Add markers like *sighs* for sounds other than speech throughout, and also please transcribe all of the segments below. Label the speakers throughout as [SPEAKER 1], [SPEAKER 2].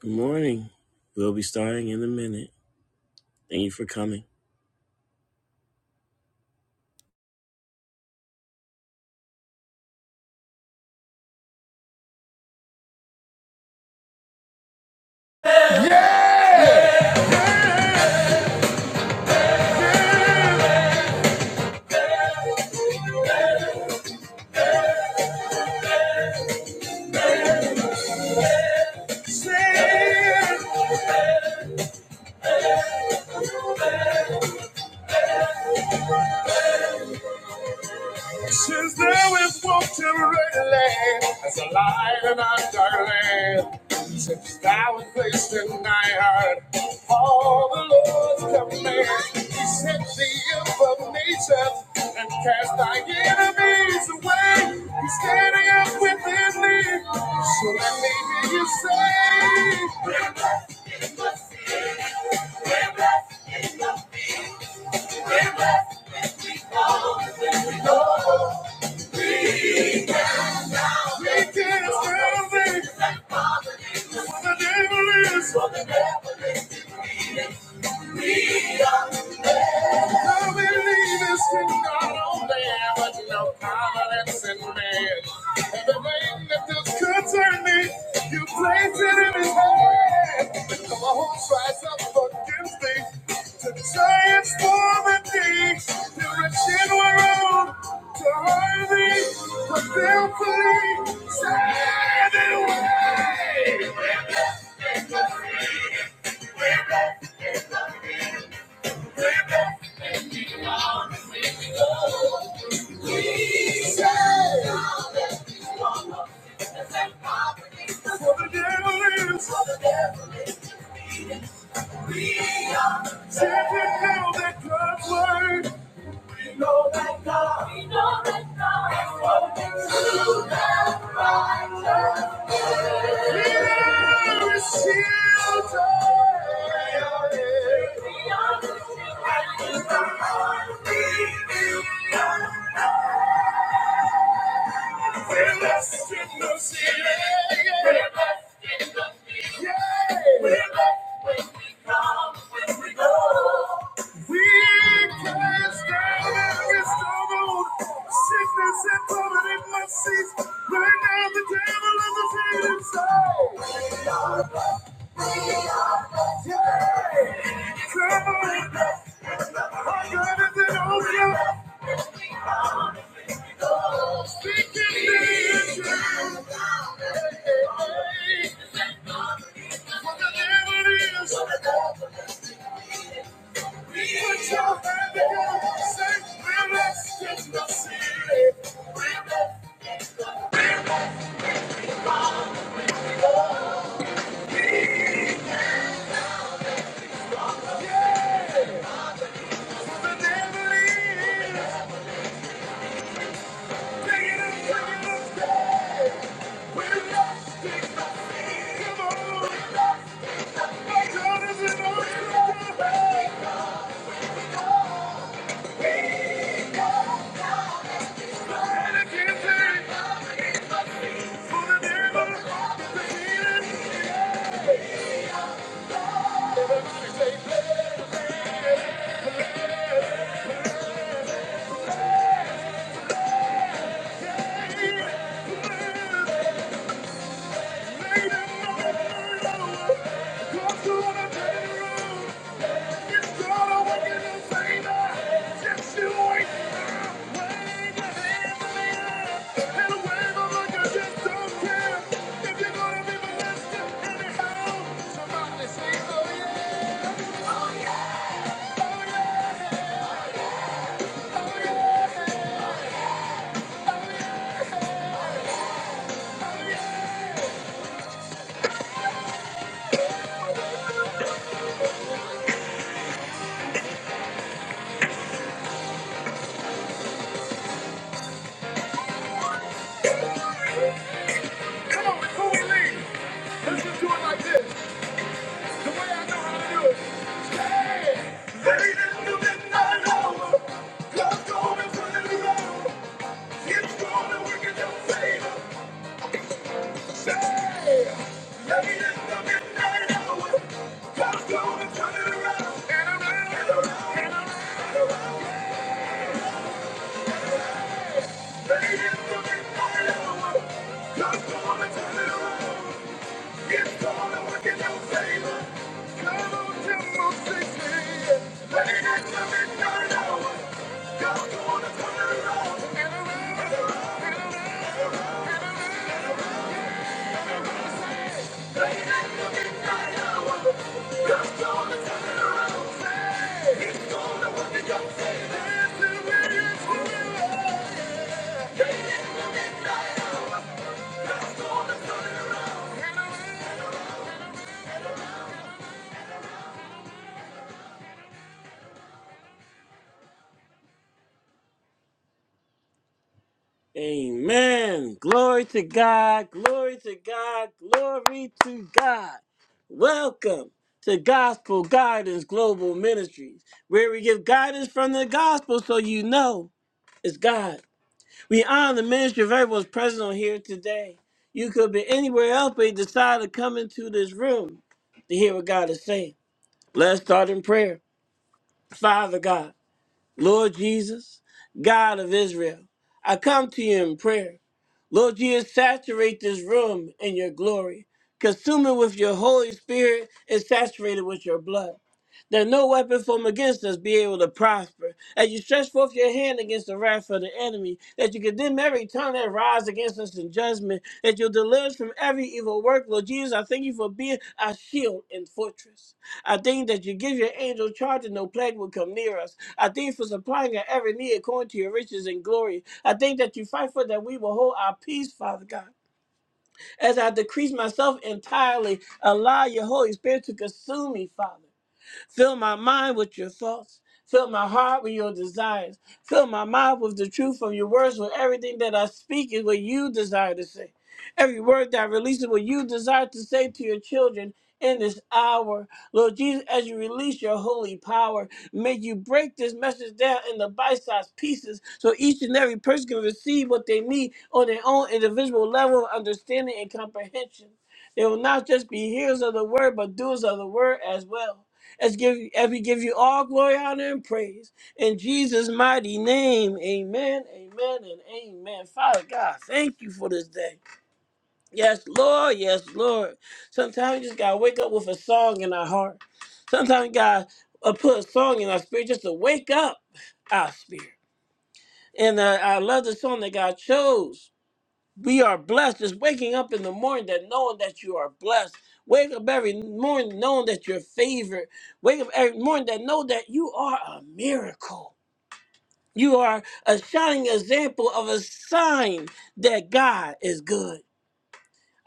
[SPEAKER 1] Good morning. We'll be starting in a minute. Thank you for coming. Since thou walked in red land, as a light in a dark land, since thou hast placed in thy heart all the Lord's commands, he set thee above nature and cast thy enemies away. He's standing up within thee, so let me hear you say, He is worthy. The devil is, I believe is in God all day, but no confidence in man. Everything that is concerning me, you place it in his hand. And the whole tries up against me. The giants form a day, the wretched were old, to hurry, but they'll flee, sad and wild. We know that God is working to the Right. Sickness and poverty must cease. Right now, the devil is afraid and so. Come on, my God is in order. And I can't take it. Come on, before we leave, let's just do it like this. Ladies, you did not know. God's going to turn it around. Amen. Glory to God. Glory to God. Glory to God. Welcome to Gospel Guidance Global Ministries, where we give guidance from the gospel so you know it's God. We honor the ministry of everyone's present on here today. You could be anywhere else, but you decide to come into this room to hear what God is saying. Let's start in prayer. Father God, Lord Jesus, God of Israel, I come to you in prayer. Lord Jesus, saturate this room in your glory. Consume it with your Holy Spirit and saturate it with your blood that no weapon formed against us be able to prosper. As you stretch forth your hand against the wrath of the enemy, that you condemn every tongue that rise against us in judgment, that you'll deliver us from every evil work. Lord Jesus, I thank you for being our shield and fortress. I thank that you give your angel charge and no plague will come near us. I thank you for supplying our every need according to your riches and glory. I thank that you fight for that we will hold our peace, Father God. As I decrease myself entirely, allow your Holy Spirit to consume me, Father. Fill my mind with your thoughts. Fill my heart with your desires. Fill my mouth with the truth of your words, with everything that I speak is what you desire to say. Every word that I release is what you desire to say to your children in this hour. Lord Jesus, as you release your holy power, may you break this message down into bite-sized pieces so each and every person can receive what they need on their own individual level of understanding and comprehension. They will not just be hearers of the word, but doers of the word as well. As, give, as we give you all glory, honor, and praise. In Jesus' mighty name, amen, amen, and amen. Father God, thank you for this day. Yes, Lord, yes, Lord. Sometimes we just got to wake up with a song in our heart. Sometimes you got to put a song in our spirit just to wake up our spirit. And uh, I love the song that God chose we are blessed Just waking up in the morning that knowing that you are blessed wake up every morning knowing that you're favored wake up every morning that know that you are a miracle you are a shining example of a sign that god is good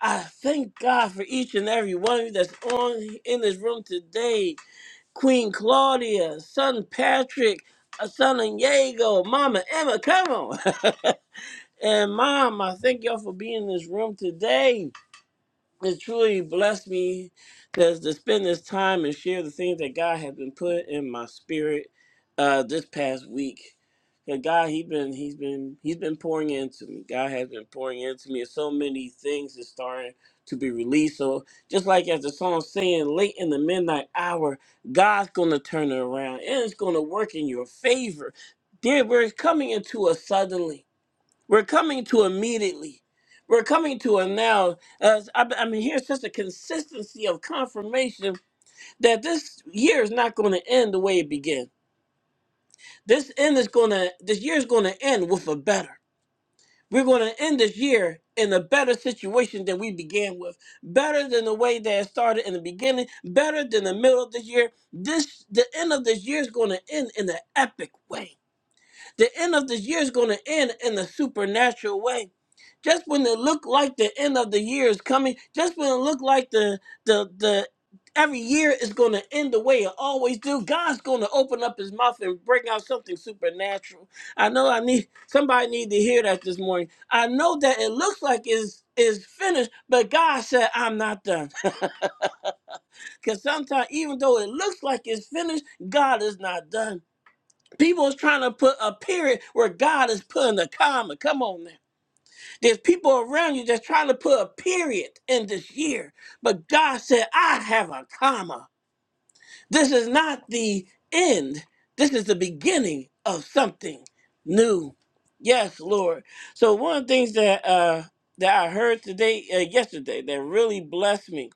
[SPEAKER 1] i thank god for each and every one of you that's on in this room today queen claudia son patrick uh, son diego mama emma come on *laughs* and mom i thank y'all for being in this room today it truly blessed me because to spend this time and share the things that God has been put in my spirit uh, this past week. And God, He been He's been He's been pouring into me. God has been pouring into me. And so many things is starting to be released. So just like as the song saying, late in the midnight hour, God's gonna turn it around and it's gonna work in your favor. Dear, we're coming into a suddenly. We're coming to immediately. We're coming to a now. As I, I mean, here's just a consistency of confirmation that this year is not going to end the way it began. This end is going to. This year is going to end with a better. We're going to end this year in a better situation than we began with. Better than the way that it started in the beginning. Better than the middle of this year. This the end of this year is going to end in an epic way the end of this year is going to end in a supernatural way. Just when it looked like the end of the year is coming, just when it looked like the the the every year is going to end the way it always do, God's going to open up His mouth and bring out something supernatural. I know I need somebody need to hear that this morning. I know that it looks like is is finished, but God said I'm not done. *laughs* Because sometimes, even though it looks like it's finished, God is not done. People is trying to put a period where God is putting a comma. Come on now. There's people around you that's trying to put a period in this year. But God said, I have a comma. This is not the end. This is the beginning of something new. Yes, Lord. So one of the things that uh that I heard today, uh, yesterday, that really blessed me.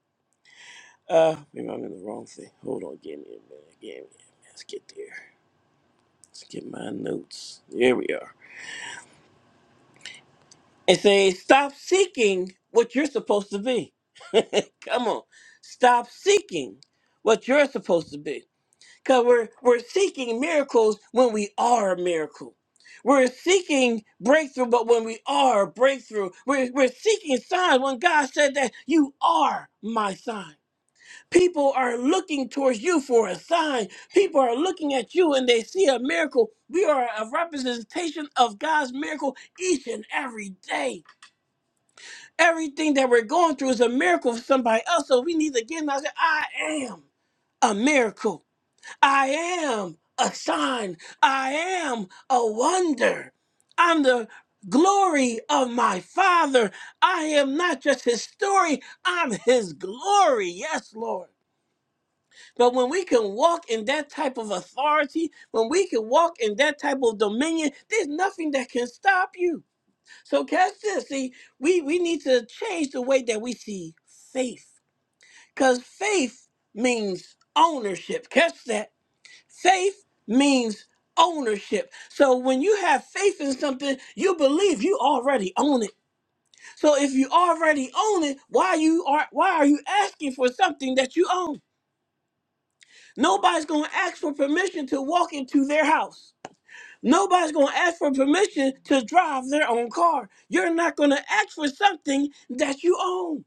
[SPEAKER 1] Uh maybe I'm in the wrong thing. Hold on, give me a minute, give me a minute. Let's get there. Let's get my notes. Here we are. and say, stop seeking what you're supposed to be. *laughs* Come on. Stop seeking what you're supposed to be. Because we're, we're seeking miracles when we are a miracle. We're seeking breakthrough, but when we are a breakthrough, we're, we're seeking signs when God said that you are my sign. People are looking towards you for a sign. People are looking at you and they see a miracle. We are a representation of God's miracle each and every day. Everything that we're going through is a miracle for somebody else. So we need to get in out there. and say, I am a miracle. I am a sign. I am a wonder. I'm the glory of my Father. I am not just His story, I'm His glory. Yes, Lord. But when we can walk in that type of authority, when we can walk in that type of dominion, there's nothing that can stop you. So catch this. See, we, we need to change the way that we see faith. Because faith means ownership. Catch that. Faith means ownership. So when you have faith in something, you believe you already own it. So if you already own it, why you are why are you asking for something that you own? Nobody's gonna ask for permission to walk into their house. Nobody's going to ask for permission to drive their own car. You're not going to ask for something that you own.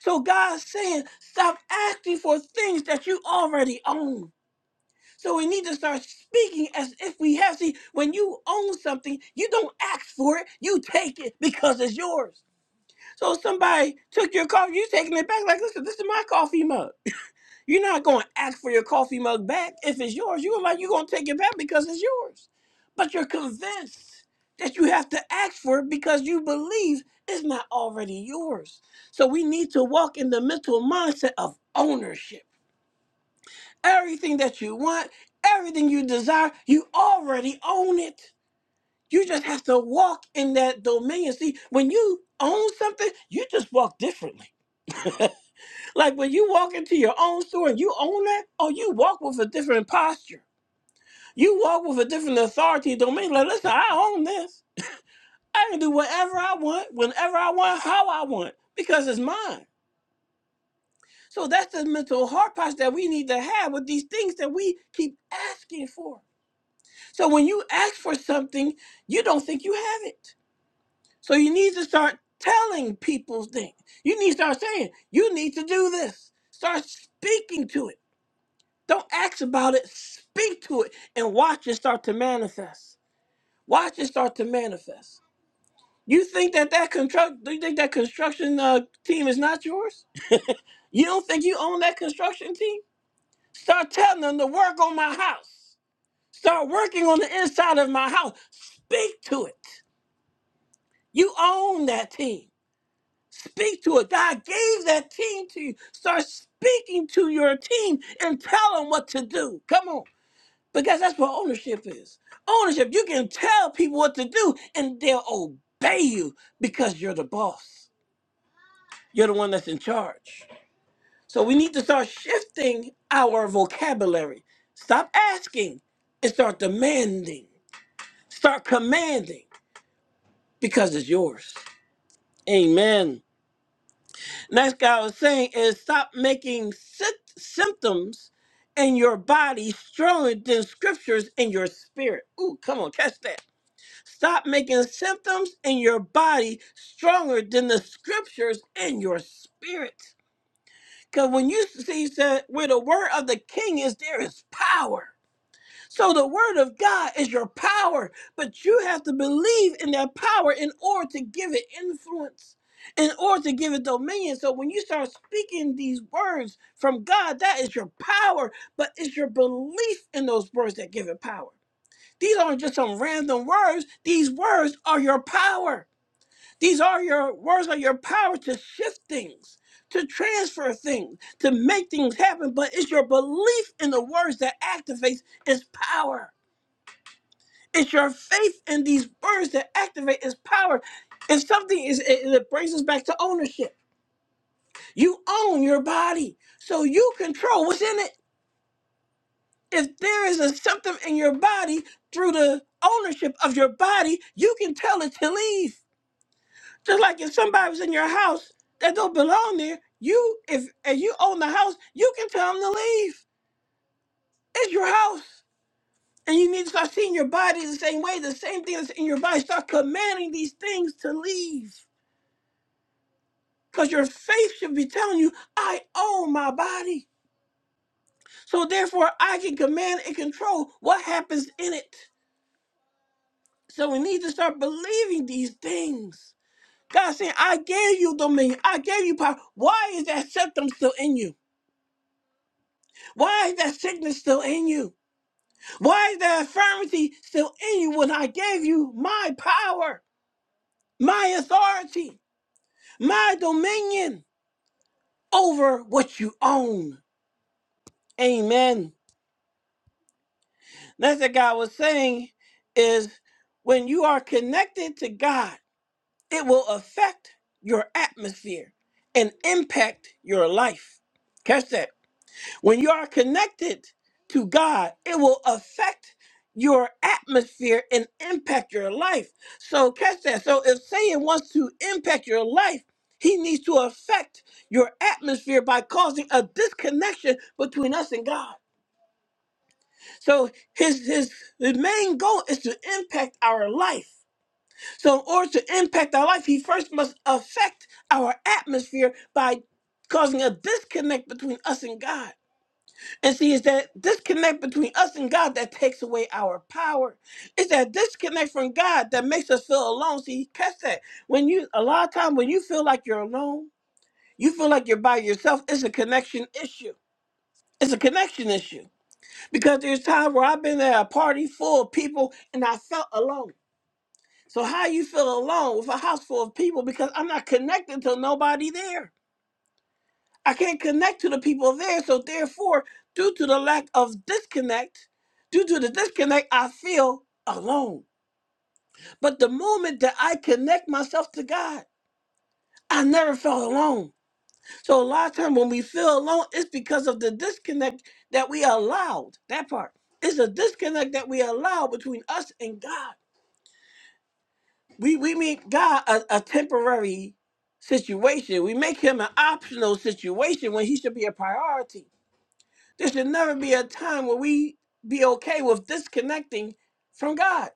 [SPEAKER 1] So God's saying, stop asking for things that you already own. So we need to start speaking as if we have. See, when you own something, you don't ask for it, you take it because it's yours. So if somebody took your coffee, you taking it back like, listen, this is my coffee mug. You're not going to ask for your coffee mug back if it's yours. You're like, you're going to take it back because it's yours. But you're convinced that you have to ask for it because you believe it's not already yours. So we need to walk in the mental mindset of ownership. Everything that you want, everything you desire, you already own it. You just have to walk in that dominion. See, when you own something, you just walk differently. *laughs* Like when you walk into your own store and you own that, oh, you walk with a different posture. You walk with a different authority and domain. Like, listen, I own this. I can do whatever I want, whenever I want, how I want, because it's mine. So that's the mental heart posture that we need to have with these things that we keep asking for. So when you ask for something, you don't think you have it. So you need to start telling people things. You need to start saying, you need to do this. Start speaking to it Don't ask about it. Speak to it and watch it start to manifest. Watch it start to manifest. You think that that construct? Do you think that construction uh, team is not yours? You don't think you own that construction team? Start telling them to work on my house. Start working on the inside of my house. Speak to it. You own that team. Speak to it. God gave that team to you. Start speaking to your team and tell them what to do. Come on. Because that's what ownership is. Ownership, you can tell people what to do and they'll obey you because you're the boss. You're the one that's in charge. So we need to start shifting our vocabulary. Stop asking and start demanding. Start commanding because it's yours. Amen. Next guy I was saying is stop making sy- symptoms in your body stronger than scriptures in your spirit. Ooh, come on, catch that Stop making symptoms in your body stronger than the scriptures in your spirit. Because when you see that where the word of the king is, there is power. So the word of God is your power, but you have to believe in that power in order to give it influence, in order to give it dominion. So when you start speaking these words from God, that is your power, but it's your belief in those words that give it power. These aren't just some random words. These words are your power. These are your words are your power to shift things, to transfer things, to make things happen. But it's your belief in the words that activates its power. It's your faith in these words that activate its power. It's something is it, it brings us back to ownership. You own your body, so you control what's in it. If there is a symptom in your body through the ownership of your body, you can tell it to leave. Just like if somebody was in your house that don't belong there, you if and you own the house, you can tell them to leave. It's your house. And you need to start seeing your body the same way, the same thing that's in your body. Start commanding these things to leave. Because your faith should be telling you, I own my body. So therefore, I can command and control what happens in it. So we need to start believing these things. God saying, I gave you dominion. I gave you power. Why is that septum still in you? Why is that sickness still in you? Why is that infirmity still in you when I gave you my power, my authority, my dominion over what you own? Amen. That's what God was saying is when you are connected to God, it will affect your atmosphere and impact your life. Catch that. When you are connected to God, it will affect your atmosphere and impact your life. So catch that. So if Satan wants to impact your life, he needs to affect your atmosphere by causing a disconnection between us and God. So his his, his main goal is to impact our life. So in order to impact our life, he first must affect our atmosphere by causing a disconnect between us and God. And see, it's that disconnect between us and God that takes away our power. It's that disconnect from God that makes us feel alone. See, catch that. When you a lot of time when you feel like you're alone, you feel like you're by yourself, it's a connection issue. It's a connection issue. Because there's times where I've been at a party full of people and I felt alone. So how you feel alone with a house full of people because I'm not connected to nobody there. I can't connect to the people there. So therefore, due to the lack of disconnect, due to the disconnect, I feel alone. But the moment that I connect myself to God, I never felt alone. So a lot of times when we feel alone, it's because of the disconnect that we allowed. That part. It's a disconnect that we allow between us and God. We we make God a, a temporary situation. We make him an optional situation when he should be a priority. There should never be a time where we be okay with disconnecting from God.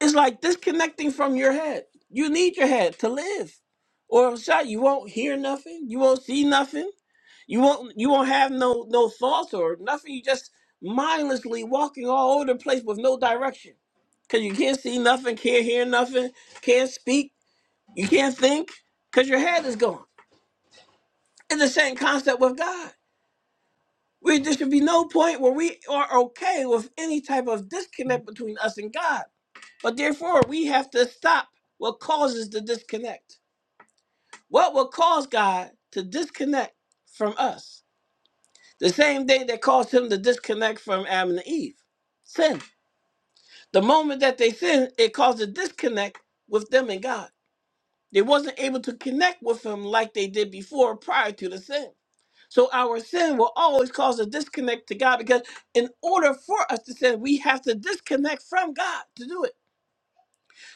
[SPEAKER 1] It's like disconnecting from your head. You need your head to live. Or if not, you won't hear nothing, you won't see nothing, you won't you won't have no no thoughts or nothing. You just mindlessly walking all over the place with no direction. Cause you can't see nothing, can't hear nothing, can't speak, you can't think, because your head is gone. It's the same concept with God. We, there should be no point where we are okay with any type of disconnect between us and God. But therefore, we have to stop what causes the disconnect. What will cause God to disconnect from us? The same thing that caused him to disconnect from Adam and Eve sin. The moment that they sinned, it caused a disconnect with them and God. They wasn't able to connect with him like they did before prior to the sin. So our sin will always cause a disconnect to God because in order for us to sin, we have to disconnect from God to do it.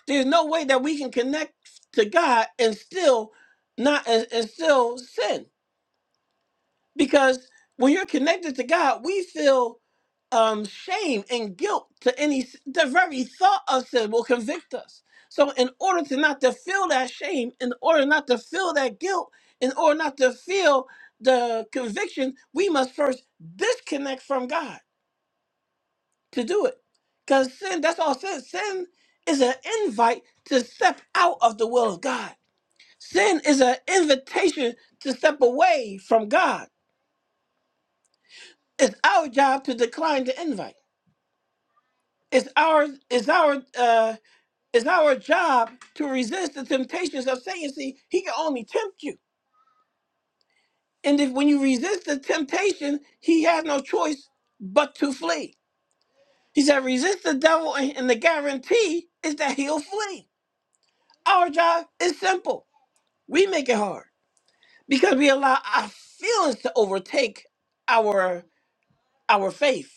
[SPEAKER 1] There's no way that we can connect to God and still not and, and still sin because when you're connected to God, we feel um, shame and guilt to any the very thought of sin will convict us so in order to not to feel that shame in order not to feel that guilt in order not to feel the conviction we must first disconnect from god to do it because sin that's all sin sin is an invite to step out of the will of god sin is an invitation to step away from god it's our job to decline the invite it's our it's our uh It's our job to resist the temptations of Satan. See, he can only tempt you. And if when you resist the temptation, he has no choice but to flee. He said, resist the devil, and and the guarantee is that he'll flee. Our job is simple. We make it hard because we allow our feelings to overtake our our faith.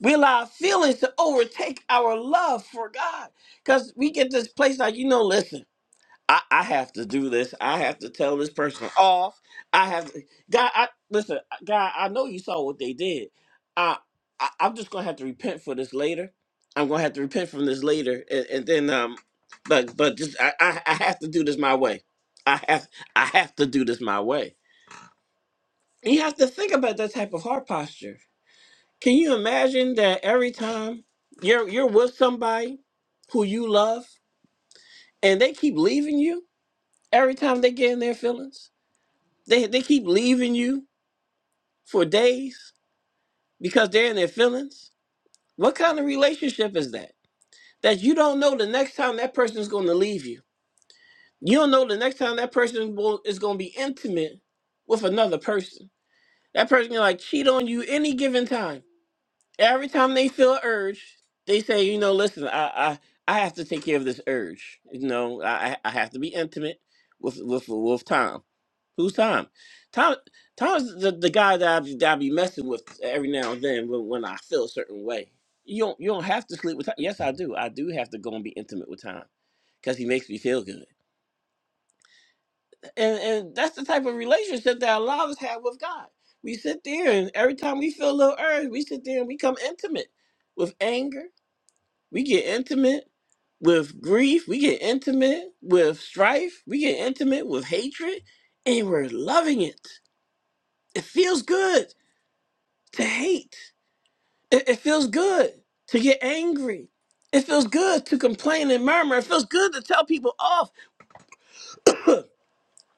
[SPEAKER 1] We allow our feelings to overtake our love for God. Because we get this place like, you know, listen. I, I have to do this. I have to tell this person off. I have to, God. I listen, uh, God. I know you saw what they did. I, I I'm just gonna have to repent for this later. I'm gonna have to repent from this later, and, and then um, but but just I, I I have to do this my way. I have I have to do this my way. And You have to think about that type of heart posture. Can you imagine that every time you're you're with somebody who you love and they keep leaving you every time they get in their feelings? They they keep leaving you for days because they're in their feelings. What kind of relationship is that? That you don't know the next time that person is going to leave you. You don't know the next time that person will, is going to be intimate with another person. That person can like cheat on you any given time. every time they feel urge, they say, you know, listen, I, I, I have to take care of this urge. You know, I, I I have to be intimate with with with Tom. Who's Tom? Tom Tom's the, the guy that I, be- that I be messing with every now and then when, when I feel a certain way. You don't you don't have to sleep with Tom. Yes, I do. I do have to go and be intimate with Tom because he makes me feel good. And and that's the type of relationship that a lot of us have with God. We sit there and every time we feel a little urge, we sit there and we become intimate with anger. We get intimate with grief. We get intimate with strife. We get intimate with hatred. And we're loving it. It feels good to hate. It, it feels good to get angry. It feels good to complain and murmur. It feels good to tell people off. *clears throat*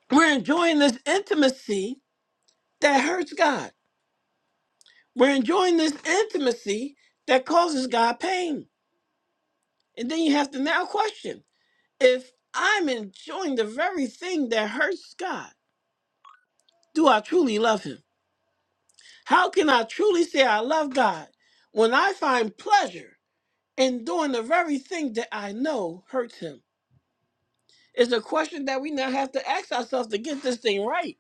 [SPEAKER 1] We're enjoying this intimacy that hurts God We're enjoying this intimacy that causes God pain. And then you have to now question if I'm enjoying the very thing that hurts God, do I truly love Him? How can I truly say I love God when I find pleasure in doing the very thing that I know hurts Him? It's a question that we now have to ask ourselves to get this thing right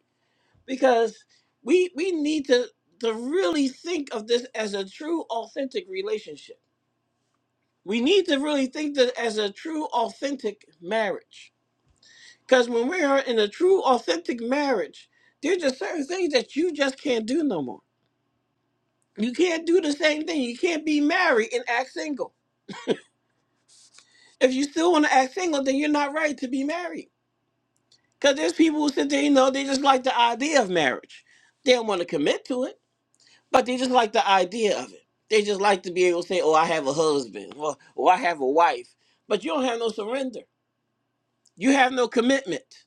[SPEAKER 1] because we, we need to, to really think of this as a true, authentic relationship we need to really think that as a true authentic marriage because when we are in a true authentic marriage there's just certain things that you just can't do no more you can't do the same thing you can't be married and act single if you still want to act single then you're not right to be married because there's people who sit there you know they just like the idea of marriage they don't want to commit to it but they just like the idea of it they just like to be able to say oh i have a husband or, or i have a wife but you don't have no surrender you have no commitment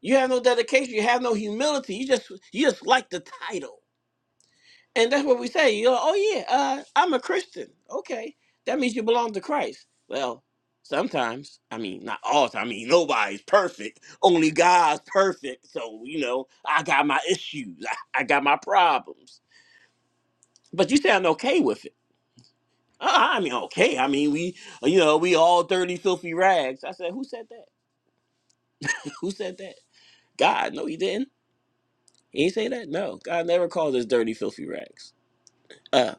[SPEAKER 1] You have no dedication. You have no humility. You just you just like the title, and that's what we say. You're like, oh yeah, uh, I'm a Christian. Okay, that means you belong to Christ. Well, sometimes I mean not all. the time. I mean nobody's perfect. Only God's perfect. So you know I got my issues. I, I got my problems. But you sound okay with it. Uh, I mean okay. I mean we you know we all dirty filthy rags. I said who said that? *laughs* who said that? God, no, he didn't. He ain't say that. No, God never called us dirty, filthy rags. Uh,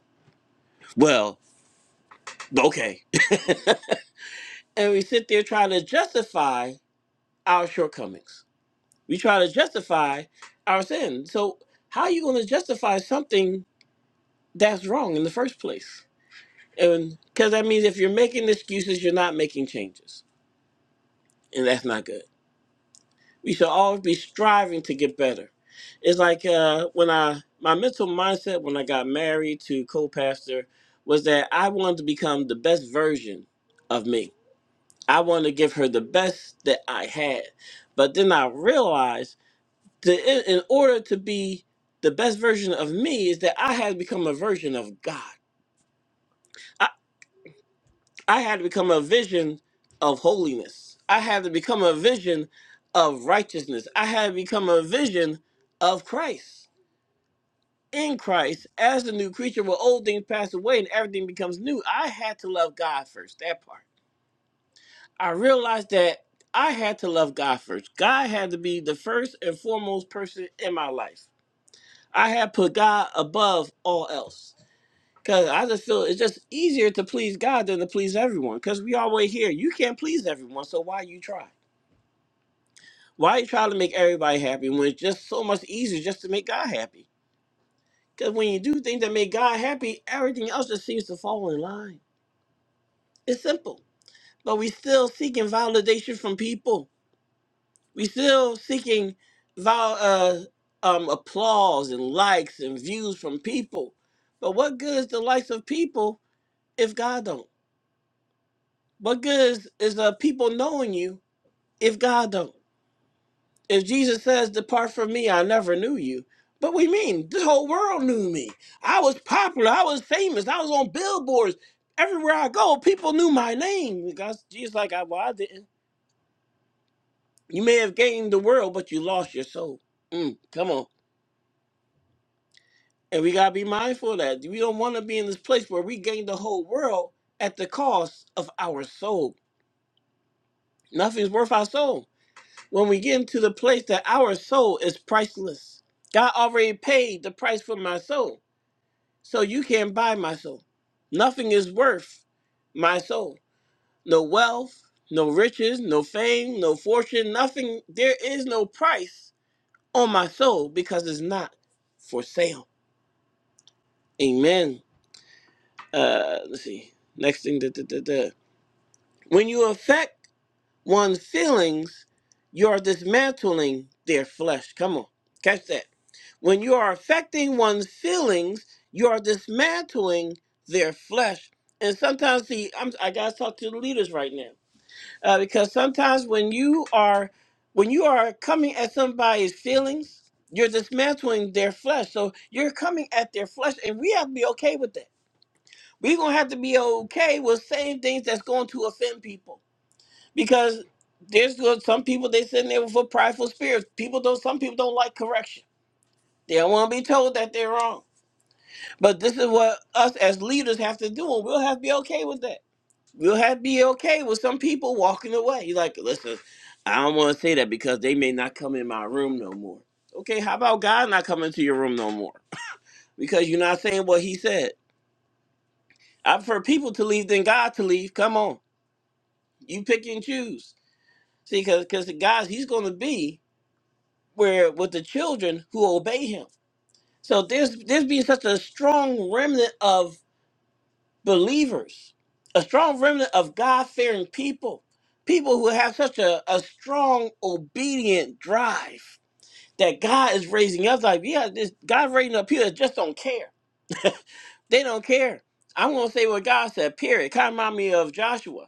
[SPEAKER 1] well, okay. *laughs* And we sit there trying to justify our shortcomings. We try to justify our sin. So how are you going to justify something that's wrong in the first place? And because that means if you're making excuses, you're not making changes, and that's not good. We should always be striving to get better. It's like uh, when I my mental mindset when I got married to co-pastor was that I wanted to become the best version of me. I wanted to give her the best that I had. But then I realized that in, in order to be the best version of me is that I had to become a version of God. I had to become a vision of holiness. I had to become a vision of righteousness. I had to become a vision of Christ. In Christ, as the new creature, where old things pass away and everything becomes new, I had to love God first. That part. I realized that I had to love God first. God had to be the first and foremost person in my life. I had put God above all else. Cause I just feel it's just easier to please God than to please everyone. Cause we always hear you can't please everyone, so why you try? Why you try to make everybody happy when it's just so much easier just to make God happy? Cause when you do things that make God happy, everything else just seems to fall in line. It's simple, but we still seeking validation from people. We still seeking val- uh, um, applause and likes and views from people. But what good is the likes of people if God don't? What good is, is uh, people knowing you if God don't? If Jesus says, Depart from me, I never knew you. But we mean the whole world knew me. I was popular, I was famous, I was on billboards. Everywhere I go, people knew my name. God, Jesus like, I, well, I didn't. You may have gained the world, but you lost your soul. Mm, come on. And we gotta be mindful of that. We don't wanna be in this place where we gain the whole world at the cost of our soul. Nothing's worth our soul. when we get into the place that our soul is priceless. God already paid the price for my soul. So you can't buy my soul. Nothing is worth my soul. No wealth, no riches, no fame, no fortune, nothing. There is no price on my soul because it's not for sale. Amen. Uh, let's see. Next thing. Da, da, da, da. When you affect one's feelings, you're dismantling their flesh. Come on, catch that. When you are affecting one's feelings, you are dismantling their flesh. And sometimes, see, I'm, I gotta talk to the leaders right now uh, because sometimes when you are when you are coming at somebody's feelings, you're dismantling their flesh. So you're coming at their flesh, and we have to be okay with that. We're gonna have to be okay with saying things that's going to offend people because there's good some people they sitting there with a prideful spirits. People don't some people don't like correction. They don't want to be told that they're wrong. But this is what us as leaders have to do, and we'll have to be okay with that. We'll have to be okay with some people walking away. You're Like, listen, I don't want to say that because they may not come in my room no more. Okay, how about God not coming to your room no more? Because you're not saying what he said. I prefer people to leave than God to leave. Come on. You pick and choose. See, because God, he's going to be where with the children who obey him. So there's there's being such a strong remnant of believers, a strong remnant of God fearing people, people who have such a, a strong obedient drive that God is raising up. Like yeah, this God raising up people that just don't care. They don't care. I'm gonna say what God said. Period. Kind of remind me of Joshua.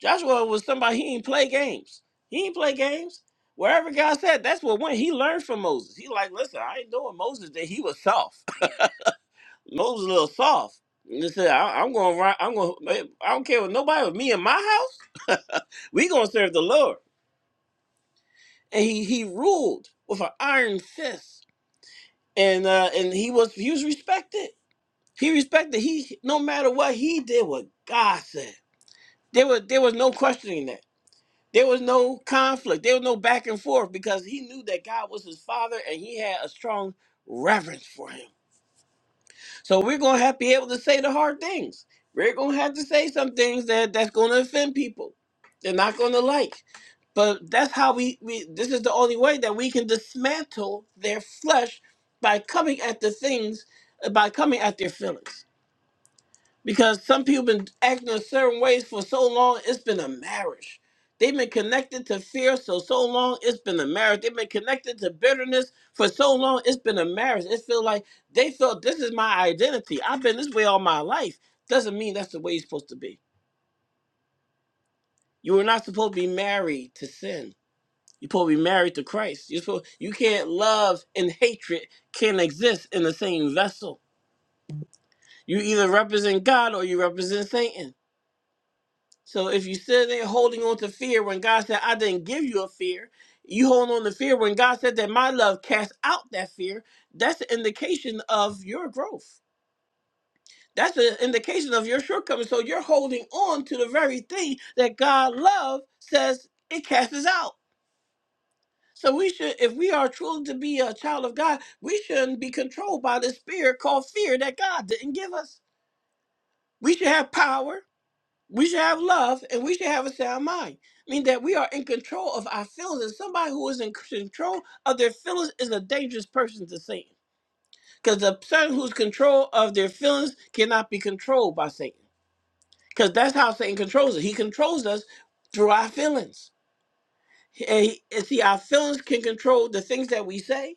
[SPEAKER 1] Joshua was somebody he didn't play games. He didn't play games. Wherever God said, that's what went. He learned from Moses. He like, listen, I ain't doing Moses that he was soft. *laughs* Moses a little soft. And he said, I, am gonna run. I'm gonna. eh, I don't care what nobody with me in my house. *laughs* we gonna serve the Lord. And he he ruled with an iron fist. And uh, and he was he was respected. He respected. He no matter what he did, what God said. There was there was no questioning that. There was no conflict. There was no back and forth because he knew that God was his father and he had a strong reverence for him. So we're gonna have to be able to say the hard things. We're gonna have to say some things that that's gonna offend people. They're not gonna like. But that's how we, we this is the only way that we can dismantle their flesh by coming at the things by coming at their feelings. Because some people been acting in certain ways for so long, it's been a marriage. They've been connected to fear so so long, it's been a marriage. They've been connected to bitterness for so long, it's been a marriage. It feels like they felt this is my identity. I've been this way all my life. Doesn't mean that's the way you're supposed to be. You were not supposed to be married to sin. You're supposed to be married to Christ. You're supposed, you can't love and hatred can not exist in the same vessel. You either represent God or you represent Satan. So if you sit there holding on to fear when God said, I didn't give you a fear, you hold on to fear when God said that my love casts out that fear, that's an indication of your growth. That's an indication of your shortcomings. So you're holding on to the very thing that God love says it casts out. So we should, if we are truly to be a child of God, we shouldn't be controlled by the spirit called fear that God didn't give us. We should have power. We should have love and we should have a sound mind. I mean, that we are in control of our feelings. And somebody who is in control of their feelings is a dangerous person to Satan. Because the person who's control of their feelings cannot be controlled by Satan. Because that's how Satan controls us. He controls us through our feelings. And, he, and see, our feelings can control the things that we say,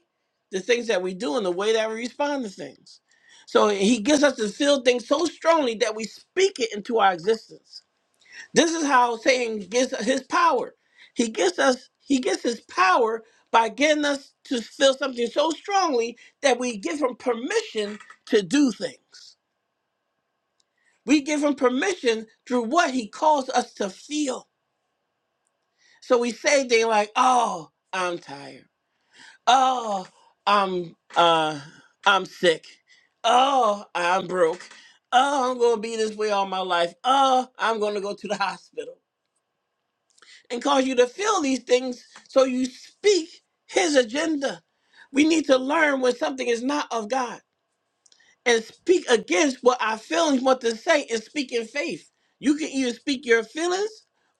[SPEAKER 1] the things that we do, and the way that we respond to things. So he gets us to feel things so strongly that we speak it into our existence this is how Satan gets his power. He gets us, he gets his power by getting us to feel something so strongly that we give him permission to do things. We give him permission through what he calls us to feel. So we say things like, oh, I'm tired. Oh, I'm uh I'm sick. Oh, I'm broke. Oh, I'm gonna be this way all my life. Oh, I'm gonna go to the hospital. and cause you to feel these things so you speak his agenda. We need to learn when something is not of God and speak against what our feelings want to say and speak in faith. You can either speak your feelings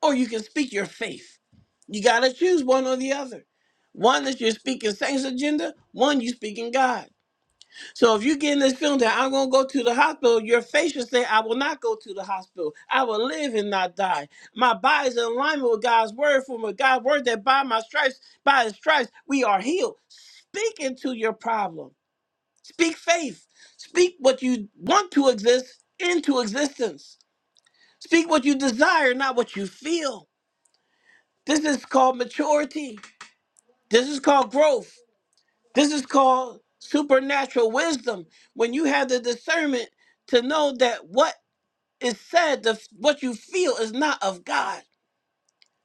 [SPEAKER 1] or you can speak your faith. You got to choose one or the other. One that you're speaking Satan's agenda, one you speaking God. So if you get in this film that I'm gonna go to the hospital, your faith should say, I will not go to the hospital. I will live and not die. My body is in alignment with God's word, from a God's word that by my stripes, by his stripes, we are healed. Speak into your problem. Speak faith. Speak what you want to exist into existence. Speak what you desire, not what you feel. This is called maturity. This is called growth. This is called supernatural wisdom. When you have the discernment to know that what is said, the, what you feel is not of God.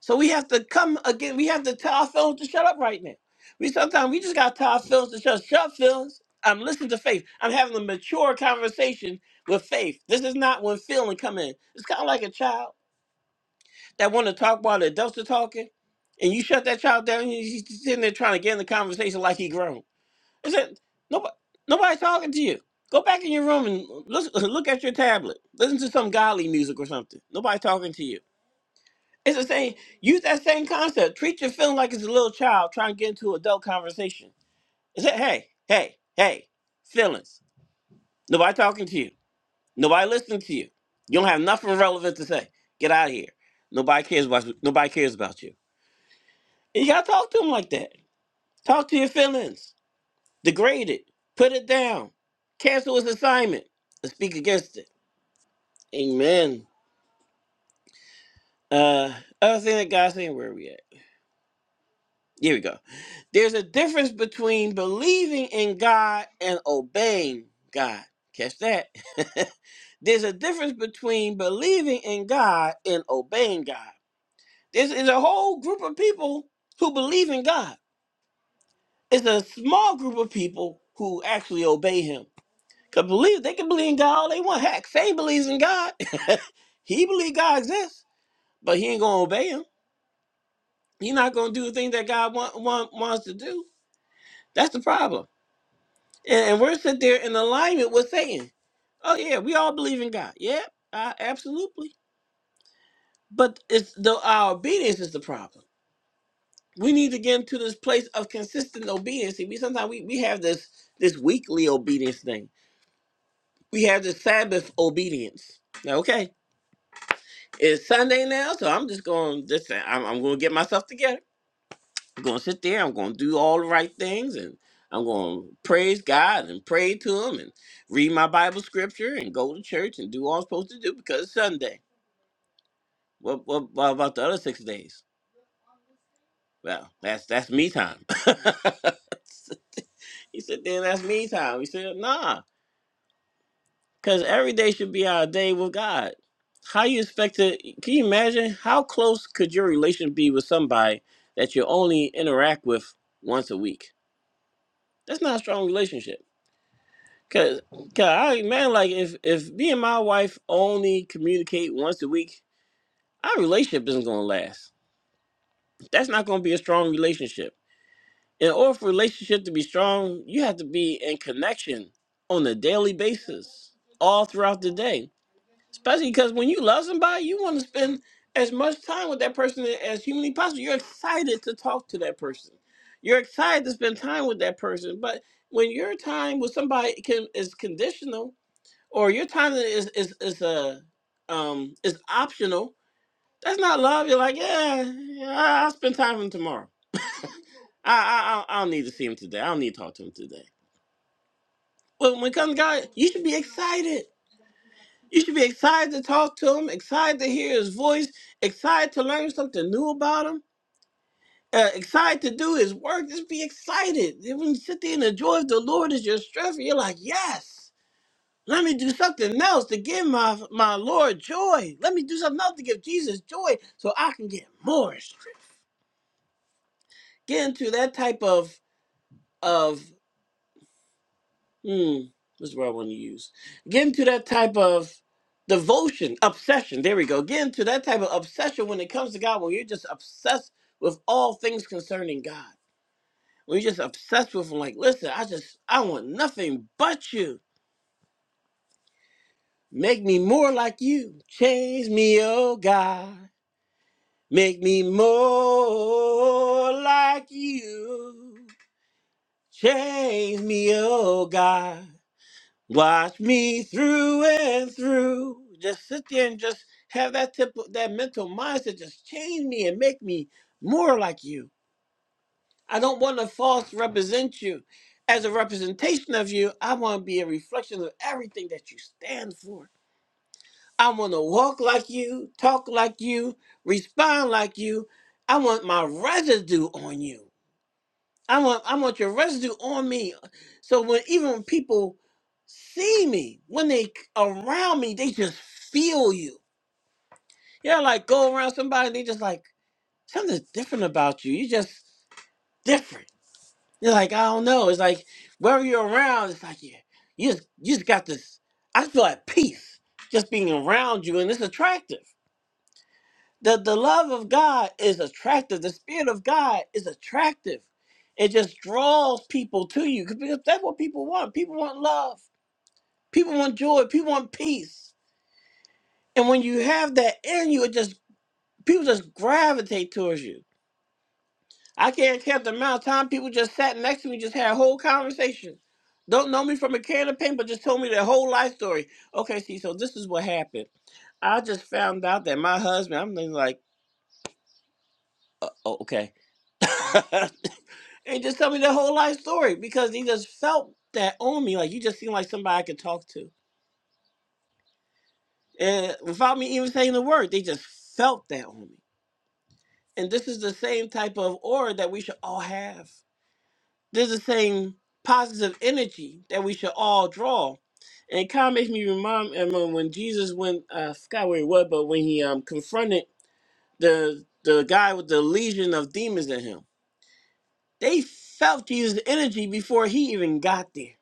[SPEAKER 1] So we have to come again. We have to tell our feelings to shut up right now. We sometimes we just gotta tell our feelings to shut up. shut up, feelings. I'm listening to faith. I'm having a mature conversation with faith. This is not when feeling come in. It's kind of like a child that want to talk while the adults are talking, and you shut that child down. He's he's sitting there trying to get in the conversation like he grown. I said, nobody, nobody's talking to you. Go back in your room and listen, *laughs* look at your tablet. Listen to some godly music or something. Nobody's talking to you. It's the same. Use that same concept. Treat your feeling like it's a little child trying to get into adult conversation. I said, hey, hey, hey, feelings. Nobody talking to you. Nobody listening to you. You don't have nothing relevant to say. Get out of here. Nobody cares about nobody cares about you. And you gotta talk to them like that. Talk to your feelings. Degrade it. Put it down. Cancel his assignment. And speak against it. Amen. Uh, other thing that God's saying, where are we at? Here we go. There's a difference between believing in God and obeying God. Catch that. *laughs* There's a difference between believing in God and obeying God. There's, there's a whole group of people who believe in God. It's a small group of people who actually obey Him. Cause believe they can believe in God all they want. Heck, Faye believes in God. *laughs* he believe God exists, but he ain't gonna obey him. He not gonna do the thing that God want, want, wants to do. That's the problem. And, and we're sitting there in alignment with Satan. Oh yeah, we all believe in God. Yeah, uh, absolutely. But it's the our obedience is the problem. We need to get into this place of consistent obedience. See, we sometimes we, we have this this weekly obedience thing. We have this Sabbath obedience. Now, Okay, it's Sunday now, so I'm just going. Just I'm, I'm going to get myself together. I'm going to sit there. I'm going to do all the right things, and I'm going to praise God and pray to Him, and read my Bible scripture, and go to church, and do all I'm supposed to do because it's Sunday. What, what, what about the other six days? Well, that's that's me time. *laughs* he said, then that's me time. He said, nah. Because every day should be our day with God. How you expect to, can you imagine how close could your relation be with somebody that you only interact with once a week? That's not a strong relationship. Cause, 'cause I man, like if if me and my wife only communicate once a week, our relationship isn't gonna last. That's not gonna be a strong relationship. In order for a relationship to be strong, you have to be in connection on a daily basis, all throughout the day Especially because when you love somebody, you want to spend as much time with that person as humanly possible. You're excited to talk to that person. You're excited to spend time with that person. But when your time with somebody can is conditional, or your time is is is uh, um is optional, that's not love. You're like, yeah, yeah I- I'll spend time with him tomorrow. I I I I don't need to see him today. I don't need to talk to him today. When when it comes to God, you should be excited. You should be excited to talk to him, excited to hear his voice, excited to learn something new about him, uh, excited to do his work. Just be excited. And When you sit there and the joy of the Lord is your strength, you're like, yes, let me do something else to give my, my Lord joy. Let me do something else to give Jesus joy so I can get more. strength." Get into that type of of Hmm, this is where I want to use. Get into that type of devotion, obsession. There we go. Get into that type of obsession when it comes to God, when you're just obsessed with all things concerning God. When you're just obsessed with Him, like, listen, I just, I want nothing but you. Make me more like you. Change me, oh God. Make me more like you. Change me, oh God. Watch me through and through. Just sit there and just have that tip, that mental mindset, just change me and make me more like you. I don't want to false represent you. As a representation of you, I want to be a reflection of everything that you stand for. I want to walk like you, talk like you, respond like you. I want my residue on you. I want I want your residue on me. So when even when people see me, when they c- around me, they just feel you. Yeah, like go around somebody and they just like something's different about you. You just different. You're like, I don't know. It's like wherever you're around, it's like yeah, you just you just got this I feel at peace just being around you and it's attractive. The, the love of God is attractive. The Spirit of God is attractive. It just draws people to you because that's what people want. People want love. People want joy. People want peace. And when you have that in you, it just people just gravitate towards you. I can't count the amount of time people just sat next to me, just had a whole conversation. Don't know me from a can of paint, but just told me their whole life story. Okay, see, so this is what happened. I just found out that my husband, I'm like, oh, okay. *laughs* and just tell me the whole life story because he just felt that on me. Like you just seem like somebody I could talk to, and without me even saying the word, they just felt that on me. And this is the same type of aura that we should all have. This is the same positive energy that we should all draw. And it kind of makes me remind Emma when Jesus went, uh, I forgot where he was, but when he um, confronted the the guy with the legion of demons in him, they felt Jesus' energy before he even got there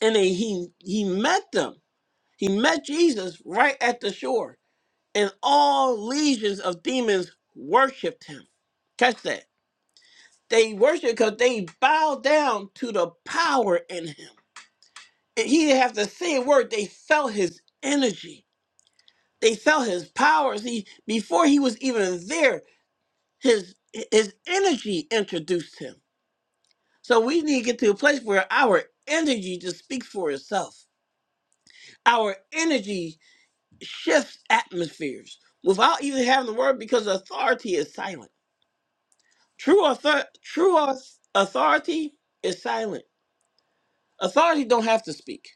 [SPEAKER 1] and they, he he met them. He met Jesus right at the shore, and all legions of demons worshipped him. Catch that. They worshiped because they bowed down to the power in him. And he didn't have to say a word. They felt his energy. They felt his powers. He before he was even there, his his energy introduced him. So we need to get to a place where our energy just speaks for itself. Our energy shifts atmospheres without even having the word because authority is silent. True author true auth- authority is silent. Authority don't have to speak.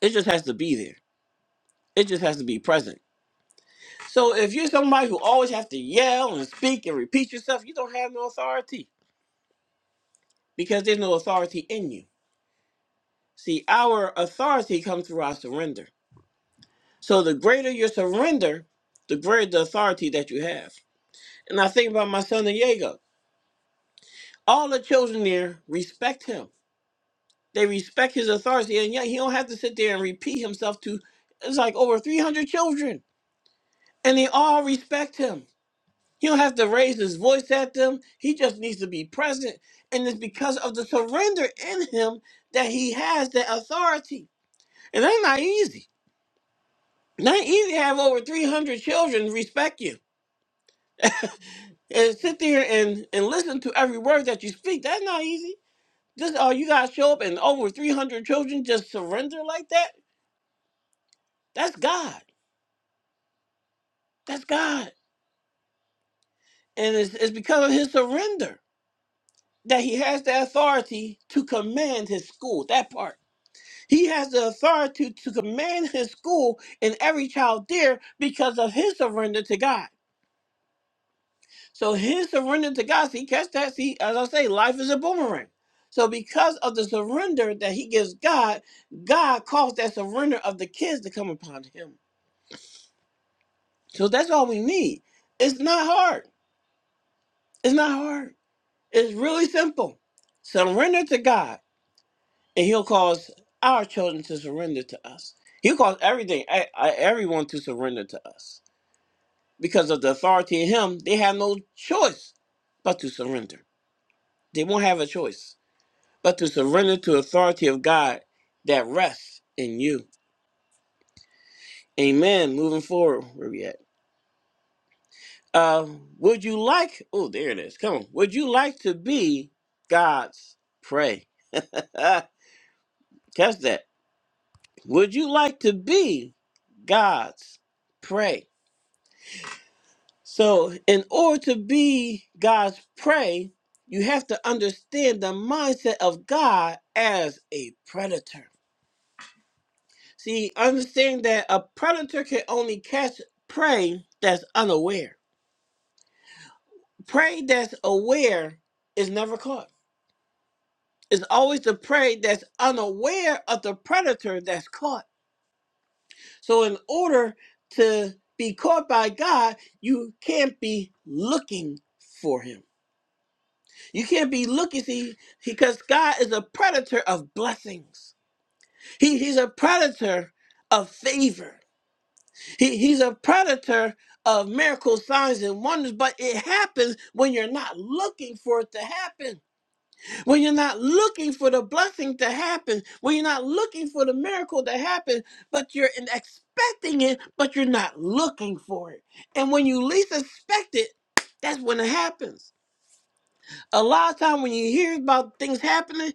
[SPEAKER 1] It just has to be there. It just has to be present. So if you're somebody who always have to yell and speak and repeat yourself, you don't have no authority because there's no authority in you. See, our authority comes through our surrender. So the greater your surrender, the greater the authority that you have. And I think about my son Diego All the children there respect him. They respect his authority, and yet he don't have to sit there and repeat himself to. It's like over three hundred children, and they all respect him. He don't have to raise his voice at them. He just needs to be present, and it's because of the surrender in him that he has that authority. And that's not easy. Not easy to have over three hundred children respect you and sit there and and listen to every word that you speak. That's not easy. Just oh, you guys show up and over 300 children just surrender like that? That's God. That's God. And it's, it's because of his surrender that he has the authority to command his school. That part. He has the authority to command his school and every child there because of his surrender to God. So his surrender to God, see, catch that. See, as I say, life is a boomerang. So because of the surrender that he gives God, God caused that surrender of the kids to come upon him. So that's all we need. It's not hard. It's not hard. It's really simple. Surrender to God, and He'll cause our children to surrender to us. He'll cause everything, e- e- everyone to surrender to us. Because of the authority in Him, they have no choice but to surrender. They won't have a choice but to surrender to authority of God that rests in you. Amen. Moving forward, where we at? Um, would you like? Oh, there it is. Come on. Would you like to be God's prey? *laughs* Ah, catch that. Would you like to be God's prey? So, in order to be God's prey, you have to understand the mindset of God as a predator. See, understand that a predator can only catch prey that's unaware. Prey that's aware is never caught. It's always the prey that's unaware of the predator that's caught. So, in order to be caught by God, you can't be looking for him. You can't be looking, see, because God is a predator of blessings. He, he's a predator of favor. He, he's a predator of miracles, signs, and wonders, but it happens when you're not looking for it to happen. when you're not looking for the blessing to happen, when you're not looking for the miracle to happen, but you're in- expecting it, but you're not looking for it. And when you least expect it, that's when it happens. A lot of time when you hear about things happening,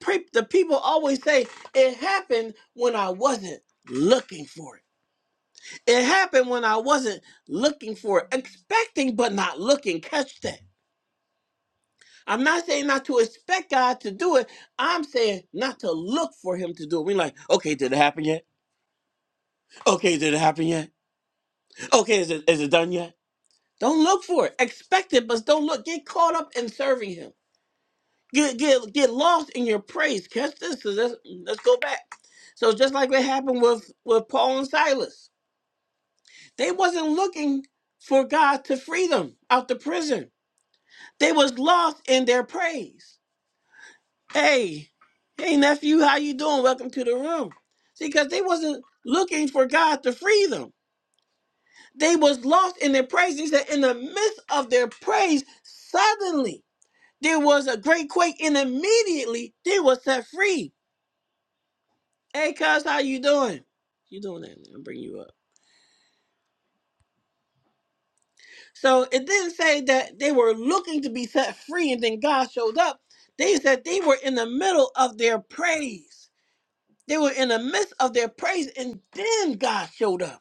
[SPEAKER 1] pre- the people always say, it happened when I wasn't looking for it. It happened when I wasn't looking for it, expecting but not looking. Catch that I'm not saying not to expect God to do it. I'm saying not to look for Him to do it. We're like, okay, did it happen yet? Okay, did it happen yet? Okay, is it is it done yet? Don't look for it. Expect it, but don't look. Get caught up in serving Him. Get get get lost in your praise. Catch this. 'cause Let's, let's go back. So just like what happened with with Paul and Silas, they wasn't looking for God to free them out the prison. They was lost in their praise. Hey, hey nephew, how you doing? Welcome to the room. See, because they wasn't looking for God to free them. They was lost in their praise. He said, in the midst of their praise, suddenly there was a great quake, and immediately they were set free. Hey, cuz, how you doing? You doing that? I'm bringing you up. So it didn't say that they were looking to be set free, and then God showed up. They said they were in the middle of their praise. They were in the midst of their praise, and then God showed up.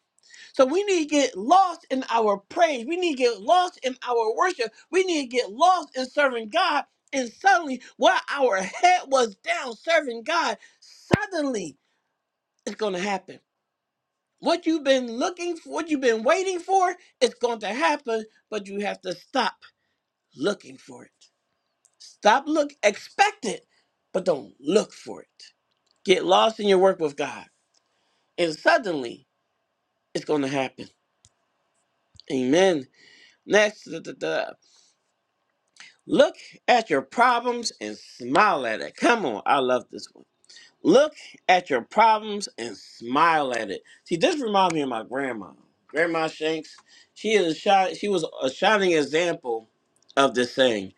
[SPEAKER 1] So we need to get lost in our praise. We need to get lost in our worship. We need to get lost in serving God. And suddenly, while our head was down serving God, suddenly it's going to happen. What you've been looking for, what you've been waiting for, it's going to happen, but you have to stop looking for it. Stop look, expect it, but don't look for it. Get lost in your work with God, and suddenly it's going to happen. Amen. Next, the, the, Look at your problems and smile at it. Come on, I love this one. Look at your problems and smile at it. See, this reminds me of my grandma. Grandma Shanks, she is a shi- she was a shining example of this saying.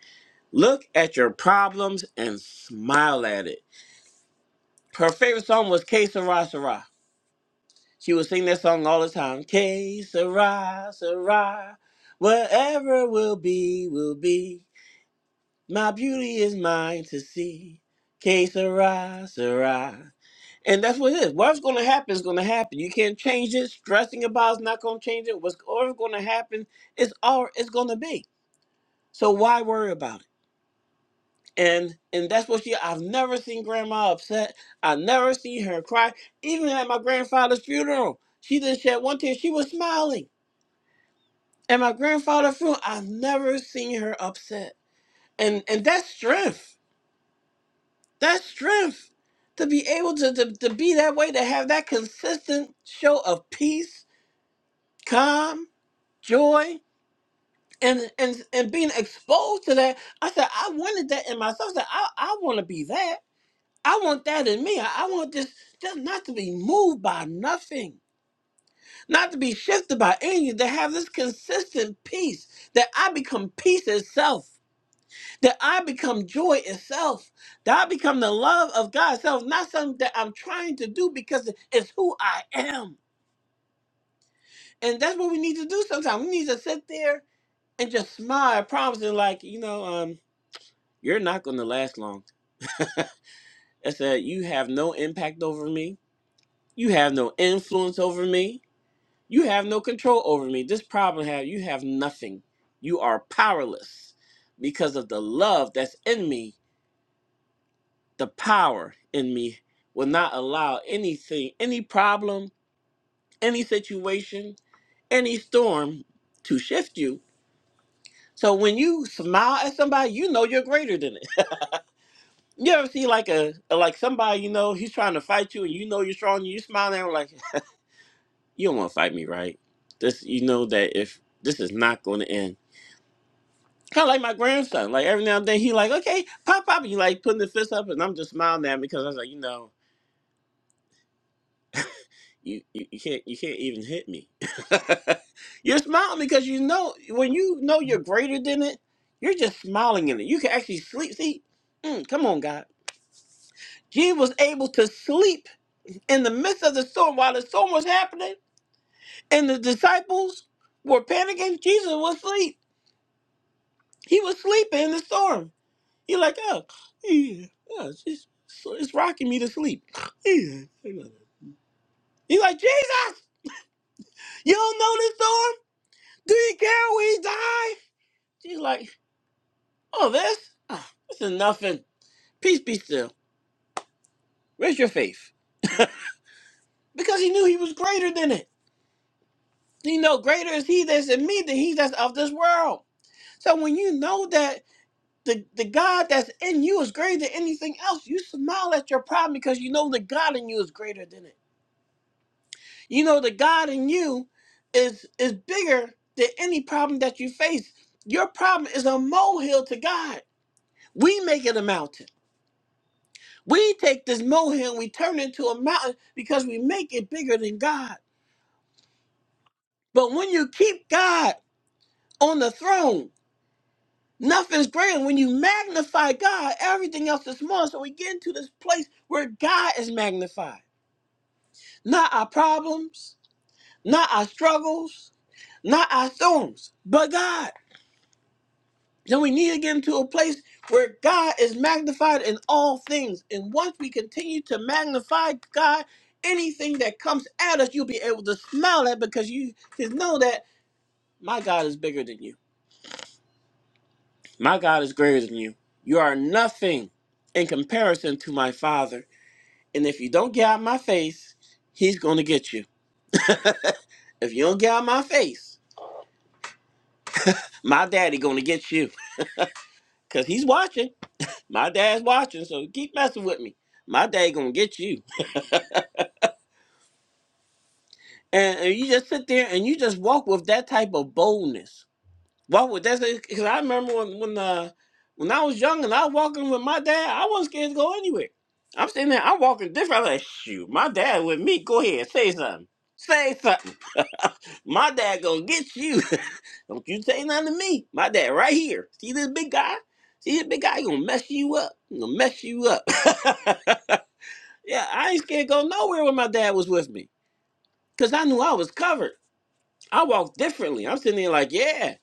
[SPEAKER 1] Look at your problems and smile at it. Her favorite song was K Sarah Sarah. She would sing that song all the time. K Sarah Sarah. Whatever will be, will be. My beauty is mine to see. Que sera, sera. And that's what it is. What's going to happen is going to happen. You can't change it. Stressing about is not going to change it. What's always going to happen is all it's going to be. So why worry about it? And and that's what she. I've never seen grandma upset. I never seen her cry. Even at my grandfather's funeral, she didn't shed one tear. She was smiling. At my grandfather's funeral, I've never seen her upset. And and that's strength That's strength to be able to, to, to be that way, to have that consistent show of peace, calm, joy, and and and being exposed to that. I said, I wanted that in myself. I said, I, I want to be that. I want that in me. I, I want this just not to be moved by nothing, not to be shifted by anything, to have this consistent peace that I become peace itself. that I become joy itself, that I become the love of God itself, not something that I'm trying to do because it's who I am. And that's what we need to do sometimes. We need to sit there and just smile, promising, like, you know, um, you're not going to last long. I said, you have no impact over me. You have no influence over me. You have no control over me. This problem have you have nothing. You are powerless because of the love that's in me the power in me will not allow anything, any problem, any situation, any storm to shift you. So when you smile at somebody, you know you're greater than it. *laughs* You ever see like a like somebody you know he's trying to fight you and you know you're strong and you smile at him like you don't want to fight me, right? This you know that if this is not going to end. Kind of like my grandson. Like every now and then he like okay pop pop. and he like putting the fist up and I'm just smiling at him because I was like you know you, you, you can't you can't even hit me. *laughs* you're smiling because you know when you know you're greater than it, you're just smiling in it. You can actually sleep. See, Mm, come on, God. He was able to sleep in the midst of the storm while the storm was happening, and the disciples were panicking. Jesus was asleep. He was sleeping in the storm. He like, oh, yeah, yeah, it's, just- it's rocking me to sleep. *sighs* Yeah. He like, Jesus, you don't know this storm? Do you care we die? She's like, oh, this? Oh, this is nothing. Peace be still. Where's your faith? Because he knew he was greater than it. You know, greater is he that's in me than he that's of this world. So when you know that the, the God that's in you is greater than anything else, you smile at your problem because you know the God in you is greater than it. You know the God in you is is bigger than any problem that you face. Your problem is a molehill to God. We make it a mountain. We take this molehill, we turn it into a mountain because we make it bigger than God. But when you keep God on the throne, nothing's greater. When you magnify God, everything else is small. So we get into this place where God is magnified. Not our problems, not our struggles, not our storms, but God. Then we need to get into a place where God is magnified in all things. And once we continue to magnify God, anything that comes at us, you'll be able to smile at because you just know that my God is bigger than you. My God is greater than you. You are nothing in comparison to my Father. And if you don't get out of my face, He's going to get you. If you don't get out of my face, my daddy going to get you because he's watching. My dad's watching, so keep messing with me. My daddy going to get you and, and you just sit there and you just walk with that type of boldness. Walk with that because I remember when when uh when I was young and I was walking with my dad, I wasn't scared to go anywhere. I'm sitting there, I'm walking different. I'm like, shoot, my dad with me. Go ahead, say something. Say something. *laughs* my dad gonna get you. *laughs* Don't you say nothing to me. My dad right here. See this big guy? See this big guy? He gonna mess you up. He gonna mess you up. *laughs* yeah, I ain't scared to go nowhere when my dad was with me. Cause I knew I was covered. I walk differently. I'm sitting there like, yeah.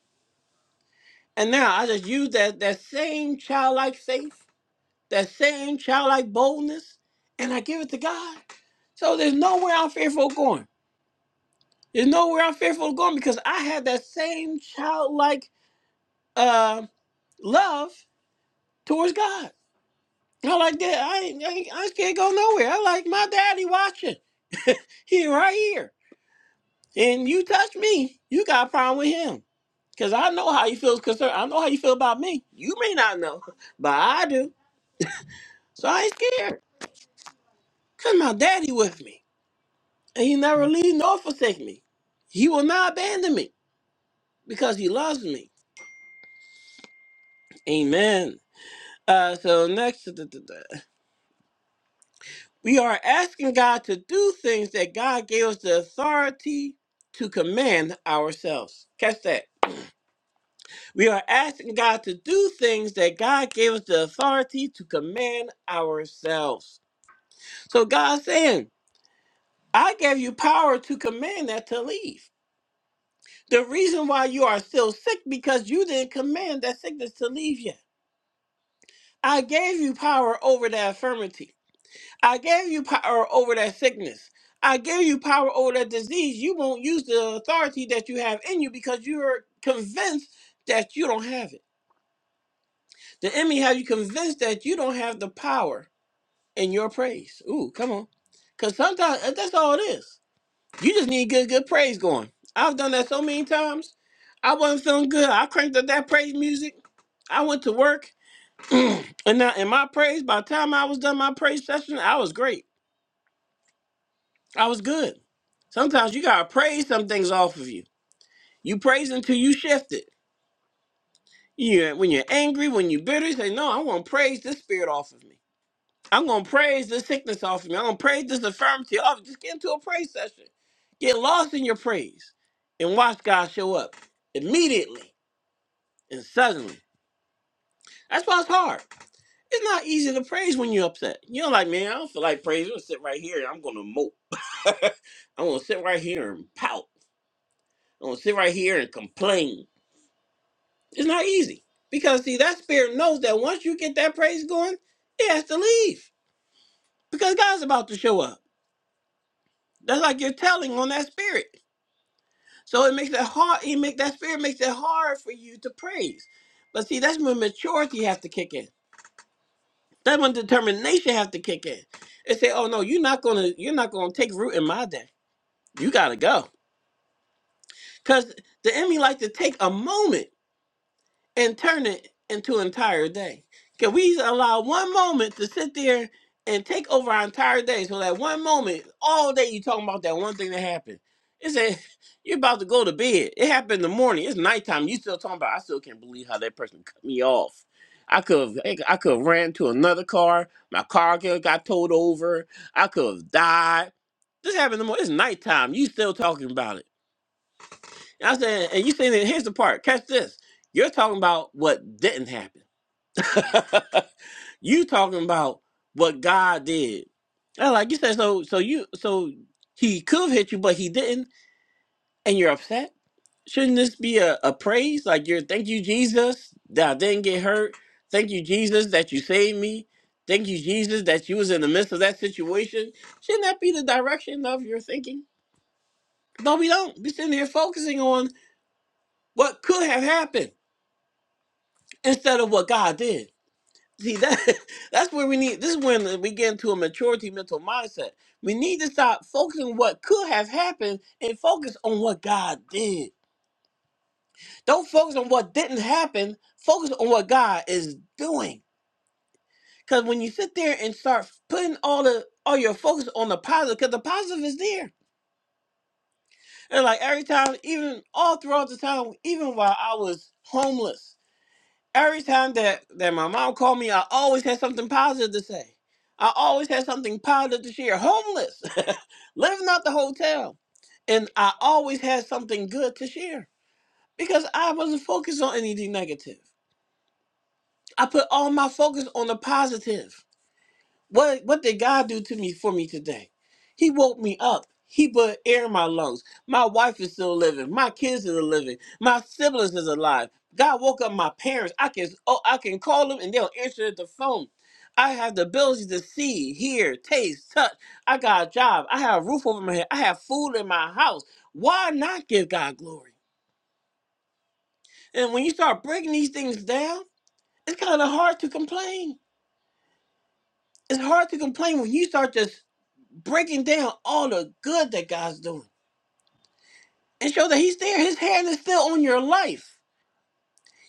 [SPEAKER 1] And now I just use that that same childlike faith, that same childlike boldness, and I give it to God. So there's nowhere I'm fearful of going. There's nowhere I'm fearful of going because I had that same childlike uh, love towards God. I like that. I ain't, I ain't, I ain't scared to go nowhere. I like my daddy watching. He right here. And you touch me, you got a problem with him. Cause I know how you feel concerned. I know how you feel about me. You may not know, but I do. So I ain't scared. Cause my daddy with me. And he never leave nor forsake me. He will not abandon me because he loves me. Amen. Uh so next da- da- da. we are asking God to do things that God gave us the authority to command ourselves. Catch that. We are asking God to do things that God gave us the authority to command ourselves. So God's saying. I gave you power to command that to leave. The reason why you are still sick because you didn't command that sickness to leave yet. I gave you power over that infirmity. I gave you power over that sickness. I gave you power over that disease. You won't use the authority that you have in you because you're convinced that you don't have it. The enemy have you convinced that you don't have the power in your praise. Ooh, come on. Because sometimes uh, that's all it is. You just need good, good praise going. I've done that so many times. I wasn't feeling good. I cranked up that praise music. I went to work, *clears throat* and now in my praise, by the time I was done my praise session, I was great. I was good. Sometimes you gotta praise some things off of you. You praise until you shift it. You when you're angry, when you're bitter, you say, "No, I want to praise this spirit off of me." I'm gonna praise the sickness off of me. I'm gonna praise this infirmity off. Just get into a praise session. Get lost in your praise and watch God show up immediately and suddenly. That's why it's hard. It's not easy to praise when you're upset. You're like, man, I don't feel like praising. I'm gonna sit right here and I'm gonna mope. *laughs* I'm gonna sit right here and pout. I'm gonna sit right here and complain. It's not easy. Because see, that spirit knows that once you get that praise going, it has to leave. Because God's about to show up. That's like you're telling on that spirit. So it makes it hard. He make that spirit makes it hard for you to praise. But see, that's when maturity has to kick in. That's when determination has to kick in. And say, oh no, you're not gonna you're not gonna take root in my day. You gotta go. Cause the enemy like to take a moment. and turn it into an entire day? Can we allow one moment to sit there and take over our entire day? So that one moment, all day you talking about that one thing that happened. It's a *laughs* you're about to go to bed. It happened in the morning. It's nighttime. You still talking about? I still can't believe how that person cut me off. I could have I could have ran to another car. My car could got towed over. I could have died. This happened in the morning. It's nighttime. You still talking about it. I said, and you saying that here's the part. Catch this. You're talking about what didn't happen. *laughs* you talking about what God did. I like you said so so you so he could have hit you, but he didn't, and you're upset? Shouldn't this be a, a praise? Like you're thank you, Jesus, that I didn't get hurt. Thank you, Jesus, that you saved me. Thank you, Jesus, that you was in the midst of that situation. Shouldn't that be the direction of your thinking? No, we don't. We're sitting here focusing on what could have happened instead of what God did. See that *laughs* that's where we need this is when we get into a maturity mental mindset. We need to stop focusing on what could have happened and focus on what God did. Don't focus on what didn't happen, focus on what God is doing. Cause when you sit there and start putting all the all your focus on the positive, because the positive is there. And like every time, even all throughout the time, even while I was homeless. every time that that my mom called me, I always had something positive to say. I always had something positive to share. Homeless, *laughs* living out the hotel, and I always had something good to share because I wasn't focused on anything negative. I put all my focus on the positive. What what did God do to me for me today? He woke me up. He put air in my lungs. My wife is still living. My kids are living. My siblings is alive. God woke up my parents. I can oh I can call them and they'll answer the phone. I have the ability to see, hear, taste, touch. I got a job. I have a roof over my head. I have food in my house. Why not give God glory? And when you start breaking these things down, it's kind of hard to complain. It's hard to complain when you start just breaking down all the good that God's doing and show that He's there. His hand is still on your life.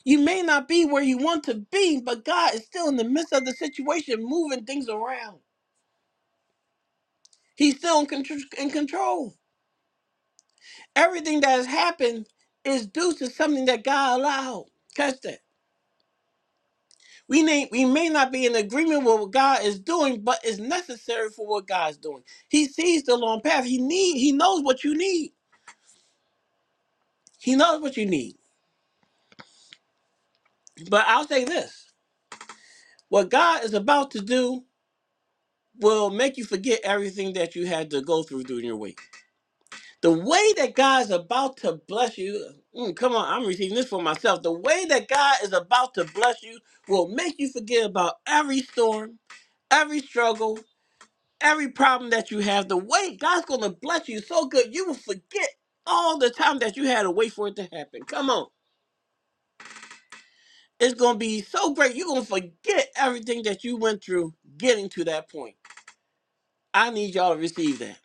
[SPEAKER 1] You may not be where you want to be, but God is still in the midst of the situation, moving things around. He's still in, contr- in control. Everything that has happened is due to something that God allowed. Catch that. We may, we may not be in agreement with what God is doing, but it's necessary for what God's doing. He sees the long path. He need. He knows what you need. He knows what you need. But I'll say this. What God is about to do will make you forget everything that you had to go through during your week. The way that God is about to bless you, mm, come on, I'm receiving this for myself. The way that God is about to bless you will make you forget about every storm, every struggle, every problem that you have. The way God's going to bless you so good, you will forget all the time that you had to wait for it to happen. Come on. It's going to be so great. You're going to forget everything that you went through getting to that point. I need y'all to receive that.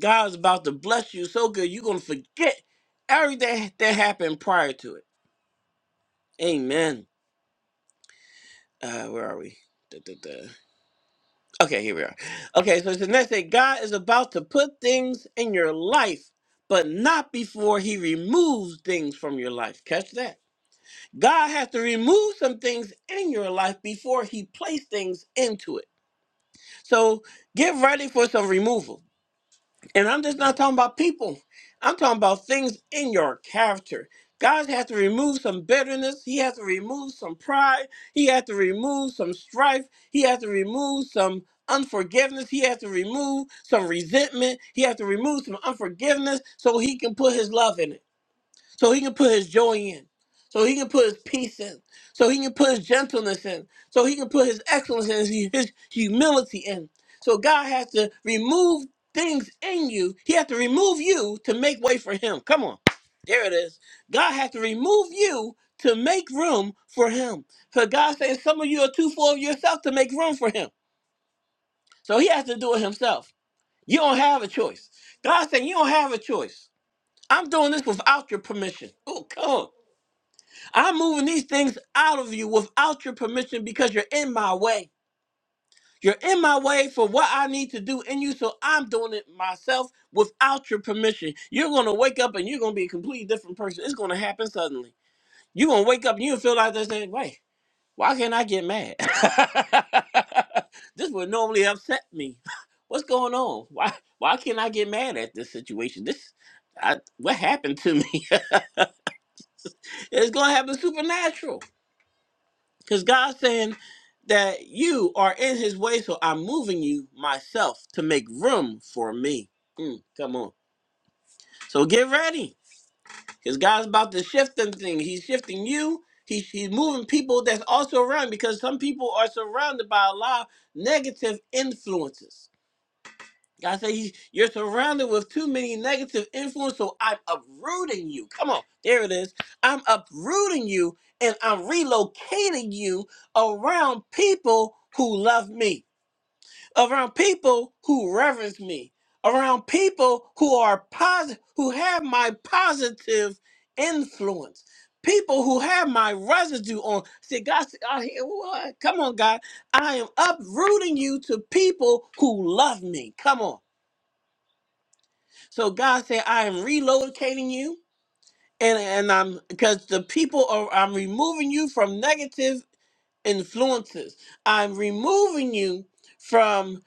[SPEAKER 1] God's about to bless you so good you're gonna forget everything that happened prior to it. Amen. Uh, where are we? Duh, duh, duh. Okay, here we are. Okay, so it's the next day. God is about to put things in your life, but not before He removes things from your life. Catch that. God has to remove some things in your life before He places things into it. So get ready for some removal. And I'm just not talking about people. I'm talking about things in your character. God has to remove some bitterness. He has to remove some pride. He has to remove some strife. He has to remove some unforgiveness. He has to remove some resentment. He has to remove some unforgiveness so he can put his love in it so he can put his joy in, so he can put his peace in, so he can put his gentleness in, so he can put his excellence in, his his humility in. So God has to remove things in you. He has to remove you to make way for him. Come on. There it is. God has to remove you to make room for him. So God says some of you are too full of yourself to make room for him. So he has to do it himself. You don't have a choice. God said you don't have a choice. I'm doing this without your permission. Oh, come on. I'm moving these things out of you without your permission because you're in my way. You're in my way for what I need to do in you, so I'm doing it myself without your permission. You're gonna wake up and you're gonna be a completely different person. It's gonna happen suddenly. You're gonna wake up and you feel like they're saying, wait, why can't I get mad? *laughs* this would normally upset me. *laughs* What's going on? Why why can't I get mad at this situation? This I, what happened to me? *laughs* it's gonna happen supernatural Because God's saying that you are in his way, so I'm moving you myself to make room for me. Mm, come on. So get ready. Because God's about to shift them things. He's shifting you. He's, he's moving people that's also around because some people are surrounded by a lot of negative influences. God said, "You- You're surrounded with too many negative influence, so I'm uprooting you. Come on, there it is. I'm uprooting you and I'm relocating you around people who love me, around people who reverence me, around people who are positive, who have my positive influence. People who have my residue on. See, God, said, I hear what? Come on, God. I am uprooting you to people who love me. Come on. So God said, I am relocating you, and and I'm because the people are I'm removing you from negative influences. I'm removing you from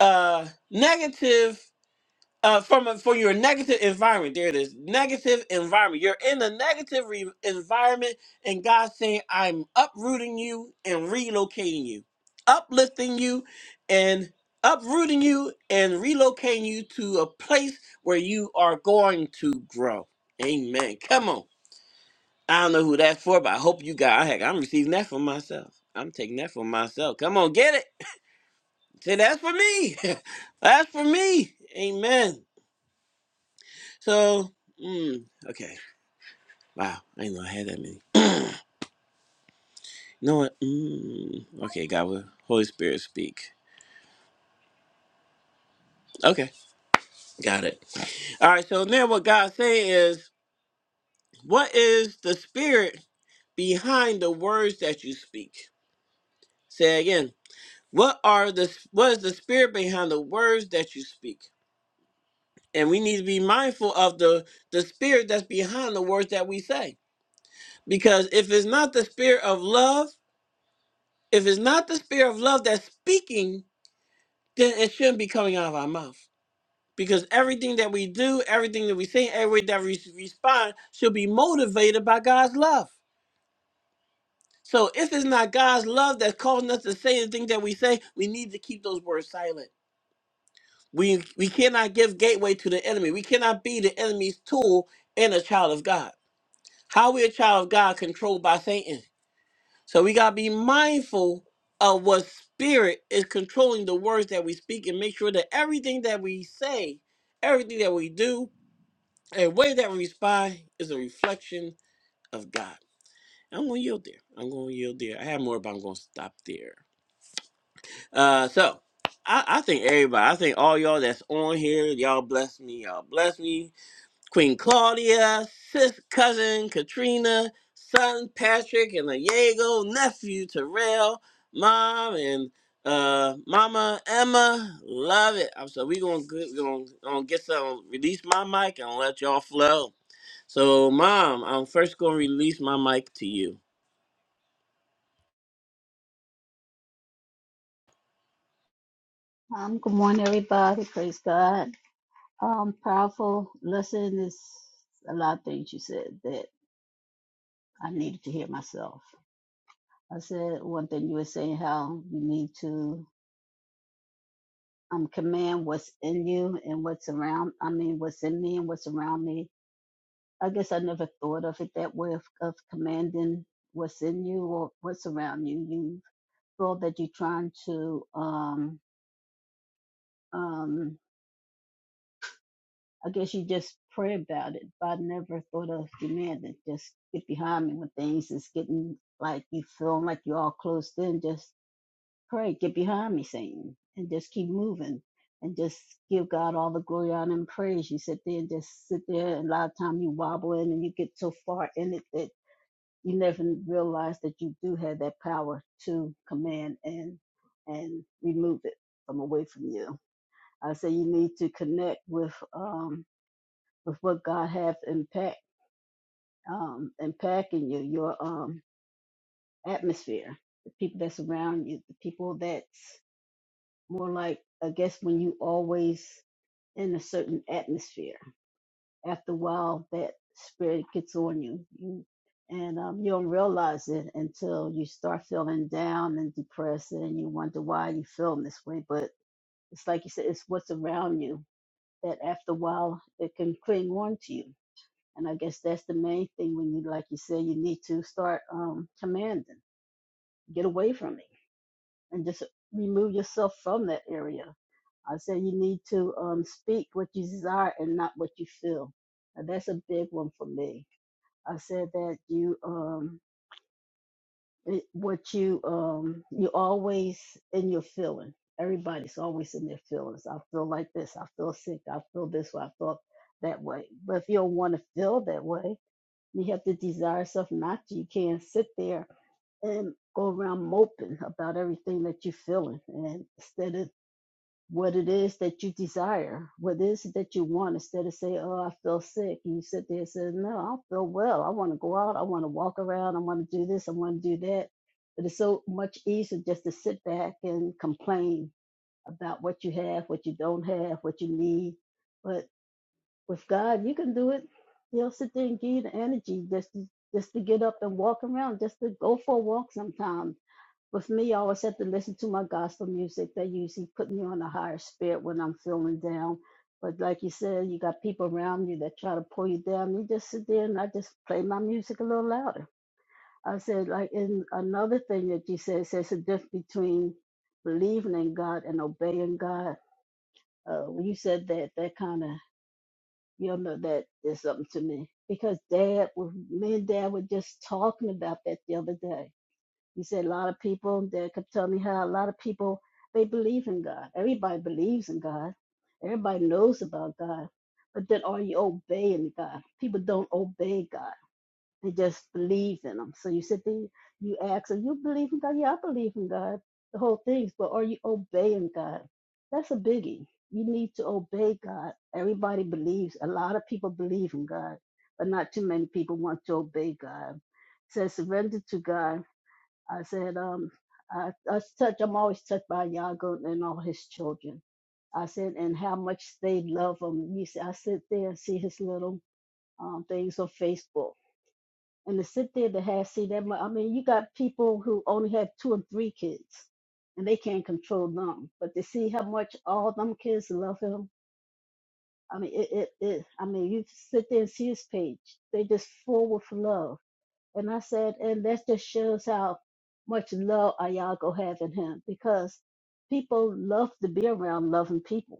[SPEAKER 1] uh negative uh, from a, for your negative environment. There it is, negative environment. You're in a negative re- environment, and God's saying, "I'm uprooting you and relocating you, uplifting you, and uprooting you and relocating you to a place where you are going to grow." Amen. Come on. I don't know who that's for, but I hope you got. Heck, I'm receiving that for myself. I'm taking that for myself. Come on, get it. Say that's for me. *laughs* that's for me. Amen. So, mm, okay. Wow, I didn't know I had that many. You know what? Mm, okay, God will Holy Spirit speak. Okay, got it. All right, so now what God saying is, what is the spirit behind the words that you speak? Say again. What are the what is the spirit behind the words that you speak? And we need to be mindful of the the spirit that's behind the words that we say. Because if it's not the spirit of love, if it's not the spirit of love that's speaking then it shouldn't be coming out of our mouth. Because everything that we do, everything that we say, every way that we respond should be motivated by God's love. So if it's not God's love that's causing us to say the things that we say, we need to keep those words silent. We we cannot give gateway to the enemy. We cannot be the enemy's tool in a child of God. How we a child of God controlled by Satan? So we gotta be mindful of what spirit is controlling the words that we speak and make sure that everything that we say, everything that we do, and way that we respond is a reflection of God. I'm gonna yield there. I'm gonna yield there. I have more, but I'm gonna stop there. Uh so I, I think everybody, I think all y'all that's on here, y'all bless me, y'all bless me. Queen Claudia, sis cousin Katrina, son Patrick and Diego, nephew Terrell, mom and uh mama Emma. Love it. I'm so we gonna g- gonna, gonna get some release my mic and let y'all flow. So mom, I'm first gonna release my mic to you.
[SPEAKER 2] Um, good morning, everybody. Praise God. Um, powerful lesson is a lot of things you said that I needed to hear myself. I said one thing you were saying how you need to um command what's in you and what's around. I mean, what's in me and what's around me. I guess I never thought of it that way of, of commanding what's in you or what's around you. You feel that you're trying to um um I guess you just pray about it. But I never thought of demanding. Just get behind me when things is getting like you feel like you're all closed in. Just pray, get behind me, Satan, and just keep moving. And just give God all the glory, honor, and praise. You sit there and just sit there, and a lot of time you wobble in, and you get so far in it that you never realize that you do have that power to command and and remove it from away from you. I say you need to connect with um, with what God has impact um, impacting you, your um, atmosphere, the people that surround you, the people that's more like I guess when you always in a certain atmosphere. After a while, that spirit gets on you, you and um, you don't realize it until you start feeling down and depressed, and you wonder why you feeling this way. But it's like you said, it's what's around you that after a while it can cling on to you And I guess that's the main thing when you, like you say, you need to start um, commanding, get away from it, and just remove yourself from that area. I said you need to um, speak what you desire and not what you feel. And that's a big one for me. I said that you, um, it, what you, um, you always in your feeling. Everybody's always in their feelings. I feel like this. I feel sick. I feel this way. I feel that way. But if you don't want to feel that way, You have to desire something not you can't sit there and go around moping about everything that you're feeling and instead of what it is that you desire, what it is that you want, instead of say, Oh, I feel sick, and you sit there and say, No, I feel well. I want to go out, I want to walk around, I want to do this, I want to do that. But it's so much easier just to sit back and complain about what you have, what you don't have, what you need. But with God, you can do it. He'll sit there and give you the energy just to, just to get up and walk around, just to go for a walk sometime. With me, I always have to listen to my gospel music. That usually put me on a higher spirit when I'm feeling down. But like you said, you got people around you that try to pull you down. You just sit there and I just play my music a little louder. I said, like in another thing that you said, there's a difference between believing in God and obeying God. Uh, when you said that, that kind of you know that is something to me because dad was me and dad were just talking about that the other day he said a lot of people dad kept telling me how a lot of people they believe in god everybody believes in god everybody knows about god but then are you obeying god people don't obey god and just believe in them. So you sit there, you ask, Are you believing God? Yeah, I believe in God, the whole things, but are you obeying God? That's a biggie. You need to obey God. Everybody believes, a lot of people believe in God, but not too many people want to obey God. It says surrender to God. I said, um, I, I was touched, I'm always touched by Yago and all his children. I said, and how much they love him. You see, I sit there and see his little um, things on Facebook and to sit there to have see that much. I mean, you got people who only have two or three kids, and they can't control them. But to see how much all them kids love him, I mean, it, it, it I mean, you sit there and see his page. They just full with love, and I said, and that just shows how much love Ayago have in him because people love to be around loving people.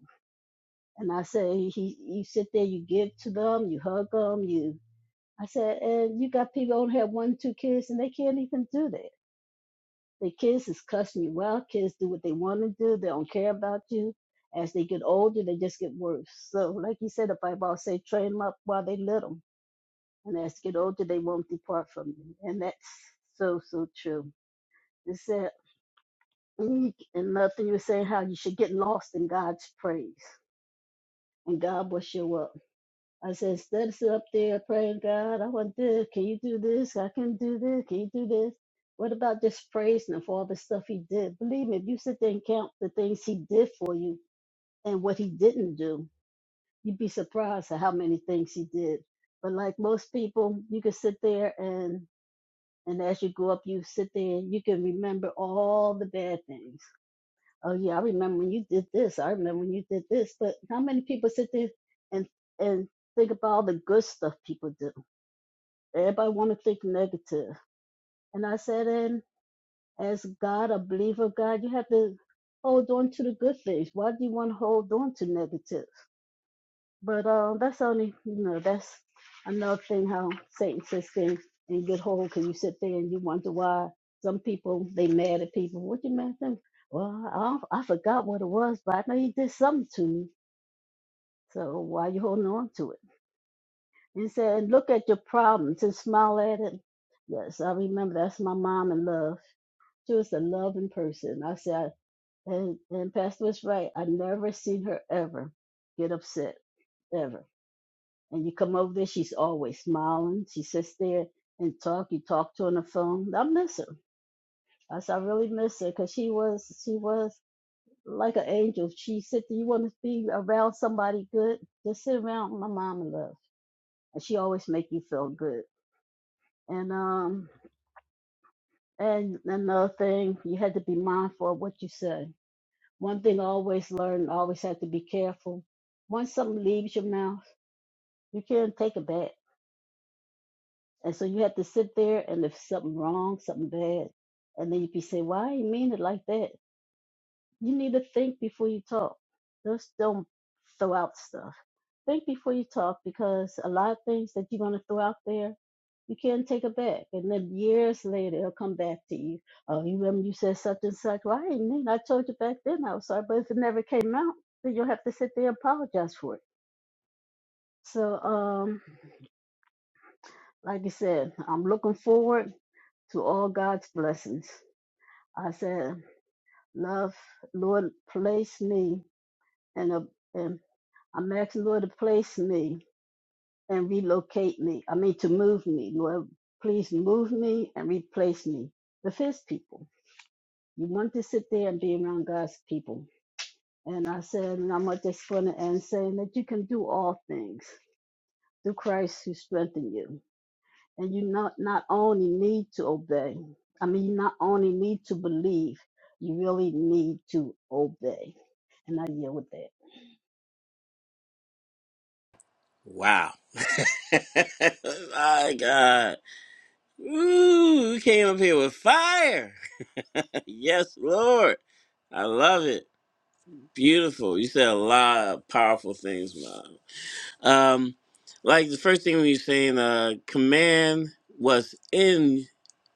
[SPEAKER 2] And I say, he, you sit there, you give to them, you hug them, you I said, and you got people who only have one, two kids, and they can't even do that. The kids is cussing you out. Kids do what they want to do. They don't care about you. As they get older, they just get worse. So, like you said, the Bible always say, train them up while they little, and as they get older, they won't depart from you. And that's so so true. It said, mm, and nothing you were saying how you should get lost in God's praise, and God will show up. I said, Studs up there praying, God, I want this. Can you do this? I can do this. Can you do this? What about just praising him for all the stuff he did? Believe me, if you sit there and count the things he did for you and what he didn't do, you'd be surprised at how many things he did. But like most people, you can sit there and and as you grow up, you sit there and you can remember all the bad things. Oh yeah, I remember when you did this. I remember when you did this. But how many people sit there and and think about all the good stuff people do? Everybody want to think negative. And I said, and as God, a believer of God, you have to hold on to the good things. Why do you want to hold on to negative? But uh, that's only, you know, that's another thing how Satan says things and get hold because you sit there and you wonder why some people, they mad at people. What you mad at them? Well, I, I forgot what it was, but I know you did something to me. So why you holding on to it? He said, look at your problems and smile at it. Yes, I remember that's my mom in love She was a loving person. I said, and, and Pastor was right. I never seen her ever get upset, ever. And you come over there, she's always smiling. She sits there and talk. You talk to her on the phone. I miss her. I said, I really miss her because she was, she was like an angel. She said, do you want to be around somebody good? Just sit around my mom and love. And she always make you feel good. And, um, and another thing, you had to be mindful of what you say One thing I always learn, always have to be careful. Once something leaves your mouth, you can't take it back. And so you have to sit there and if something wrong, something bad, and then you can say, Why you mean it like that? You need to think before you talk. Just don't throw out stuff. Think before you talk because a lot of things that you're going to throw out there, you can't take it back. And then years later, it'll come back to you. Oh, you remember you said such and such? Well, I didn't mean I told you back then I was sorry, but if it never came out, then you'll have to sit there and apologize for it. So, um, like I said, I'm looking forward to all God's blessings. I said, Love, Lord, place me in a in I'm asking Lord to place me and relocate me. I mean to move me. Lord, please move me and replace me with his people. You want to sit there and be around God's people. And I said, and I'm at this point to end saying that you can do all things through Christ who strengthen you. And you not, not only need to obey, I mean, you not only need to believe, you really need to obey. And I deal with that.
[SPEAKER 1] Wow. *laughs* my God. Ooh, you came up here with fire. *laughs* yes, Lord. I love it. Beautiful. You said a lot of powerful things, man. Um, like the first thing we were saying, uh, command was in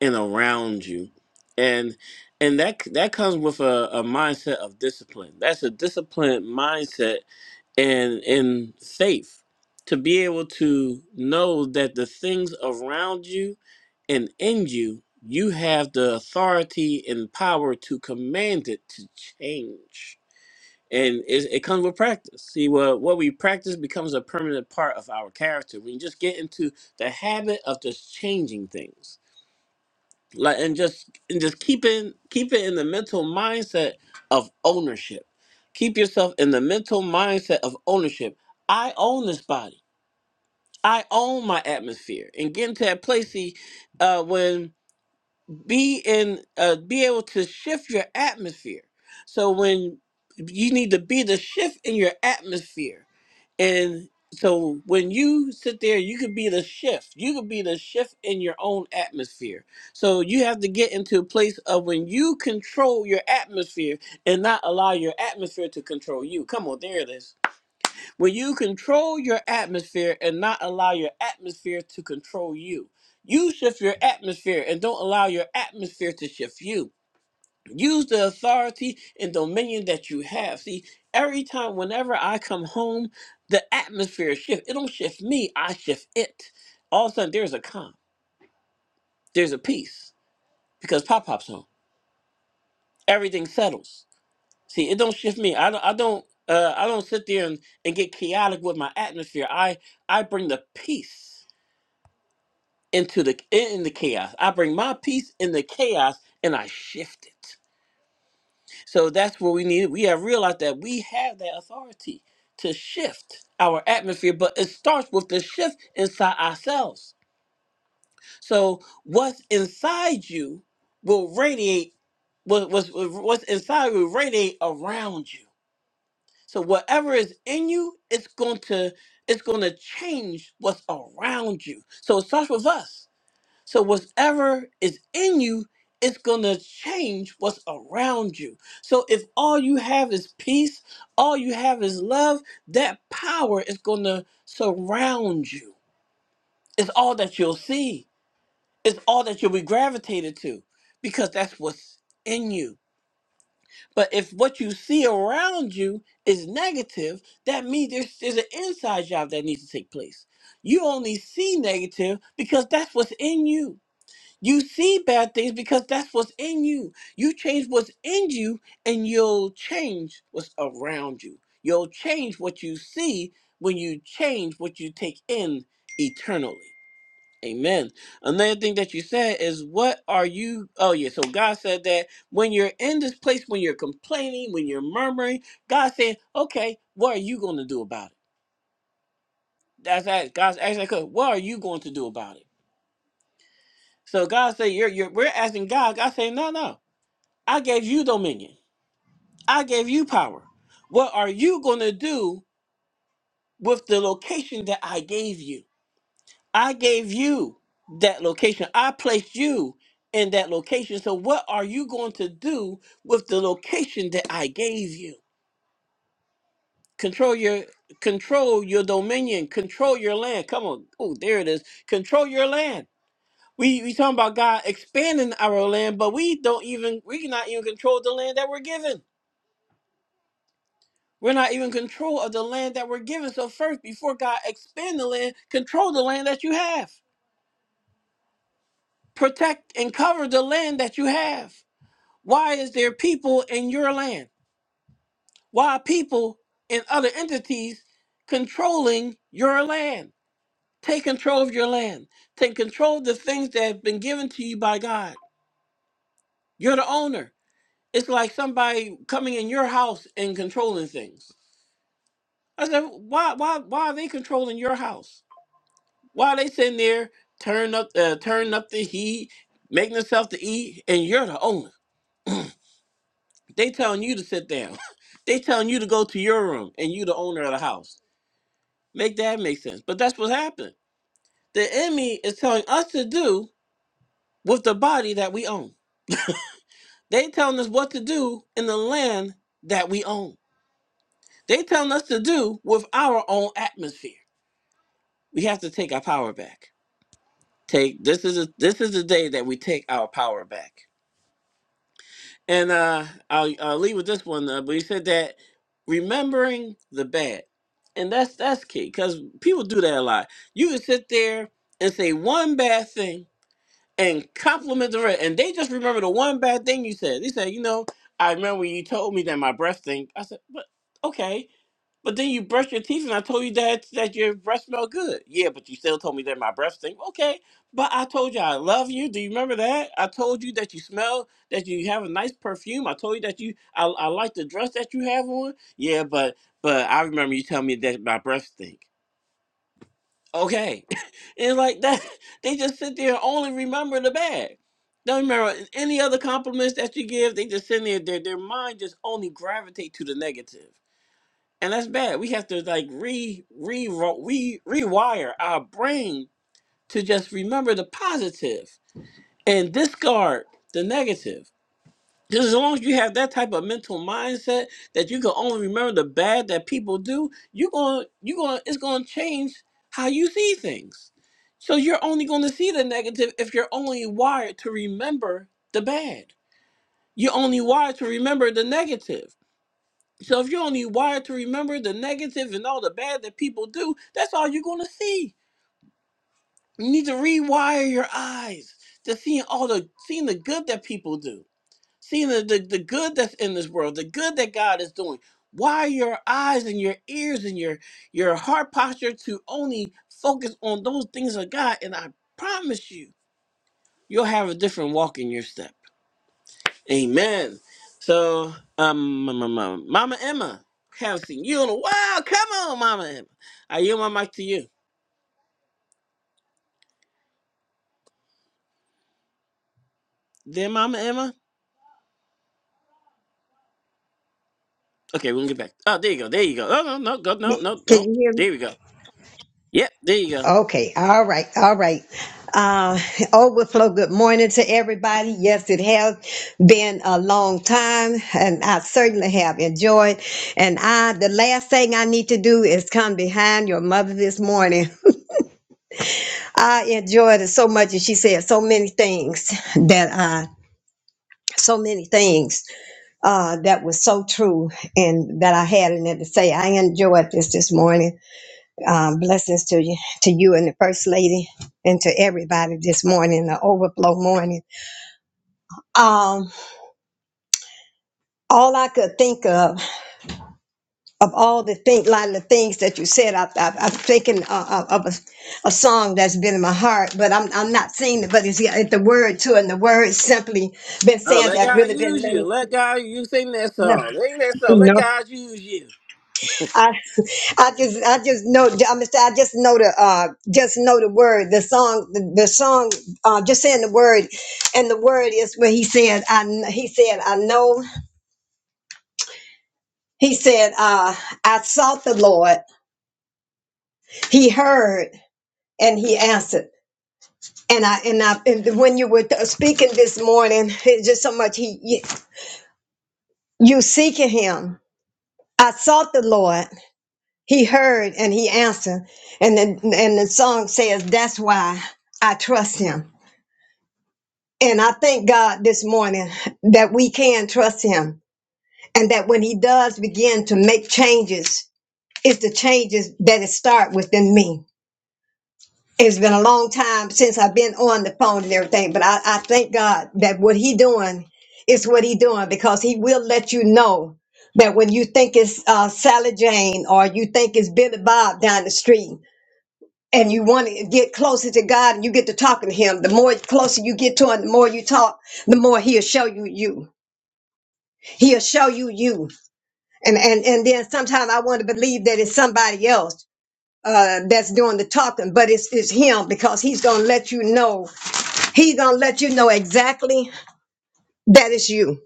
[SPEAKER 1] and around you, and and that that comes with a, a mindset of discipline. That's a disciplined mindset and in faith to be able to know that the things around you and in you, you have the authority and power to command it to change and it, it comes with practice. See, what what we practice becomes a permanent part of our character. We just get into the habit of just changing things, like and just and just keeping keep it in the mental mindset of ownership. Keep yourself in the mental mindset of ownership. I own this body. I own my atmosphere, and get into that place see, uh, when be in uh, be able to shift your atmosphere. So when you need to be the shift in your atmosphere and so when you sit there, you could be the shift. You could be the shift in your own atmosphere. So you have to get into a place of when you control your atmosphere and not allow your atmosphere to control you. Come on, there it is. When you control your atmosphere and not allow your atmosphere to control you. You shift your atmosphere and don't allow your atmosphere to shift you. Use the authority and dominion that you have. See, every time, whenever I come home, the atmosphere shifts. It don't shift me, I shift it. All of a sudden, there's a calm, there's a peace because Pop Pop's home. Everything settles. See, it don't shift me. I don't. I don't. Uh, I don't sit there and, and get chaotic with my atmosphere. I I bring the peace into the in the chaos. I bring my peace in the chaos, and I shift it. So that's where we need it. We have realized that we have that authority to shift our atmosphere, but it starts with the shift inside ourselves. So what's inside you will radiate. What, what's, what's inside will radiate around you. So whatever is in you, it's going to it's going to change what's around you. So it starts with us so whatever is in you it's going to change what's around you. So if all you have is peace, all you have is love, that power is going to surround you. It's all that you'll see. It's all that you'll be gravitated to because that's what's in you. But if what you see around you is negative, that means there's, there's an inside job that needs to take place. You only see negative because that's what's in you. You see bad things because that's what's in you. You change what's in you and you'll change what's around you. You'll change what you see when you change what you take in eternally. Amen. Another thing that you said is, What are you? Oh, yeah. So God said that when you're in this place, when you're complaining, when you're murmuring, God said, Okay, what are you going to do about it? That's that. God's asking, "Okay, What are you going to do about it? So God said, you're, you're, We're asking God. God said, No, no. I gave you dominion. I gave you power. What are you going to do with the location that I gave you? I gave you that location. I placed you in that location. So, what are you going to do with the location that I gave you? Control your control your dominion. Control your land. Come on. Oh, there it is. Control your land. We we talking about God expanding our land, but we don't even we cannot even control the land that we're given. We're not even in control of the land that we're given. So first, before God expand the land, control the land that you have. Protect and cover the land that you have. Why is there people in your land? Why are people and other entities controlling your land? Take control of your land. Take control of the things that have been given to you by God. You're the owner. It's like somebody coming in your house and controlling things. I said, why, why, why are they controlling your house? While they sitting there turning up, uh, turning up the heat, making themselves to eat, and you're the owner. They telling you to sit down. *laughs* they telling you to go to your room, and you the owner of the house. Make that make sense? But that's what happened. The enemy is telling us to do with the body that we own. They telling us what to do in the land that we own. They telling us to do with our own atmosphere. We have to take our power back. Take this is a, this is the day that we take our power back. And uh, I'll, I'll leave with this one. Uh, but he said that remembering the bad, and that's that's key because people do that a lot. You can sit there and say one bad thing and compliment the rest, and they just remember the one bad thing you said. They say, you know, I remember when you told me that my breath thing. I said, but okay. But then you brush your teeth, and I told you that that your breath smell good. Yeah, but you still told me that my breath stink. Okay, but I told you I love you. Do you remember that? I told you that you smell, that you have a nice perfume. I told you that you, I, I like the dress that you have on. Yeah, but but I remember you telling me that my breath stink. Okay, *laughs* and like that, *laughs* they just sit there and only remember the bad. Don't remember any other compliments that you give. They just sit there. Their their mind just only gravitate to the negative and that's bad. We have to like re re re rewire our brain to just remember the positive and discard the negative. Because as long as you have that type of mental mindset that you can only remember the bad that people do, you're going you're going it's going to change how you see things. So you're only going to see the negative if you're only wired to remember the bad. You're only wired to remember the negative. So if you're only wired to remember the negative and all the bad that people do, that's all you're gonna see. You need to rewire your eyes to seeing all the seeing the good that people do, seeing the, the, the good that's in this world, the good that God is doing. Wire your eyes and your ears and your your heart posture to only focus on those things of God, and I promise you, you'll have a different walk in your step. Amen. So, um, Mama, Mama Mama Emma, haven't seen you in a while. Come on, Mama Emma. I yield my mic to you. There, Mama Emma. Okay, we'll get back. Oh, there you go. There you go. Oh, no, no, go, no, no,
[SPEAKER 3] Can
[SPEAKER 1] no.
[SPEAKER 3] you hear me?
[SPEAKER 1] There we go. Yep, there you go.
[SPEAKER 3] Okay. All right. All right. Uh, overflow. Good morning to everybody. Yes, it has been a long time and I certainly have enjoyed. And I, the last thing I need to do is come behind your mother this morning. I enjoyed it so much. And she said so many things that I, so many things, uh, that was so true and that I had in it to say. I enjoyed this this morning. Um, blessings to you, to you and the first lady, and to everybody this morning, the overflow morning. Um, all I could think of, of all the think, lot of the things that you said, I, I, I'm thinking uh, of of a, a song that's been in my heart, but I'm I'm not singing it, but it's, yeah, it's the word too, and the word *laughs* simply been
[SPEAKER 1] Oh,
[SPEAKER 3] saying
[SPEAKER 1] let
[SPEAKER 3] that
[SPEAKER 1] God
[SPEAKER 3] really been
[SPEAKER 1] use you.
[SPEAKER 3] really
[SPEAKER 1] Let God use. sing that
[SPEAKER 3] no,
[SPEAKER 1] song. Sing that song. Let
[SPEAKER 3] no.
[SPEAKER 1] God use you.
[SPEAKER 3] I just, I just know, I'm just, I just know the, uh, just know the word, the song, the, the song, uh, just saying the word, and the word is when he said, I, kn- he said, I know, he said, uh, I sought the Lord, he heard, and he answered, and I, and I, and when you were speaking this morning, it's just so much he, you, you seeking him. I sought the Lord, he heard, and he answered, and then, and the song says, that's why I trust him. And I thank God this morning that we can trust him and that when he does begin to make changes, it's the changes that it start within me. It's been a long time since I've been on the phone and everything, but I, I thank God that what he doing is what he doing because he will let you know that when you think it's uh, Sally Jane or you think it's Billy Bob down the street and you want to get closer to God and you get to talking to him, the more closer you get to him, the more you talk, the more he'll show you you. he'll show you you and and and then sometimes i want to believe that it's somebody else uh that's doing the talking but it's it's him because he's gonna let you know he's gonna let you know exactly that it's you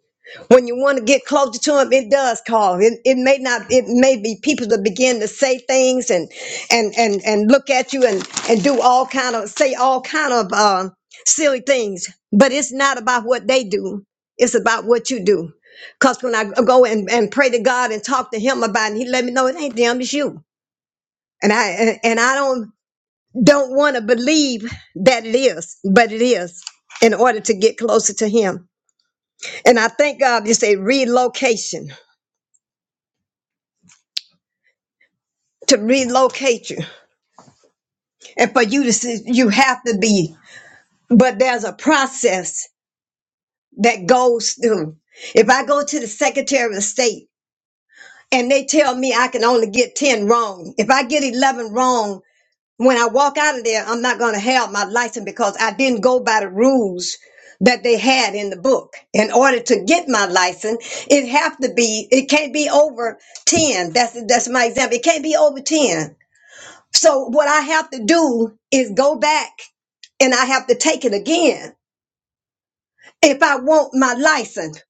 [SPEAKER 3] when you want to get closer to him, it does call. It, it may not, it may be people that begin to say things and, and, and, and look at you and, and do all kind of, say all kind of, um, silly things, but it's not about what they do. It's about what you do. Cause when I go and, and pray to God and talk to him about it, he let me know it ain't them, it's you. And I, and and I don't, don't want to believe that it is, but it is in order to get closer to him. And I thank God you say relocation. to relocate you and for you to see, you have to be but there's a process that goes through if i go to the secretary of state and they tell me i can only get 10 wrong if i get 11 wrong when i walk out of there i'm not going to have my license because i didn't go by the rules that they had in the book in order to get my license it have to be it can't be over 10 that's that's my example it can't be over 10 So what I have to do is go back and I have to take it again. If I want my license,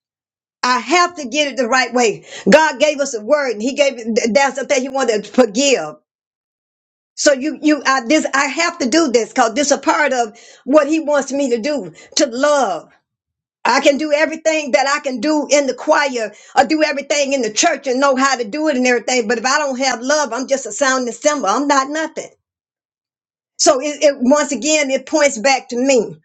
[SPEAKER 3] I have to get it the right way. God gave us a word and he gave it, that's the thing he wanted to forgive. So you, you, I, this, I have to do this because this is a part of what he wants me to do, to love. I can do everything that I can do in the choir or do everything in the church and know how to do it and everything. But if I don't have love, I'm just a sounding symbol. I'm not nothing. So it, it once again it points back to me.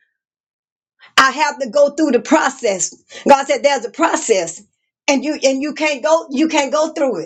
[SPEAKER 3] I have to go through the process. God said there's a process, and you and you can't go you can't go through it.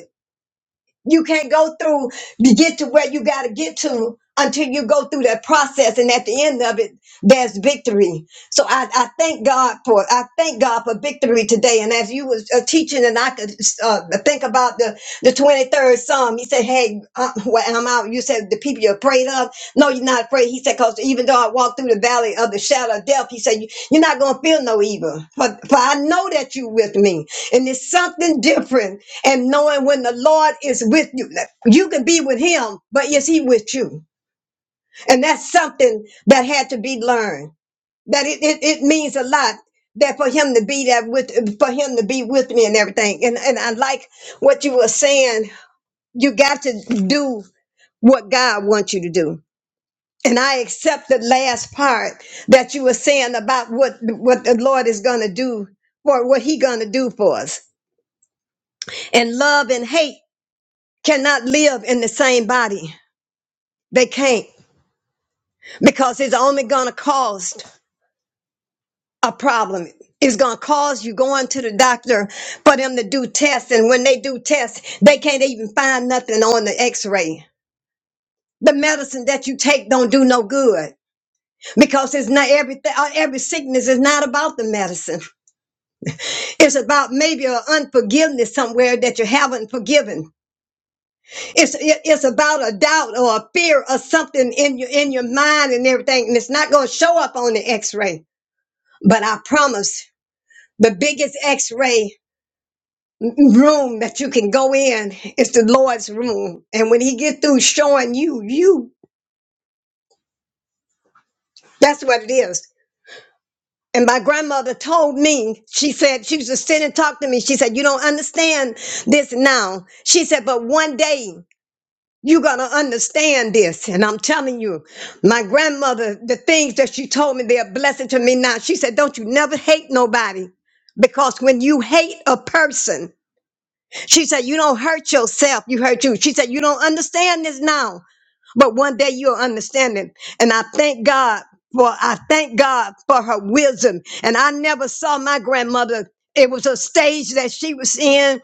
[SPEAKER 3] You can't go through to get to where you got to get to until you go through that process. And at the end of it, there's victory. So I, I thank God for I thank God for victory today. And as you was uh, teaching, and I could uh, think about the the twenty third psalm. He said, "Hey, uh, well, I'm out." You said the people you're afraid of. No, you're not afraid. He said, "Cause even though I walk through the valley of the shadow of death, he said, "You- you're not gonna feel no evil. For, for I know that you with me, and it's something different and knowing when the Lord is with you. That You can be with him, but is he with you? And that's something that had to be learned. That it, it, it means a lot that for him to be that with for him to be with me and everything. And and I like what you were saying. You got to do what God wants you to do. And I accept the last part that you were saying about what what the Lord is gonna do for what he gonna do for us. And love and hate cannot live in the same body They can't because it's only going to cause a problem. It's going to cause you going to the doctor for them to do tests. And when they do tests, they can't even find nothing on the x ray. The medicine that you take don't do no good because it's not everything. uh, Every sickness is not about the medicine. It's about maybe an unforgiveness somewhere that you haven't forgiven. It's it- it's about a doubt or a fear or something in your in your mind and everything, and it's not going to show up on the X ray. But I promise The biggest x ray room that you can go in is the Lord's room. And when He get through showing you, you, that's what it is. And my grandmother told me, she said, she used to sit and talk to me. She said, You don't understand this now. She said, But one day you're going to understand this. And I'm telling you, my grandmother, the things that she told me, they're a blessing to me now. She said, Don't you never hate nobody. Because when you hate a person, She said, You don't hurt yourself, you hurt you. She said, You don't understand this now, but one day you'll understand it. And I thank God for I thank God for her wisdom. And I never saw my grandmother. It was a stage that she was in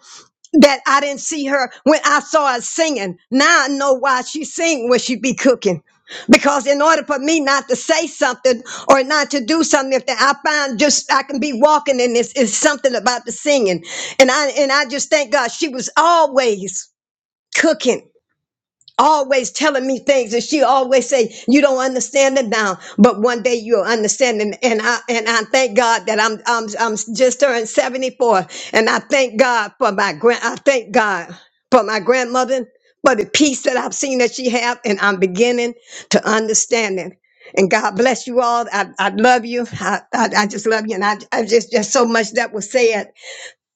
[SPEAKER 3] that I didn't see her when I saw her singing. Now I know why she sing when she be cooking. Because in order for me not to say something or not to do something, if I find just I can be walking in this is something about the singing. And I and I just thank God she was always cooking always telling me things and she always say you don't understand it now but one day you'll understand it and i and i thank god that i'm i'm, I'm just turned 74 and i thank god for my grand i thank god for my grandmother for the peace that i've seen that she have and i'm beginning to understand it and god bless you all i, I love you I, I i just love you and i, I just just so much that was said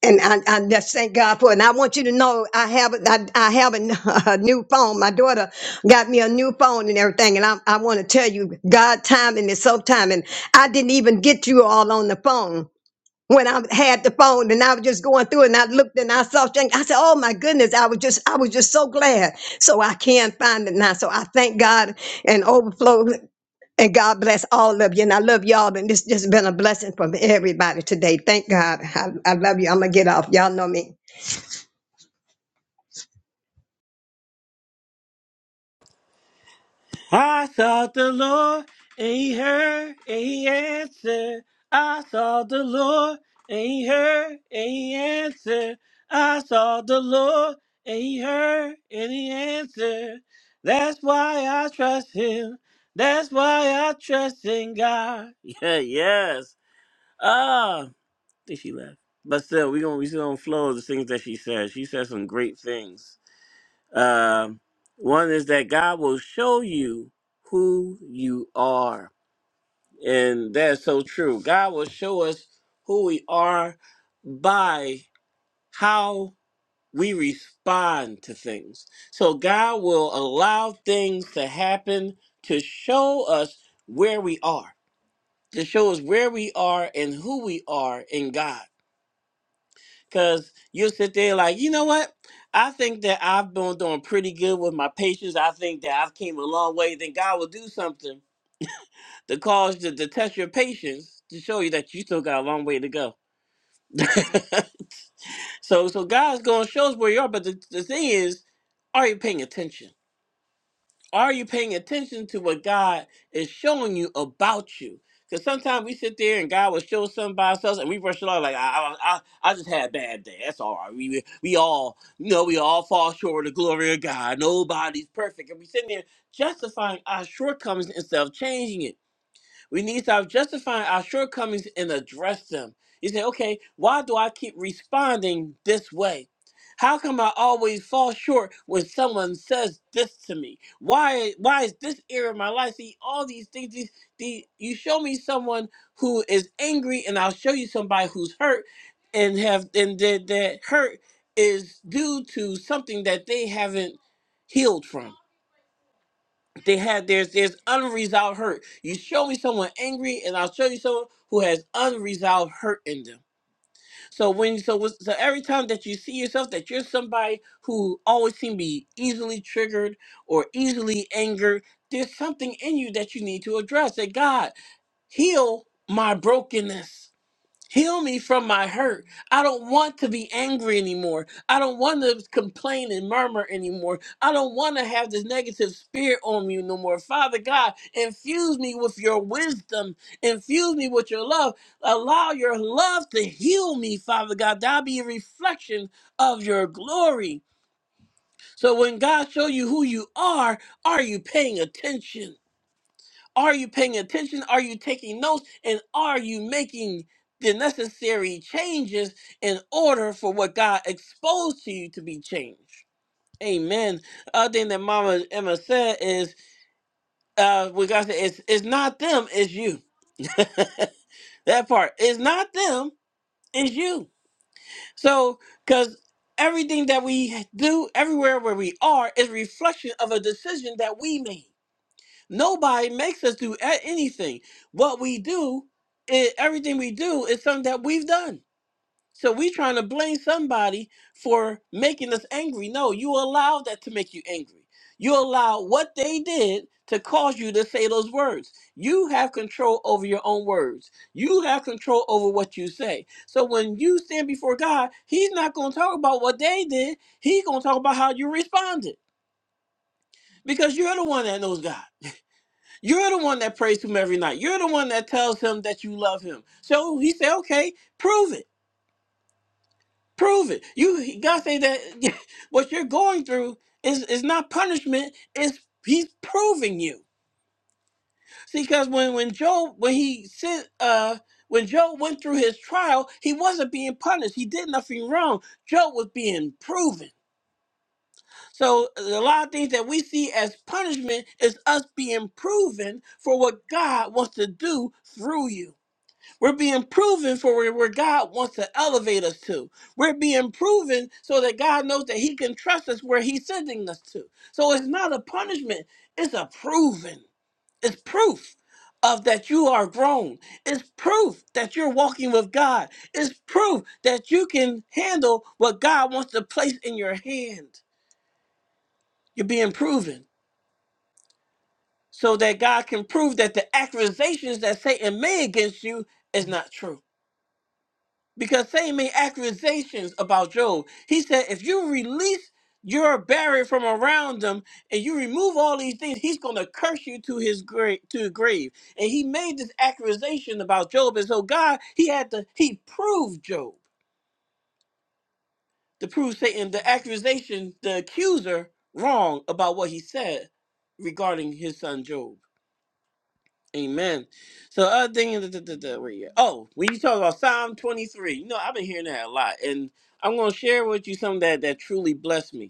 [SPEAKER 3] and I, I just thank God for it. And I want you to know I have I, I have a, *laughs* a new phone. My daughter got me a new phone and everything. And I, I want to tell you, God timing is so timing. I didn't even get you all on the phone when I had the phone and I was just going through and I looked and I saw things. I said, Oh my goodness, I was just I was just so glad. So I can find it now. So I thank God and overflow. And God bless all of you. And I love y'all. And this just been a blessing from everybody today. Thank God. I, I love you. I'm going to get off. Y'all know me.
[SPEAKER 1] I sought the Lord and he heard and he answered. I sought the Lord and he heard and he answered. I sought the Lord and he heard and he answered. That's why I trust him. That's why I trust in God. *laughs* Yeah, yes. Ah, I think she left. But still, we gonna we still gonna flow the things that she said. She said some great things. Um, one is that God will show you who you are. And that's so true. God will show us who we are by how we respond to things. So God will allow things to happen to show us where we are, to show us where we are and who we are in God. Cause you'll sit there like, you know what? I think that I've been doing pretty good with my patience. I think that I've came a long way. Then God will do something to cause to, to test your patience to show you that you still got a long way to go. *laughs* so so God's gonna show us where you are, but the, the thing is, are you paying attention? Are you paying attention to what God is showing you about you? Because sometimes we sit there and God will show something by ourselves and we brush it off like, I, I, I, I just had a bad day. That's all right. We, we we all, you know, we all fall short of the glory of God. Nobody's perfect. And we sit there justifying our shortcomings instead of changing it. We need to stop justifying our shortcomings and address them. You say, okay, why do I keep responding this way? How come I always fall short when someone says this to me? Why why is this area of my life? See, all these things, these, these you show me someone who is angry, and I'll show you somebody who's hurt and have and that that hurt is due to something that they haven't healed from they have there's there's unresolved hurt. You show me someone angry, and I'll show you someone who has unresolved hurt in them. So when so with- so every time that you see yourself that you're somebody who always seem to be easily triggered or easily angered, there's something in you that you need to address. That God heal my brokenness. Heal me from my hurt. I don't want to be angry anymore. I don't want to complain and murmur anymore. I don't want to have this negative spirit on me no more. Father God, infuse me with your wisdom. Infuse me with your love. Allow your love to heal me, Father God. That'll be a reflection of your glory. So when God show you who you are, are you paying attention? Are you paying attention? Are you taking notes? And are you making the necessary changes in order for what God exposed to you to be changed? Amen. Other thing that Mama Emma said is, uh, what God said, it's, it's not them, it's you. *laughs* that part. It's not them, it's you. So, because everything that we do, everywhere where we are, is a reflection of a decision that we made. Nobody makes us do a- anything. What we do, i- everything we do is something that we've done. So we trying to blame somebody for making us angry. No, you allowed that to make you angry. You allowed what they did to cause you to say those words. You have control over your own words. You have control over what you say. So when you stand before God, He's not going to talk about what they did. He's going to talk about how you responded because you're the one that knows God. You're the one that prays him every night. You're the one that tells him that you love him. So he said, "Okay, prove it. Prove it. You God say that *laughs* what you're going through is is not punishment. It's he's proving you. See, because when when Job when he sent uh when Job went through his trial, he wasn't being punished. He did nothing wrong. Job was being proven. So uh, a lot of things that we see as punishment is us being proven for what God wants to do through you. We're being proven for where, where God wants to elevate us to. We're being proven so that God knows that He can trust us where He's sending us to. So it's not a punishment, it's a proven. It's proof of that you are grown. It's proof that you're walking with God. It's proof that you can handle what God wants to place in your hand. You're being proven so that God can prove that the accusations that Satan made against you is not true. because Satan made accusations about Job. He said, if you release your barrier from around him and you remove all these things, he's going to curse you to his grave. To the grave. And he made this accusation about Job. And so God, he had to, he proved Job to prove Satan the accusation, the accuser, wrong about what he said regarding his son Job. Amen. So other thing is, da- da- da- da, where you at? oh, when you talk about Psalm 23, you know, I've been hearing that a lot. And I'm going to share with you something that, that truly blessed me.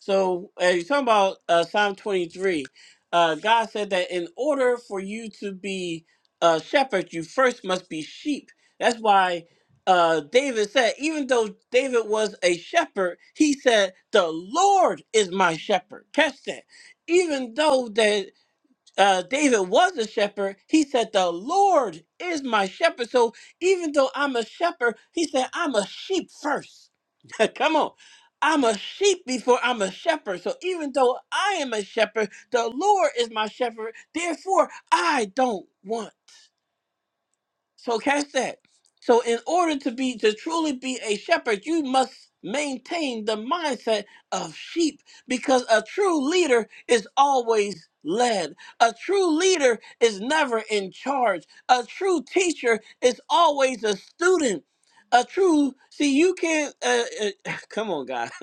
[SPEAKER 1] So uh, you're talking about uh, Psalm 23. Uh, God said that in order for you to be a shepherd, you first must be sheep. That's why uh, David said, even though David was a shepherd, he said, the Lord is my shepherd. Catch that even though that uh, David was a shepherd, he said, The Lord is my shepherd. So even though I'm a shepherd, he said, I'm a sheep first. *laughs* Come on. I'm a sheep before I'm a shepherd. So even though I am a shepherd, the Lord is my shepherd. Therefore, I don't want so catch that. So in order to be to truly be a shepherd, you must maintain the mindset of sheep because a true leader is always led. A true leader is never in charge. A true teacher is always a student. A true see you can't uh, uh, *sighs* *laughs* come on God. *laughs*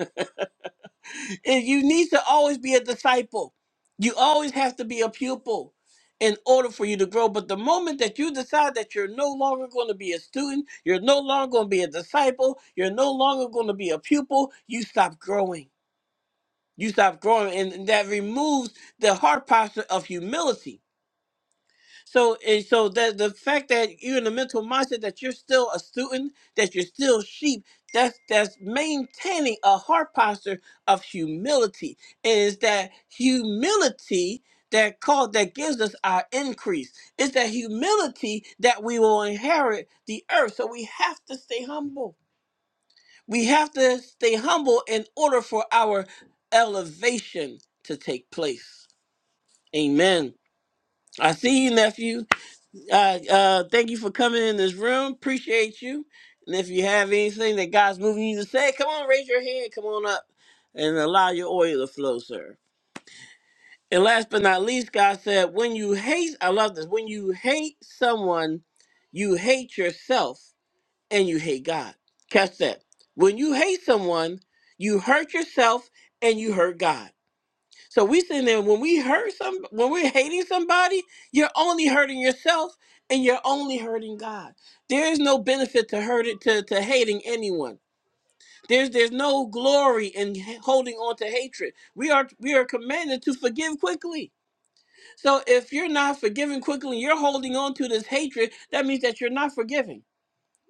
[SPEAKER 1] And you need to always be a disciple. You always have to be a pupil in order for you to grow. But the moment that you decide that you're no longer going to be a student, you're no longer going to be a disciple, you're no longer going to be a pupil, you stop growing. You stop growing. And that removes the heart posture of humility so and so that the fact that you're in the mental mindset that you're still a student, that you're still sheep, that's that's maintaining a heart posture of humility. It Is that humility that call that gives us our increase? It's that humility that we will inherit the earth. So we have to stay humble. We have to stay humble in order for our elevation to take place. Amen. I see you, nephew uh, uh, thank you for coming in this room. Appreciate you. And if you have anything that God's moving you to say, come on, raise your hand. Come on up and allow your oil to flow, sir. And last but not least, God said, when you hate, I love this, when you hate someone, you hate yourself and you hate God. Catch that. When you hate someone, you hurt yourself and you hurt God. So we sitting there when we hurt some when we're hating somebody, you're only hurting yourself and you're only hurting God. There is no benefit to hurt it to, to hating anyone. There's there's no glory in h- holding on to hatred. We are we are commanded to forgive quickly. So if you're not forgiving quickly, you're holding on to this hatred, that means that you're not forgiving.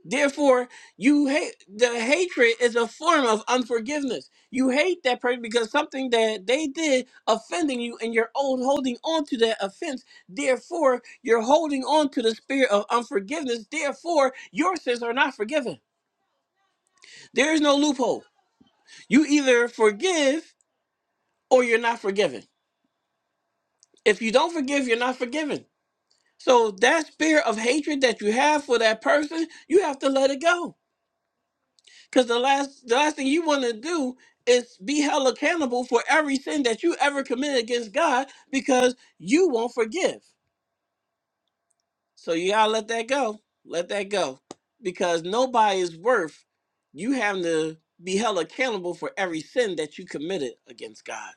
[SPEAKER 1] Therefore, you hate the hatred is a form of unforgiveness. You hate that person because something that they did offending you and you're old holding on to that offense. Therefore, you're holding on to the spirit of unforgiveness. Therefore, your sins are not forgiven. There is no loophole. You either forgive or you're not forgiven. If you don't forgive, you're not forgiven. So that spirit of hatred that you have for that person, you have to let it go Because the last the last thing you want to do is be held accountable for every sin that you ever committed against God because you won't forgive. So you gotta let that go. Let that go. Because nobody is worth you having to be held accountable for every sin that you committed against God.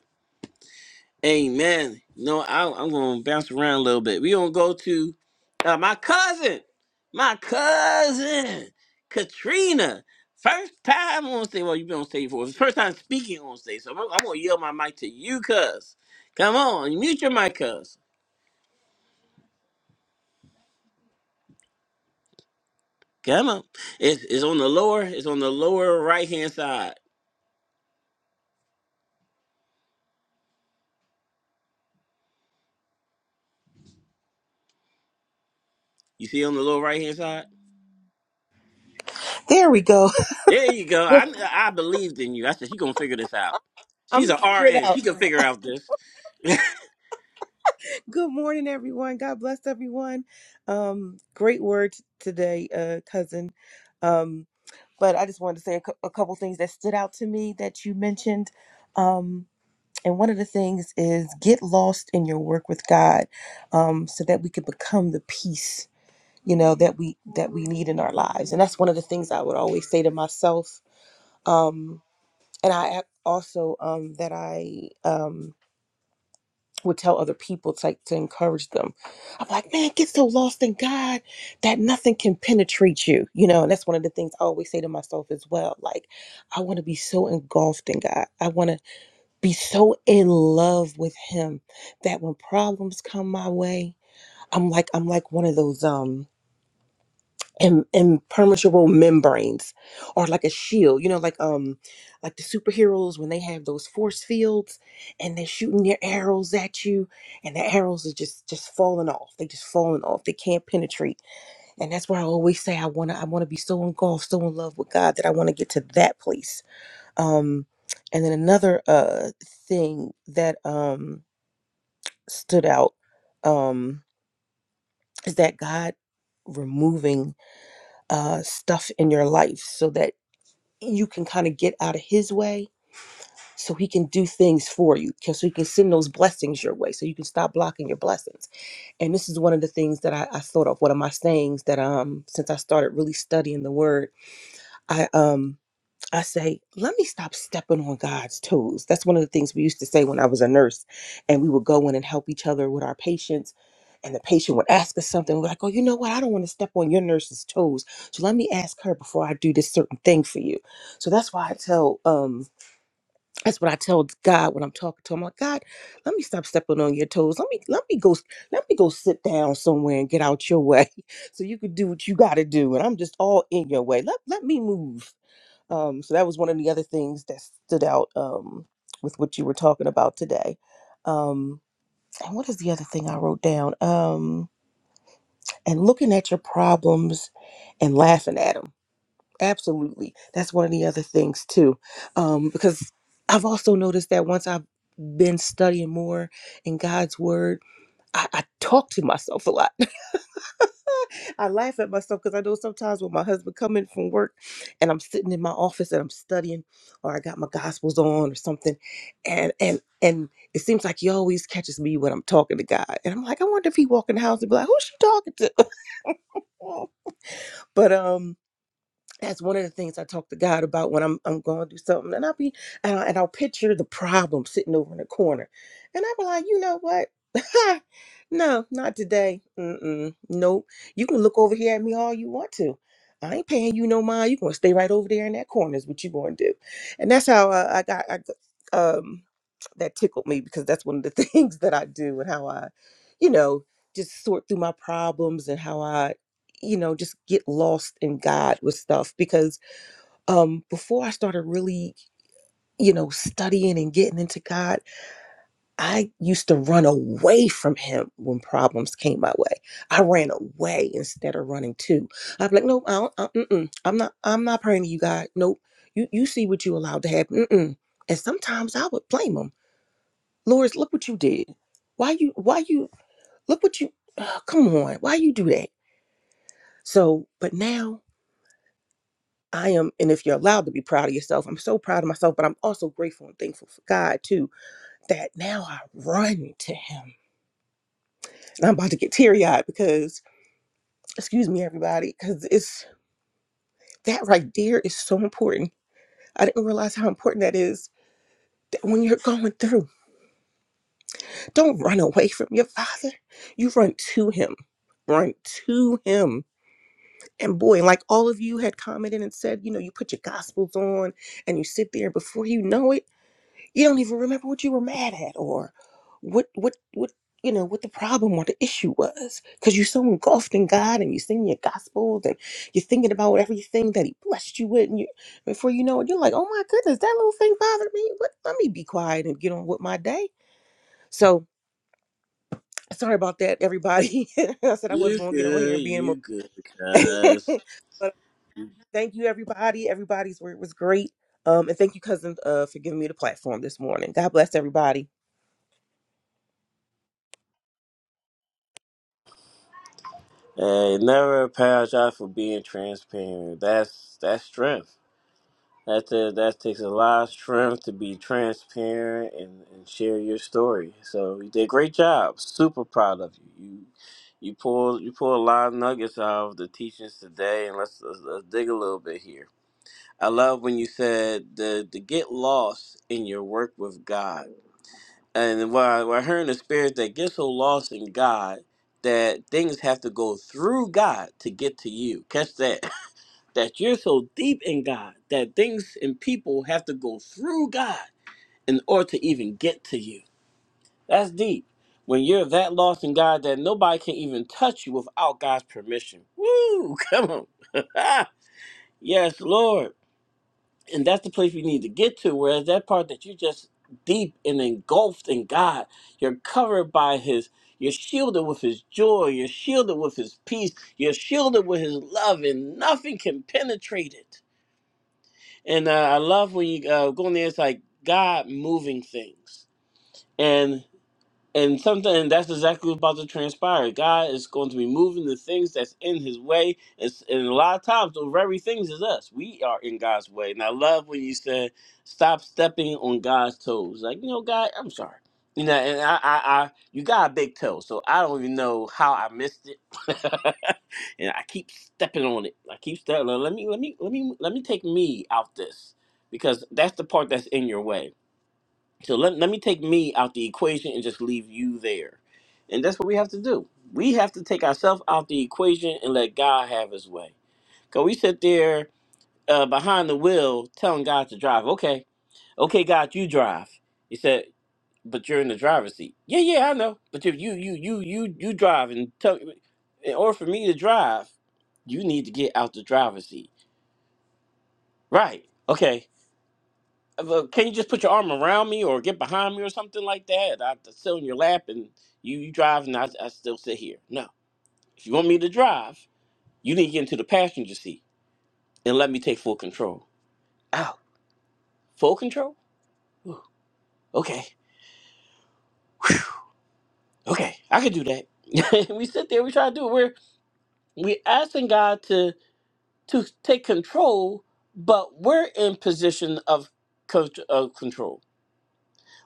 [SPEAKER 1] Amen. No, I, I'm gonna bounce around a little bit. We gonna go to uh, my cousin, my cousin Katrina. First time on stage. Well, you've been on stage for first time speaking on stage. So I'm, I'm gonna yield my mic to you, cuz. Come on, mute your mic, cuz. Come on. It's, it's on the lower. It's on the lower right hand side. You see on the lower right hand side.
[SPEAKER 4] There we go.
[SPEAKER 1] There you go.
[SPEAKER 4] *laughs* I'm
[SPEAKER 1] I I believed in you. I said she's gonna figure this out. She's
[SPEAKER 4] gonna
[SPEAKER 1] a
[SPEAKER 4] figure it
[SPEAKER 1] RN.
[SPEAKER 4] out.
[SPEAKER 1] She can figure out this.
[SPEAKER 4] Good morning, everyone. God bless everyone. Um, great words today, uh, cousin. Um, but I just wanted to say a, cou- a couple things that stood out to me that you mentioned. Um, and one of the things is get lost in your work with God, um, so that we can become the peace you know that we that we need in our lives. And that's one of the things I would always say to myself. Um, and I ac- also um, that I um, would tell other people to, like, to encourage them. I'm like, man, get so lost in God that nothing can penetrate you, you know. And that's one of the things I always say to myself as well. Like, I want to be so engulfed in God. I want to be so in love with Him that when problems come my way, I'm like, I'm like one of those um im- impermeable membranes or like a shield you know like um like the superheroes when they have those force fields and they're shooting their arrows at you and the arrows are just just falling off they just falling off they can't penetrate and that's why i always say i want to i want to be so engulfed so in love with god that i want to get to that place um and then another uh thing that um stood out um is that god removing uh stuff in your life so that you can kind of get out of his way so he can do things for you so he can send those blessings your way so you can stop blocking your blessings and this is one of the things that I, I thought of one of my sayings that um since i started really studying the word i um I say, let me stop stepping on God's toes. That's one of the things we used to say when I was a nurse, and we would go in and help each other with our patients. And the patient would ask us something. We're like, oh, you know what? I don't want to step on your nurse's toes. So let me ask her before I do this certain thing for you. So that's why I tell, um, that's what I tell God when I'm talking to him. I'm like, God, let me stop stepping on your toes. Let me, let me go, let me go sit down somewhere and get out your way *laughs* so you could do what you got to do. And I'm just all in your way. Let, let me move um, so that was one of the other things that stood out um, with what you were talking about today. Um, and what is the other thing I wrote down? Um, and looking at your problems and laughing at them. Absolutely. That's one of the other things too. Um, because I've also noticed that once I've been studying more in God's word, I, I talk to myself a lot. *laughs* I laugh at myself because I know sometimes when my husband coming from work and I'm sitting in my office and I'm studying or I got my gospels on or something and and and it seems like he always catches me when I'm talking to God. And I'm like, I wonder if he walk in the house and be like, who's she talking to? *laughs* but um that's one of the things I talk to God about when I'm I'm going to do something, and I'll be and, I, and I'll picture the problem sitting over in the corner, and I'll be like, you know what? *laughs* no, not today. Mm-mm, nope. You can look over here at me all you want to. I ain't paying you no mind. You're gonna stay right over there in that corner is what you gonna do, and that's how uh, I got. I, got- um, that tickled me because that's one of the *laughs* things that I do and how I, you know, just sort through my problems and how I you know just get lost in god with stuff because um before i started really you know studying and getting into god i used to run away from him when problems came my way i ran away instead of running to i'm like no I don't, I, mm-mm, i'm not i'm not praying to you god nope you you see what you allowed to happen mm-mm. and sometimes i would blame him lord look what you did why you why you look what you Ugh, come on why you do that so but now I am, and if you're allowed to be proud of yourself, I'm so proud of myself, but I'm also grateful and thankful for God too, that now I run to Him. And I'm about to get teary eyed because, excuse me, everybody, because it's that right there is so important. I didn't realize how important that is that when you're going through, don't run away from your Father. You run to Him. Run to Him. And boy, like all of you had commented and said, you know, you put your gospels on and you sit there, and before you know it, You don't even remember what you were mad at or what what what you know what the problem or the issue was because you're so engulfed in God and you sing your gospels and you're thinking about everything that He blessed you with and you before you know it you're like oh my goodness that little thing bothered me what let me be quiet and get on with my day so sorry about that everybody *laughs* I said I
[SPEAKER 1] You
[SPEAKER 4] wasn't gonna get on here
[SPEAKER 1] good,
[SPEAKER 4] and be in
[SPEAKER 1] you
[SPEAKER 4] emo-
[SPEAKER 1] good, cuz.
[SPEAKER 4] *laughs* but thank you everybody everybody's word was great um and thank you cousin uh for giving me the platform this morning God bless everybody
[SPEAKER 1] Hey, never apologize for being transparent. That's that's strength. That's ta- that takes a lot of strength to be transparent and, and share your story. So you did a great job. Super proud of you. You you pull you pull a lot of nuggets out of the teachings today, and let's, let's, let's dig a little bit here. I love when you said the to get lost in your work with God and we're, we're hearing the spirits that get so lost in God that things have to go through God to get to you. Catch that. *laughs* That you're so deep in God that things and people have to go through God in order to even get to you. That's deep. When you're that lost in God that nobody can even touch you without God's permission. Woo! *laughs* Come on. *laughs* yes, Lord and that's the place we need to get to. Whereas that part that you just deep and engulfed in God, you're covered by His, you're shielded with His joy, you're shielded with His peace, you're shielded with His love, and nothing can penetrate it. And uh, I love when you uh, go in there, it's like God moving things. And something and that's exactly what's about to transpire. God is going to be moving the things that's in his way. It's, and a lot of times, those very things is us. We are in God's way. And I love when you said, stop stepping on God's toes. Like, you know, God, I'm sorry. You know, and I, I, I you got a big toe, so I don't even know how I missed it. *laughs* and I keep stepping on it. I keep stepping. Let me, let me, let me, let me take me out this because that's the part that's in your way so let, let me take me out the equation and just leave you there. And that's what we have to do. We have to take ourselves out the equation and let God have his way. Because we sit there uh, behind the wheel telling God to drive. Okay, okay, God, you drive. He said, but you're in the driver's seat. Yeah, yeah, I know. But if you, you, you, you, you drive and tell in order for me to drive, you need to get out the driver's seat. Right. Okay. well, can you just put your arm around me or get behind me or something like that? I sit on your lap and you, you drive and I, I still sit here. No. If you want me to drive, you need to get into the passenger seat and let me take full control. Ow! full control? Ooh, okay. Okay. I can do that. *laughs* we sit there, we try to do it. We're we asking God to to take control, but we're in position of, co- of control.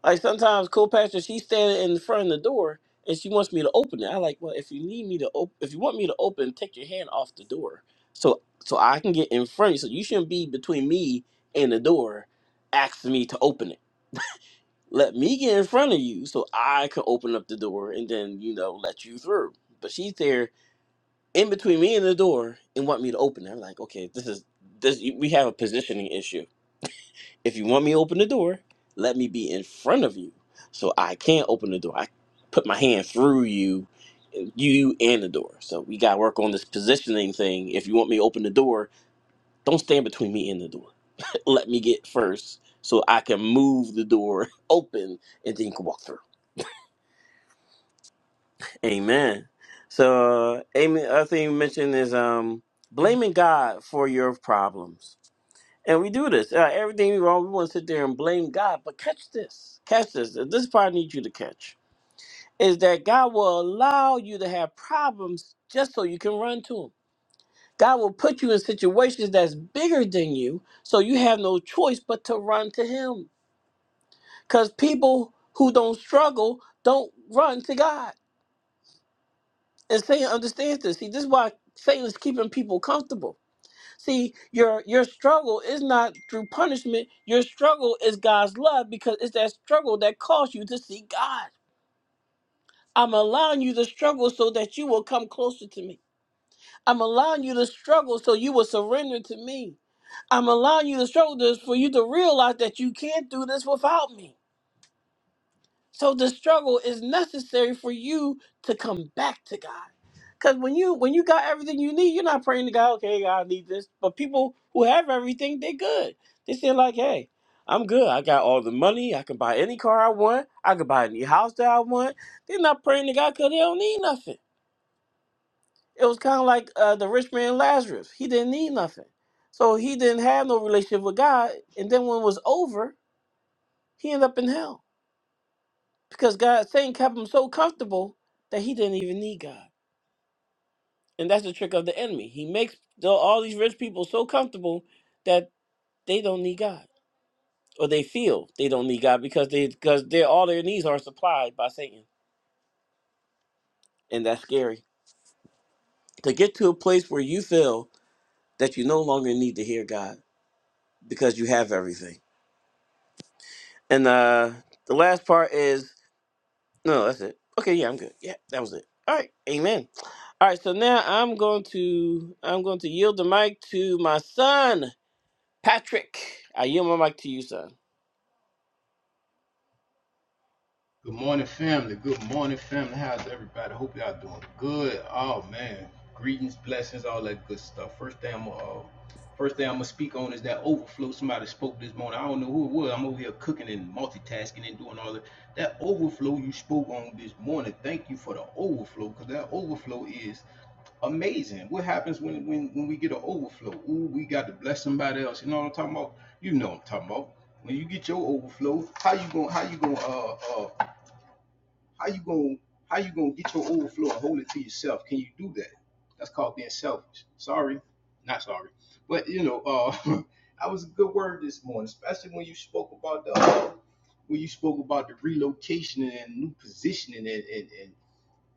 [SPEAKER 1] Like sometimes co-pastor, she's standing in front of the door and she wants me to open it. I like, well, if you need me to open, if you want me to open, take your hand off the door, so so I can get in front. So you shouldn't be between me and the door, asking me to open it. Let me get in front of you so I can open up the door and then you know let you through. But she's there in between me and the door and want me to open it. I'm like, okay, this is this. We have a positioning issue if you want me to open the door, let me be in front of you. So I can't open the door. I put my hand through you, you and the door. So we got to work on this positioning thing. If you want me to open the door, don't stand between me and the door. *laughs* Let me get first so I can move the door *laughs* open and then you can walk through. Amen. So, uh, Amy, other thing you mentioned is um, blaming God for your problems And we do this. Uh, everything we wrong, we want to sit there and blame God. But catch this. Catch this. This part I need you to catch is that God will allow you to have problems just so you can run to Him. God will put you in situations that's bigger than you, so you have no choice but to run to Him. Because people who don't struggle don't run to God. And Satan understands this. See, this is why Satan is keeping people comfortable See, your your struggle is not through punishment. Your struggle is God's love because it's that struggle that caused you to see God. I'm allowing you to struggle so that you will come closer to me. I'm allowing you to struggle so you will surrender to me. I'm allowing you to struggle this for you to realize that you can't do this without me. So the struggle is necessary for you to come back to God. Cause when you when you got everything you need, you're not praying to God, okay, God, I need this. But people who have everything, they good. They say like, hey, I'm good. I got all the money. I can buy any car I want. I can buy any house that I want. They're not praying to God because they don't need nothing. It was kind of like uh, the rich man Lazarus. He didn't need nothing. So he didn't have no relationship with God. And then when it was over, he ended up in hell. because God Satan kept him so comfortable that he didn't even need God. And that's the trick of the enemy. He makes the, all these rich people so comfortable that they don't need God, or they feel they don't need God because they because their all their needs are supplied by Satan, and that's scary. To get to a place where you feel that you no longer need to hear God because you have everything. And uh, the last part is No, no, that's it. Okay, yeah, I'm good. Yeah, that was it. All right, amen. All right, so now I'm going to I'm going to yield the mic to my son Patrick. I yield my mic to you, son.
[SPEAKER 5] Good morning, family. Good morning, family. How's everybody? Hope y'all doing good. Oh man, greetings, blessings, all that good stuff. First thing I'm gonna, uh, first thing I'm gonna speak on is that overflow. Somebody spoke this morning. I don't know who it was. I'm over here cooking and multitasking and doing all that. That overflow you spoke on this morning. Thank you for the overflow because that overflow is amazing. What happens when when when we get an overflow? Ooh, we got to bless somebody else. You know what I'm talking about? You know what I'm talking about. When you get your overflow, how you gonna how you gonna uh uh how you gonna how you gonna get your overflow and hold it to yourself? Can you do that? That's called being selfish. Sorry, not sorry, but you know, uh, *laughs* that was a good word this morning, especially when you spoke about the when you spoke about the relocation and new positioning and and and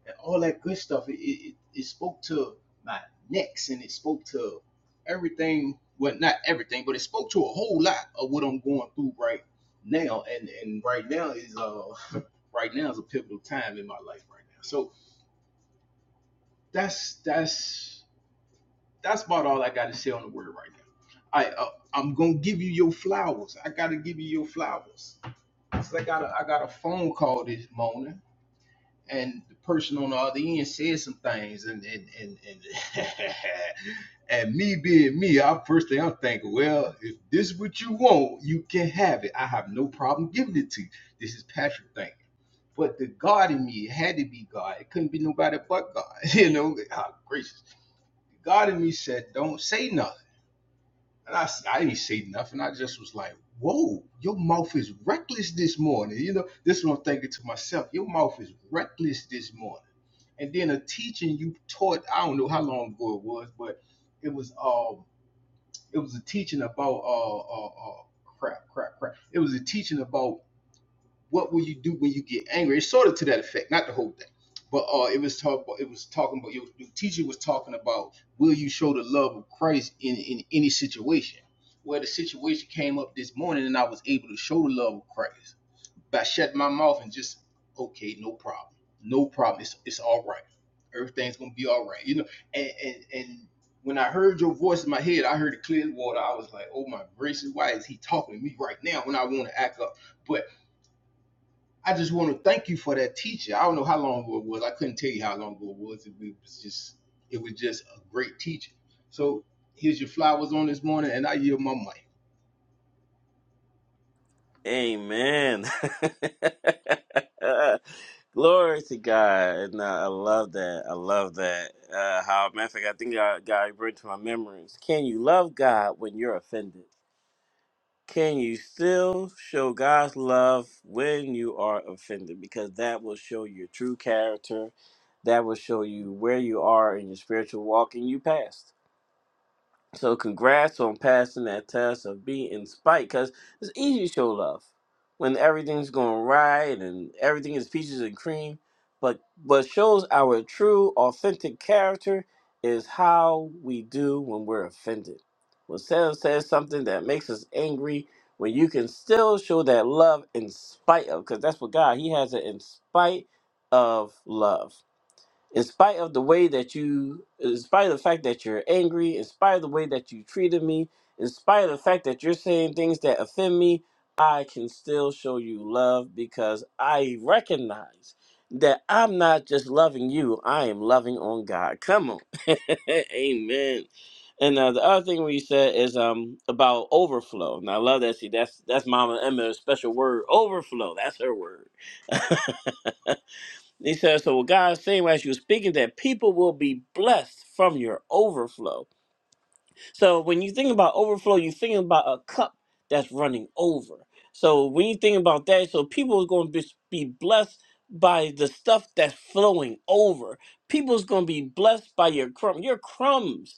[SPEAKER 5] and all that good stuff. It, it, it- spoke to my next and it spoke to everything. Well, not everything, but it spoke to a whole lot of what I'm going through right now. And and right now is uh *laughs* right now is a pivotal time in my life right now. So that's that's that's about all I got to say on the word right now. I uh, I'm gonna give you your flowers. I gotta give you your flowers. Cause I got a I got a phone call this morning and the person on the other end said some things and and and and, *laughs* and me being me, I first thing I'm thinking, well, if this is what you want, you can have it. I have no problem giving it to you. This is Patrick thinking. But the God in me it had to be God. It couldn't be nobody but God. *laughs* You know, oh, gracious. The God in me said, don't say nothing. And I I s- I didn't say nothing. I just was like, whoa, your mouth is reckless this morning. You know, this is what I'm thinking to myself. Your mouth is reckless this morning and then a teaching you taught i don't know how long ago it was but it was um it was a teaching about uh uh, uh crap crap crap it was a teaching about what will you do when you get angry it's sort of to that effect not the whole thing but uh it was talk it was talking about your, your teacher was talking about will you show the love of christ in in any situation well the situation came up this morning and i was able to show the love of christ but I shut my mouth and just, okay, no problem. No problem. It's it's all right. Everything's gonna be all right. You know, and and, and when I heard your voice in my head, I heard it clear water. I was like, oh my gracious, why is he talking to me right now when I want to act up? But I just want to thank you for that teacher. I don't know how long ago it was. I couldn't tell you how long ago it was. It was just it was just a great teacher. So here's your flowers on this morning, and I yield my mic.
[SPEAKER 1] Amen. *laughs* Glory to God. No, I love that. I love that. Uh, how, matter of fact, I think God, God brought to my memories. Can you love God when you're offended? Can you still show God's love when you are offended? Because that will show your true character. That will show you where you are in your spiritual walk and you past. So congrats on passing that test of being in spite, because it's easy to show love when everything's going right and everything is peaches and cream. But what shows our true, authentic character is how we do when we're offended. When Sam says something that makes us angry, when you can still show that love in spite of, because that's what God, He has it in spite of love in spite of the way that you, in spite of the fact that you're angry, in spite of the way that you treated me, in spite of the fact that you're saying things that offend me, I can still show you love because I recognize that I'm not just loving you, I am loving on God. Come on. *laughs* Amen. And uh, the other thing we said is um about overflow. And I love that. See, that's that's Mama Emma's special word, overflow. That's her word he says, so what God's saying as you are speaking that people will be blessed from your overflow. So when you think about overflow, you think about a cup that's running over. So when you think about that, so people are going to be be blessed by the stuff that's flowing over. People's going to be blessed by your crumb, your crumbs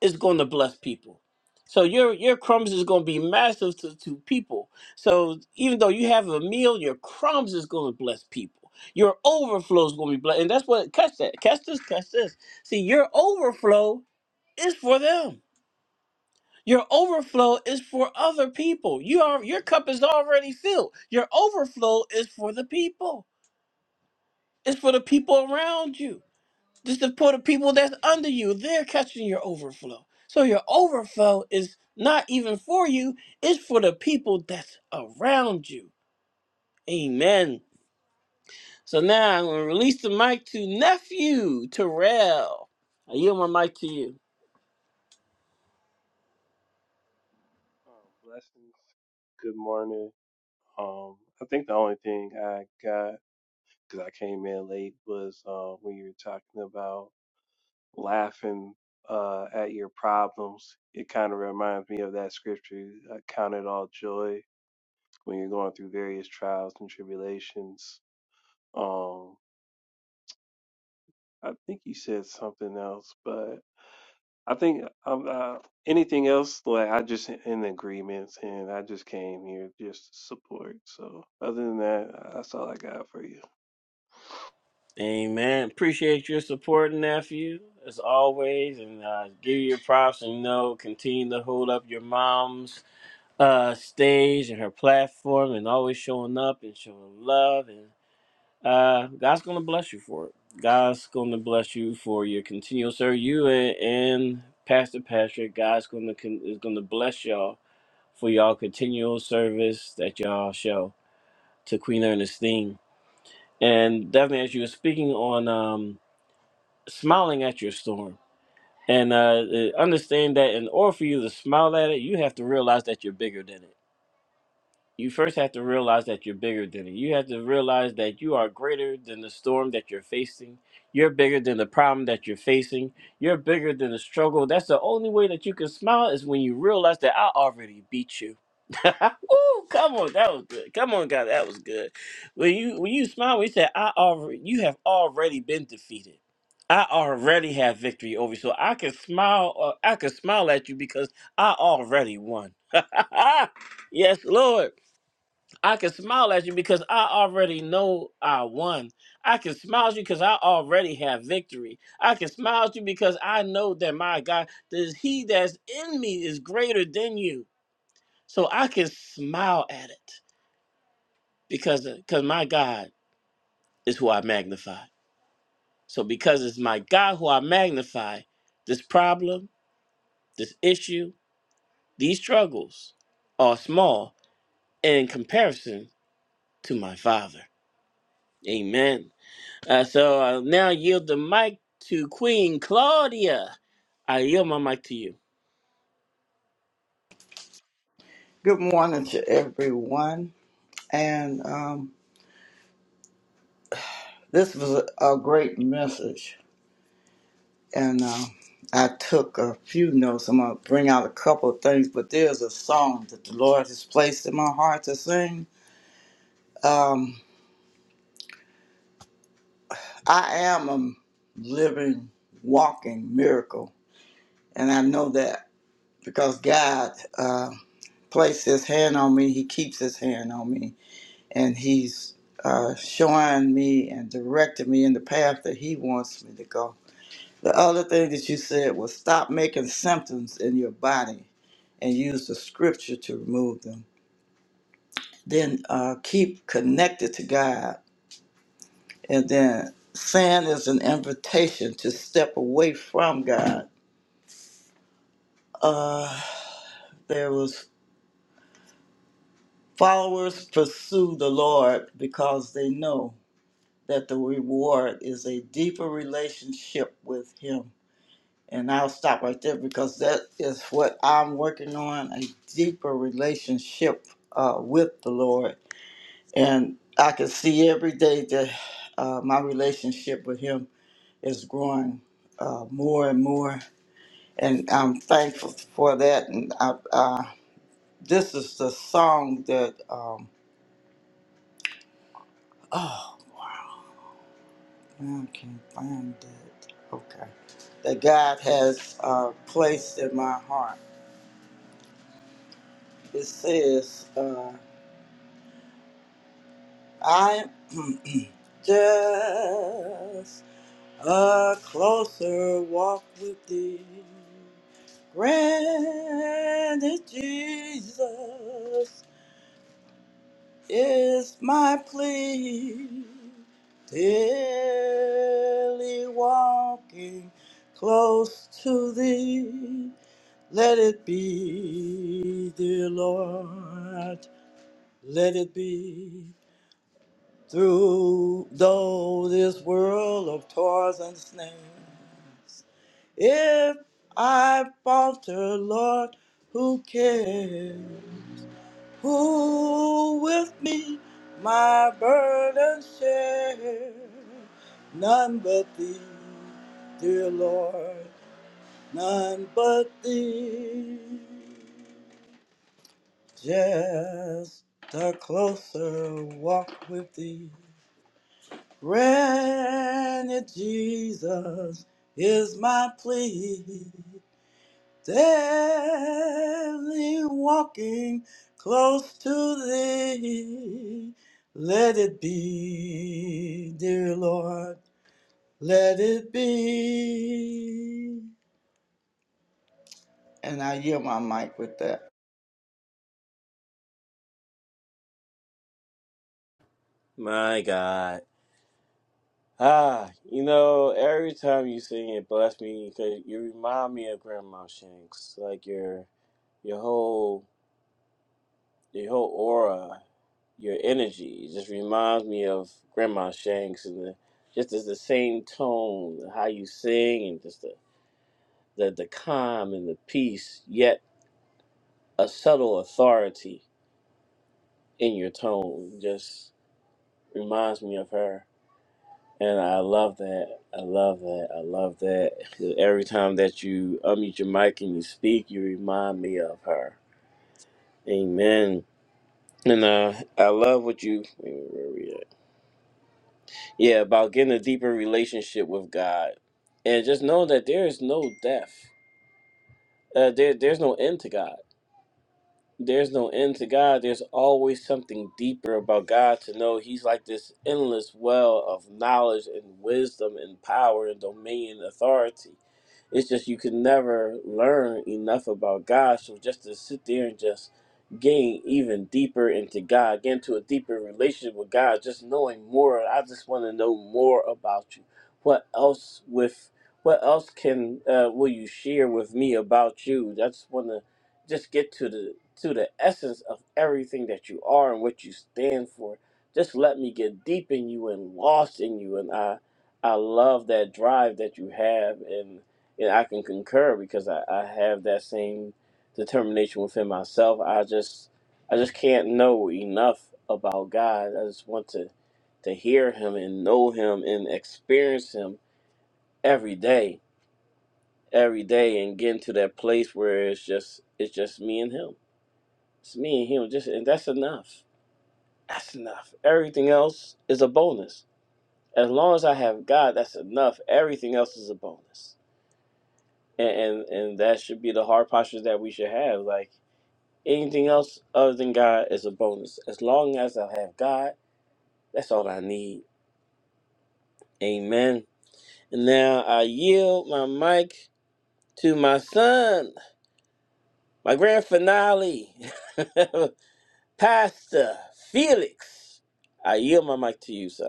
[SPEAKER 1] is going to bless people. So your your crumbs is going to be massive to, to people. So even though you have a meal, your crumbs is going to bless people. Your overflow is going to be blessed, and that's what catch that catch this catch this. See, your overflow is for them. Your overflow is for other people. You are your cup is already filled. Your overflow is for the people. It's for the people around you. This is for the people that's under you. They're catching your overflow. So your overflow is not even for you, it's for the people that's around you. Amen. So now I'm going to release the mic to nephew Terrell. I yield my mic to you.
[SPEAKER 6] Um, blessings. Good morning. Um, I think the only thing I got because I came in late was uh, when you were talking about laughing uh, at your problems. It kind of reminds me of that scripture, uh, "Count it all joy when you're going through various trials and tribulations." Um, I think you said something else, but I think um, uh, anything else, like I just in agreements, and I just came here just to support. So other than that, that's all I got for you.
[SPEAKER 1] Amen. Appreciate your support, nephew, as always. And uh, give you your props and you know, continue to hold up your mom's uh, stage and her platform and always showing up and showing love and. uh, God's going to bless you for it. God's going to bless you for your continual sir. You and, and Pastor Patrick, God's going to con- is going to bless y'all for y'all continual service that y'all show to Queen Ernestine. And definitely, as you were speaking on um, smiling at your storm, and uh, uh, understand that in order for you to smile at it, you have to realize that you're bigger than it you first have to realize that you're bigger than it. You have to realize that you are greater than the storm that you're facing. You're bigger than the problem that you're facing. You're bigger than the struggle. That's the only way that you can smile is when you realize that I already beat you. *laughs* Woo, come on, that was good. Come on, God, that was good. When you when you smile, we say, I already you have already been defeated. I already have victory over you. So I can smile uh, I can smile at you because I already won. *laughs* yes, Lord. I can smile at you because I already know I won. I can smile at you because I already have victory. I can smile at you because I know that my God, that He that's in me is greater than you. So I can smile at it because because my God is who I magnify. So because it's my God who I magnify, this problem, this issue, these struggles are small in comparison to my Father. Amen. Uh, so I now yield the mic to Queen Claudia. I yield my mic to you.
[SPEAKER 7] Good morning to everyone. And um, this was a, a great message. And uh, I took a few notes. I'm going to bring out a couple of things, but there's a song that the Lord has placed in my heart to sing. Um, I am a living, walking miracle. And I know that because God uh, placed his hand on me, he keeps his hand on me. And he's uh, showing me and directing me in the path that he wants me to go. The other thing that you said was stop making symptoms in your body and use the scripture to remove them. Then uh, keep connected to God. And then sin is an invitation to step away from God. Uh, there was followers pursue the Lord because they know that the reward is a deeper relationship with Him. And I'll stop right there because that is what I'm working on a deeper relationship uh, with the Lord. And I can see every day that uh, my relationship with Him is growing uh, more and more. And I'm thankful for that. And I, uh, this is the song that, um, oh, I can't find it. Okay. That God has uh, placed in my heart. It says, uh, I'm *clears throat* just a closer walk with thee. Granted, Jesus is my plea. Daily walking close to thee. Let it be, dear Lord. Let it be. Through though this world of toils and snares, if I falter, Lord, who cares? Who with me my burden share? None but Thee, dear Lord, none but Thee. Just a closer walk with Thee. Granted, Jesus is my plea. Daily walking close to thee. Let it be, dear Lord, let it be. And I yield my mic with that.
[SPEAKER 1] My God. Ah, you know, every time you sing it, bless me, because you remind me of Grandma Shanks. Like your your whole your whole aura, your energy just reminds me of Grandma Shanks and the, just as the same tone, how you sing and just the, the, the calm and the peace, yet a subtle authority in your tone. Just reminds me of her. And I love that. I love that. I love that. Every time that you unmute your mic and you speak, you remind me of her. Amen. And uh, I love what you, wait, where we at? yeah, about getting a deeper relationship with God, and just know that there is no death. Uh, there, there's no end to God. there's no end to God. There's always something deeper about God to know. He's like this endless well of knowledge and wisdom and power and dominion, authority. It's just you can never learn enough about God. So just to sit there and just gain even deeper into God, get into a deeper relationship with God, just knowing more. I just want to know more about you. What else with what else can uh, will you share with me about you? I just want to just get to the to the essence of everything that you are and what you stand for. Just let me get deep in you and lost in you. And I I love that drive that you have. and and I can concur because I, I have that same determination within myself. I just I just can't know enough about God. I just want to to hear him and know him and experience him every day. Every day and get into that place where it's just it's just me and him. It's me and him just and that's enough. That's enough. Everything else is a bonus. As long as I have God, that's enough. Everything else is a bonus. And and, and that should be the hard posture that we should have. Like Anything else other than God is a bonus. As long as I have God, that's all I need. Amen. And now I yield my mic to my son, my grand finale, *laughs* Pastor Felix. I yield my mic to you, son.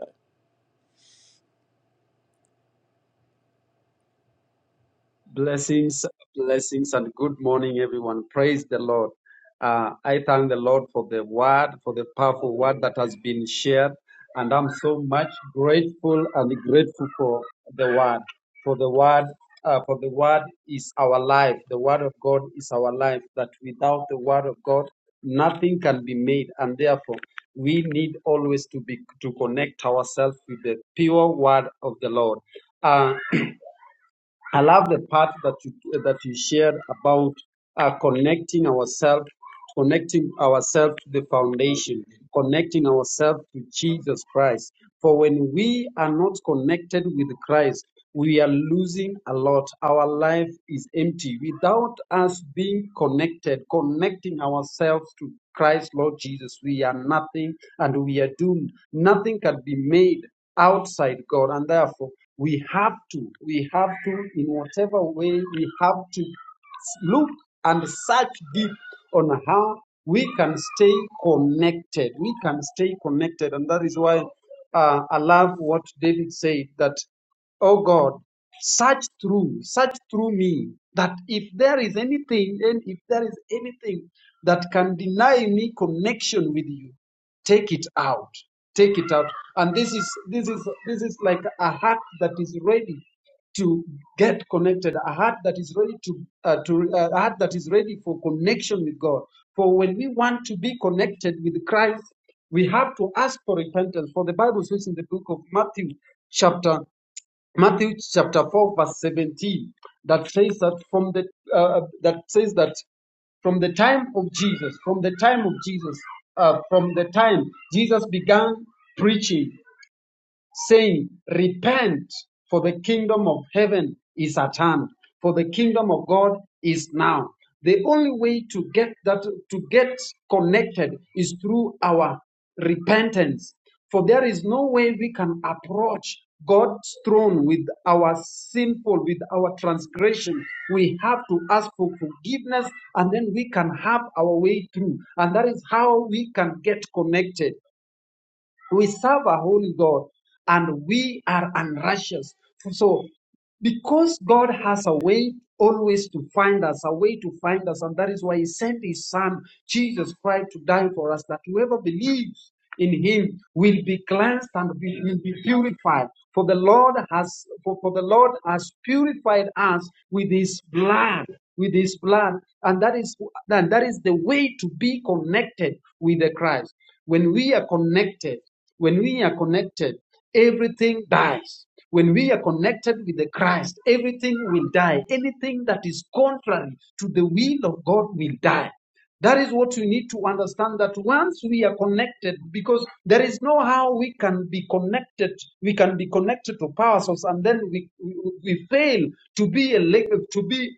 [SPEAKER 8] Blessings, blessings, and good morning, everyone. Praise the Lord. Uh, I thank the Lord for the word, for the powerful word that has been shared. And I'm so much grateful and grateful for the word. For the word, uh, for the word is our life. The word of God is our life. That without the word of God, nothing can be made. And therefore, we need always to be to connect ourselves with the pure word of the Lord. Uh, I love the part that you that you shared about uh, connecting ourselves, connecting ourselves to the foundation, connecting ourselves to Jesus Christ. For when we are not connected with Christ, we are losing a lot. Our life is empty without us being connected, connecting ourselves to Christ, Lord Jesus. We are nothing, and we are doomed. Nothing can be made outside God, and therefore we have to, we have to, in whatever way, we have to look and search deep on how we can stay connected. We can stay connected, and that is why uh, I love what David said that, oh God, search through, search through me, that if there is anything, and if there is anything that can deny me connection with you, take it out take it out and this is this is this is like a heart that is ready to get connected a heart that is ready to uh, to uh, a heart that is ready for connection with god for when we want to be connected with christ we have to ask for repentance for the bible says in the book of matthew chapter Matthew chapter 4 verse 17 that says that from the uh, that says that from the time of Jesus from the time of Jesus uh, from the time Jesus began preaching saying, Repent, for the kingdom of heaven is at hand, for the kingdom of God is now. The only way to get that to get connected is through our repentance. For there is no way we can approach God's throne with our sinful, with our transgression. We have to ask for forgiveness and then we can have our way through. And that is how we can get connected. We serve a holy God and we are unrighteous. So, because God has a way always to find us, a way to find us, and that is why He sent His Son, Jesus Christ, to die for us, that whoever believes in Him will be cleansed and be, will be purified. For the Lord has for, for the Lord has purified us with His blood, with His blood, and that is and that is the way to be connected with the Christ. When we are connected, when we are connected, everything dies. When we are connected with the Christ, everything will die. Anything that is contrary to the will of God will die. That is what we need to understand that once we are connected, because there is no how we can be connected, we can be connected to power source, and then we, we fail to be a to be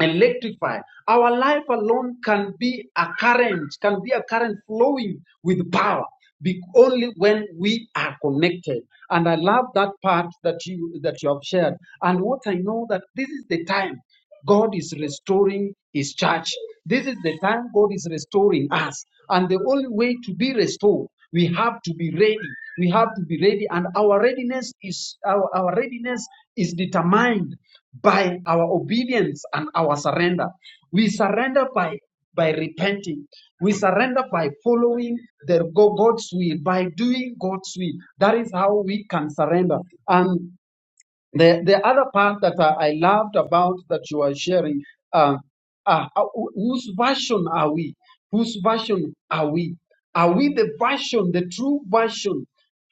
[SPEAKER 8] electrify. Our life alone can be a current, can be a current flowing with power. Be only when we are connected. And I love that part that you that you have shared. And what I know that this is the time God is restoring His church. This is the time God is restoring us. And the only way to be restored we have to be ready. We have to be ready, and our readiness is our, our readiness is determined by our obedience and our surrender. We surrender by by repenting. We surrender by following the God's will, by doing God's will. That is how we can surrender. and. The the other part that I, I loved about that you are sharing, uh, uh, uh, wh- whose version are we? Whose version are we? Are we the version, the true version,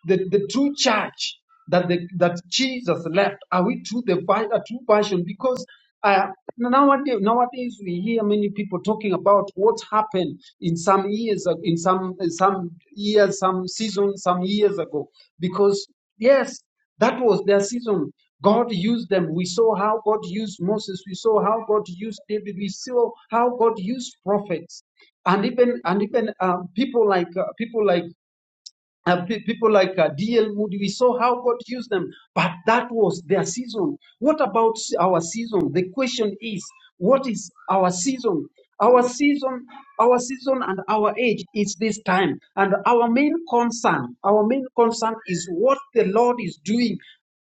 [SPEAKER 8] the, the true church that the, that Jesus left? Are we true the vi- a true version? Because uh, nowadays, nowadays we hear many people talking about what happened in some years, ag- in some some years, some seasons, some years ago. Because yes. That was their season. God used them. We saw how God used Moses. We saw how God used David. We saw how God used prophets, and even and even um, people like uh, people like uh, pe- people like uh, D.L. Moody, we saw how God used them, but that was their season. What about s- our season? The question is, what is our season? Our season, our season, and our age is this time. And our main concern, our main concern is what the Lord is doing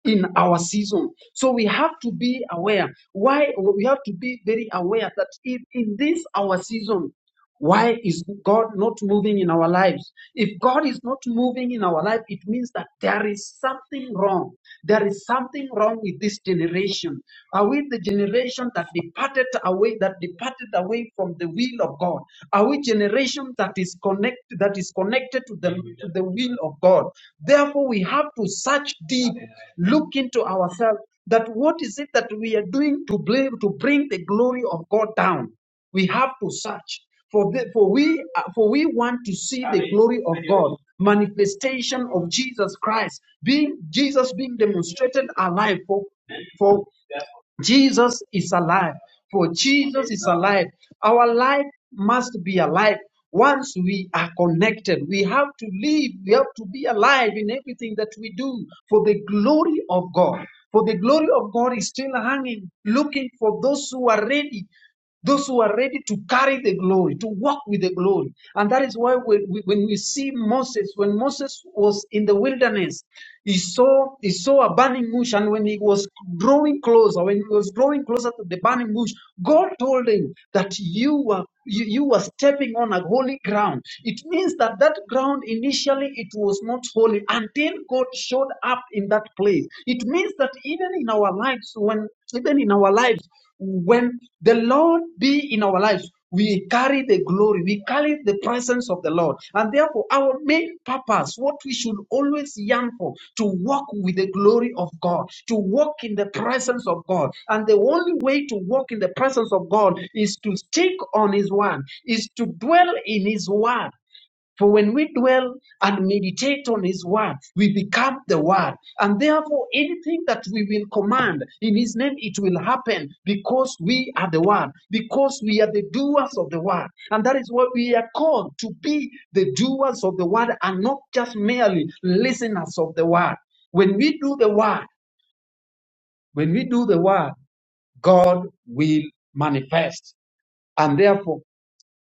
[SPEAKER 8] in our season. So we have to be aware. Why we have to be very aware that in, in this our season. Why is God not moving in our lives? If God is not moving in our life, it means that there is something wrong. There is something wrong with this generation. Are we the generation that departed away, that departed away from the will of God? Are we generation that is connected, that is connected to the, to the will of God? Therefore, we have to search deep, look into ourselves, that what is it that we are doing to blame, to bring the glory of God down? we have to search for the, for we uh, for we want to see the glory of God manifestation of Jesus Christ being Jesus being demonstrated alive for for Jesus is alive for Jesus is alive our life must be alive once we are connected we have to live we have to be alive in everything that we do for the glory of God for the glory of God is still hanging looking for those who are ready those who are ready to carry the glory, to walk with the glory. And that is why when we, when we see Moses, when Moses was in the wilderness, he saw, he saw a burning bush. And when he was drawing closer, when he was drawing closer to the burning bush, God told him that you are you, you were stepping on a holy ground. It means that that ground initially it was not holy until God showed up in that place. It means that even in our lives, when even in our lives, when the Lord be in our lives, we carry the glory, we he carried the presence of the Lord. And therefore, our main purpose, what we should always yearn for, to walk with the glory of God, to walk in the presence of God. And the only way to walk in the presence of God is to stick on His word, is to dwell in His word. For when we dwell and meditate on His word, we become the word. And therefore, anything that we will command in His name, it will happen because we are the word, because we are the doers of the word. And that is what we are called to be the doers of the word and not just merely listeners of the word. When we do the word, when we do the word, God will manifest. And therefore,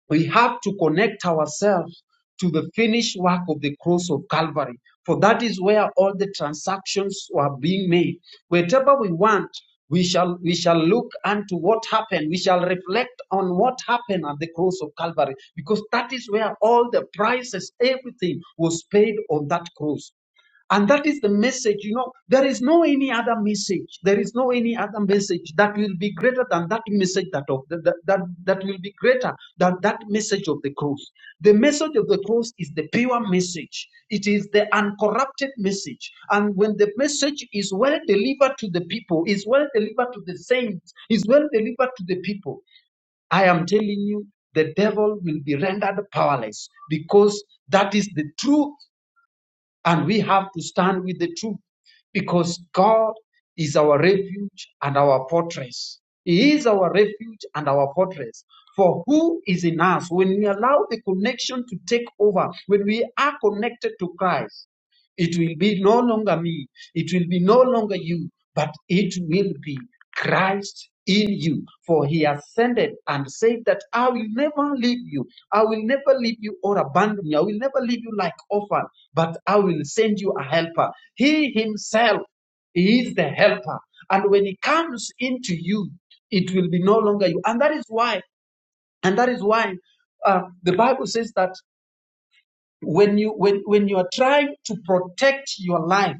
[SPEAKER 8] we have to connect ourselves to the finished work of the cross of Calvary, for that is where all the transactions were being made. Whatever we want, we shall we shall look unto what happened. We shall reflect on what happened at the cross of Calvary, because that is where all the prices, everything was paid on that cross. And that is the message, you know, there is no any other message. There is no any other message that will be greater than that message that of that, that, that will be greater than that message of the cross. The message of the cross is the pure message. It is the uncorrupted message. And when the message is well delivered to the people, is well delivered to the saints, is well delivered to the people, I am telling you, the devil will be rendered powerless because that is the true. And we have to stand with the truth because God is our refuge and our fortress. He is our refuge and our fortress. For who is in us when we allow the connection to take over, when we are connected to Christ? It will be no longer me. It will be no longer you, but it will be Christ in you. For he ascended and said that I will never leave you. I will never leave you or abandon you. I will never leave you like orphan, but I will send you a helper. He himself is the helper. And when he comes into you, it will be no longer you. And that is why, and that is why uh, the Bible says that when you when, when you are trying to protect your life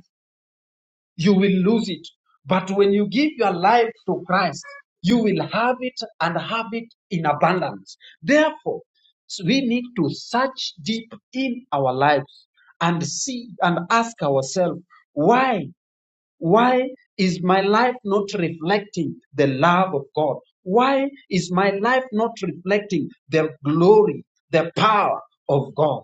[SPEAKER 8] you will lose it. But when you give your life to Christ, you will have it and have it in abundance. Therefore, so we need to search deep in our lives and see and ask ourselves, why? Why is my life not reflecting the love of God? Why is my life not reflecting the glory, the power of God?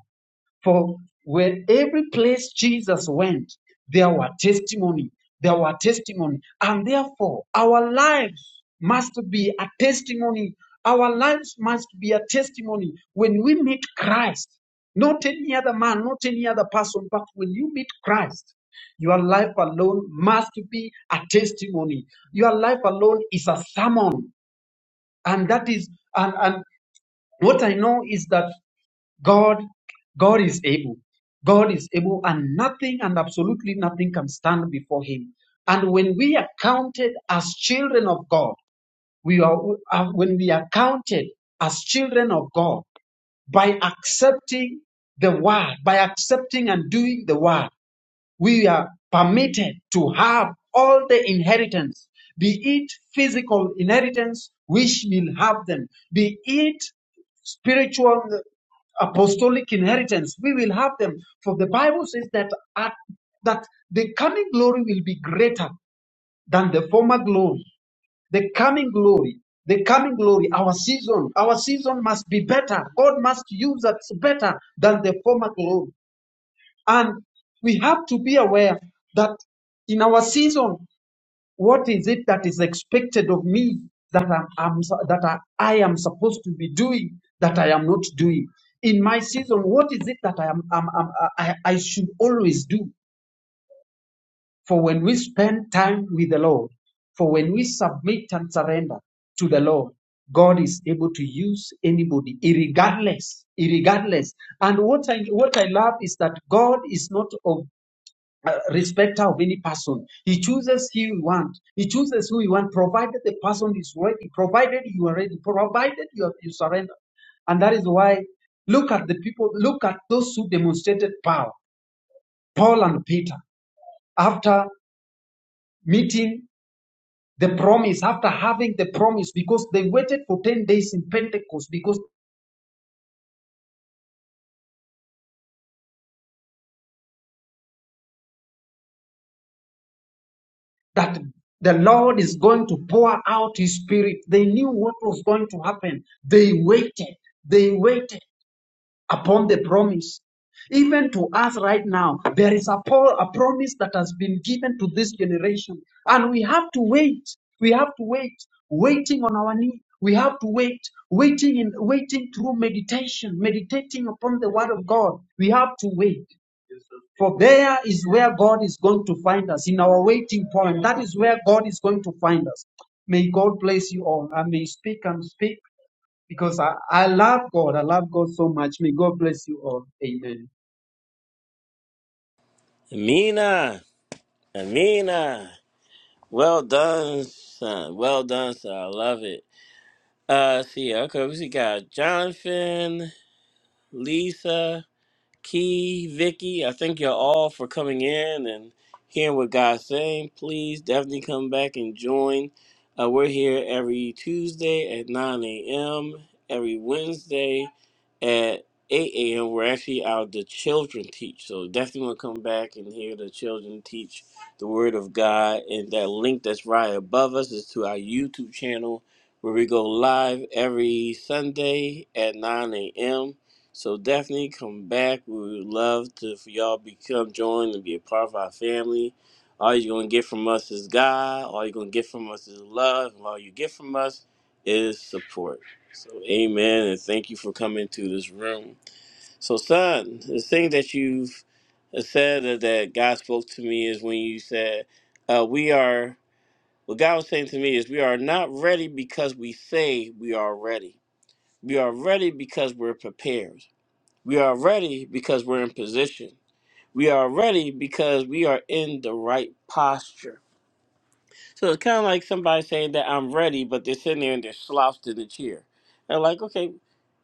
[SPEAKER 8] For where every place Jesus went, there were testimony, there were testimony, and therefore our lives must be a testimony. Our lives must be a testimony when we meet Christ, not any other man, not any other person, but when you meet Christ, your life alone must be a testimony. Your life alone is a sermon, and that is and and what I know is that. God, God is able. God is able, and nothing and absolutely nothing can stand before Him. And when we are counted as children of God, we are uh, when we are counted as children of God by accepting the word, by accepting and doing the word we are permitted to have all the inheritance, be it physical inheritance, which will have them, be it spiritual uh, apostolic inheritance, we will have them. For the Bible says that at, that the coming glory will be greater than the former glory. The coming glory, the coming glory, our season, our season must be better. God must use us better than the former glory. And we have to be aware that in our season, what is it that is expected of me that I'm, that I, I am supposed to be doing that I am not doing? In my season, what is it that I am, am, am- I, I should always do? For when we spend time with the Lord, for when we submit and surrender to the Lord, God is able to use anybody, irregardless, irregardless. And what I what I love is that God is not of uh, respecter of any person. He chooses who he want. He chooses who he want, provided the person is ready, provided you are ready, provided you, are, you surrender. And that is why, look at the people, look at those who demonstrated power, Paul and Peter, after meeting the promise, after having the promise, because they waited for 10 days in Pentecost, because that the Lord is going to pour out his spirit. They knew what was going to happen. They waited. They waited. upon the promise. Even to us right now, there is a, a promise that has been given to this generation. And we have to wait. We have to wait, waiting on our knee. We have to wait, waiting in waiting through meditation, meditating upon the word of God. We have to wait. For there is where God is going to find us in our waiting point. That is where God is going to find us. May God bless you all. I may speak and speak because I, I love God. I love God so much. May God bless you all. Amen.
[SPEAKER 1] Amina, Amina. Well done, son. Well done, son. I love it. Uh, let's see, okay, we see got Jonathan, Lisa. Key, Vicky, I thank you all for coming in and hearing what God's saying. Please definitely come back and join. Uh, we're here every Tuesday at 9 a.m., every Wednesday at 8 a.m. We're actually out, the children teach. So definitely want to come back and hear the children teach the Word of God. And that link that's right above us is to our YouTube channel where we go live every Sunday at 9 a.m. So definitely come back. We would love to for y'all become join and be a part of our family. All you're gonna get from us is God. All you're gonna get from us is love. And all you get from us is support. So amen and thank you for coming to this room. So son, the thing that you've uh, said that that God spoke to me is when you said, uh, we are what God was saying to me is we are not ready because we say we are ready. We are ready because we're prepared. We are ready because we're in position. We are ready because we are in the right posture. So it's kind of like somebody saying that I'm ready, but they're sitting there and they're slouched in the chair. And like, okay,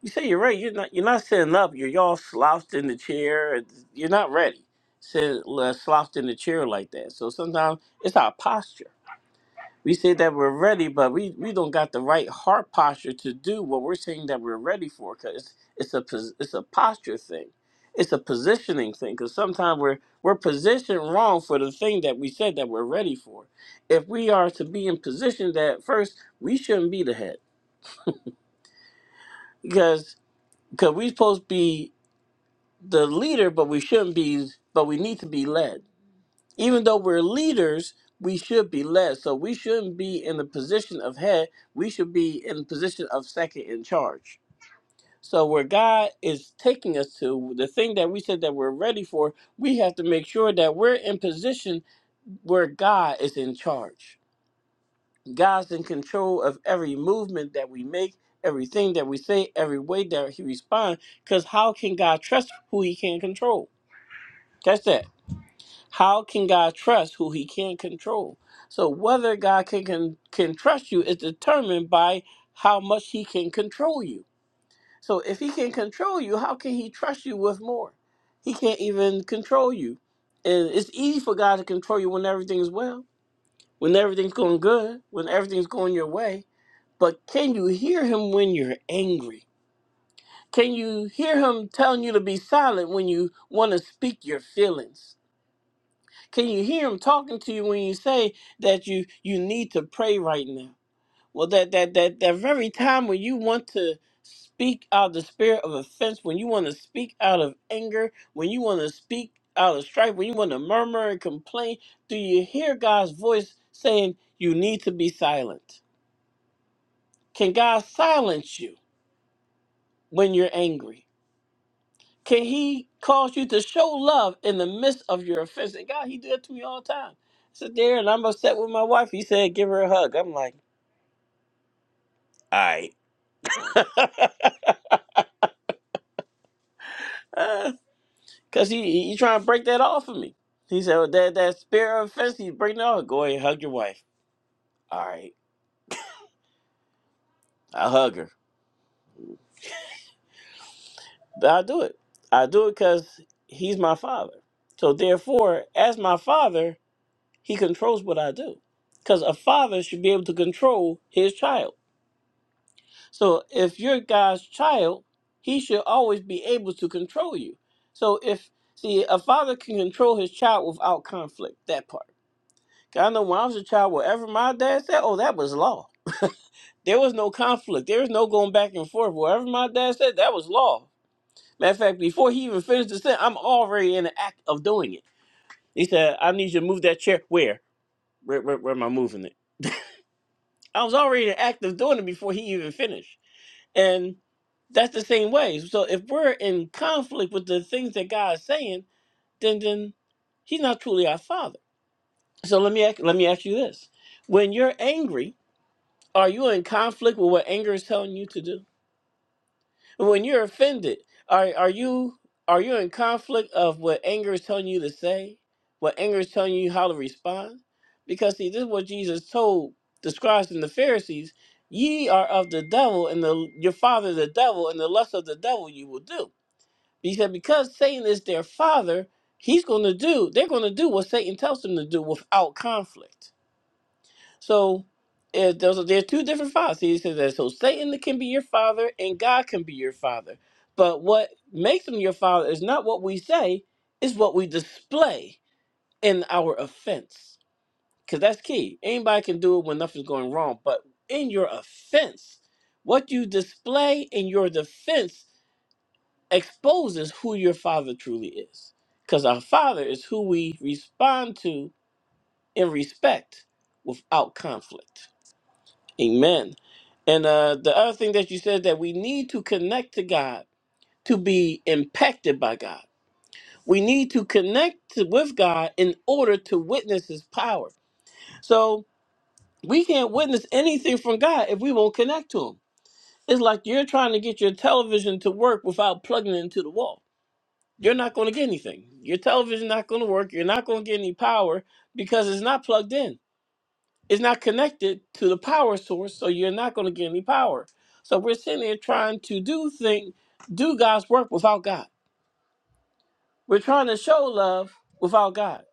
[SPEAKER 1] you say you're ready. You're not. You're not sitting up. You're all slouched in the chair. You're not ready. Sit uh, slouched in the chair like that. So sometimes it's our posture. We say that we're ready, but we, we don't got the right heart posture to do what we're saying that we're ready for because it's, it's, a, pos- it's a posture thing. It's a positioning thing because sometimes we're, we're positioned wrong for the thing that we said that we're ready for. If we are to be in position that first, we shouldn't be the head because cause we're supposed to be the leader, but we shouldn't be, but we need to be led even though we're leaders, we should be led. So we shouldn't be in the position of head. We should be in the position of second in charge. So where God is taking us to, the thing that we said that we're ready for, we have to make sure that we're in position where God is in charge. God's in control of every movement that we make, everything that we say, every way that He responds. Because how can God trust who He can't control? Catch that. How can God trust who he can't control? So whether God can, can can trust you is determined by how much he can control you. So if he can control you, how can he trust you with more? He can't even control you. And it's easy for God to control you when everything is well, when everything's going good, when everything's going your way. But can you hear him when you're angry? Can you hear him telling you to be silent when you want to speak your feelings? Can you hear him talking to you when you say that you you need to pray right now? Well, that that that that very time when you want to speak out the spirit of offense, when you want to speak out of anger, when you want to speak out of strife, when you want to murmur and complain, do you hear God's voice saying you need to be silent? Can God silence you when you're angry? Can he cause you to show love in the midst of your offense? And God, he did that to me all the time. I sit there and I'm upset with my wife. He said, give her a hug. I'm like, all right. *laughs* Because he, he, he trying to break that off of me. He said, well, that, that spirit of offense, he's breaking it off. Go ahead and hug your wife. All right. I hug her. But I do it. I do it because he's my father. So therefore, as my father, he controls what I do. Because a father should be able to control his child So if you're God's child, he should always be able to control you. So if see a father can control his child without conflict, that part. 'Cause I know when I was a child, whatever my dad said, oh that was law. There was no conflict. There was no going back and forth. Whatever my dad said, that was law. Matter of fact, before he even finished the sentence, I'm already in the act of doing it. He said, I need you to move that chair. Where? Where, where, where am I moving it? I was already in the act of doing it before he even finished. And that's the same way. So if we're in conflict with the things that God is saying, then then He's not truly our Father. So let me ac- let me ask you this: When you're angry, are you in conflict with what anger is telling you to do? When you're offended, are are you are you in conflict of what anger is telling you to say? What anger is telling you how to respond? Because see, this is what Jesus told the scribes and the Pharisees: "Ye are of the devil, and the, your father the devil, and the lust of the devil you will do." He said, because Satan is their father, he's going to do. They're going to do what Satan tells them to do without conflict. So if there's there's two different fathers. He says that so Satan can be your father and God can be your father. But what makes him your father is not what we say, it's what we display in our offense. Because that's key. Anybody can do it when nothing's going wrong. But in your offense, what you display in your defense exposes who your father truly is. Because our father is who we respond to in respect without conflict. Amen. And uh, the other thing that you said that we need to connect to God to be impacted by God. We need to connect to, with God in order to witness His power. So we can't witness anything from God if we won't connect to Him. It's like you're trying to get your television to work without plugging it into the wall. You're not going to get anything. Your television's not going to work. You're not going to get any power because it's not plugged in. It's not connected to the power source, so you're not going to get any power. So we're sitting there trying to do thing, do God's work without God. We're trying to show love without God.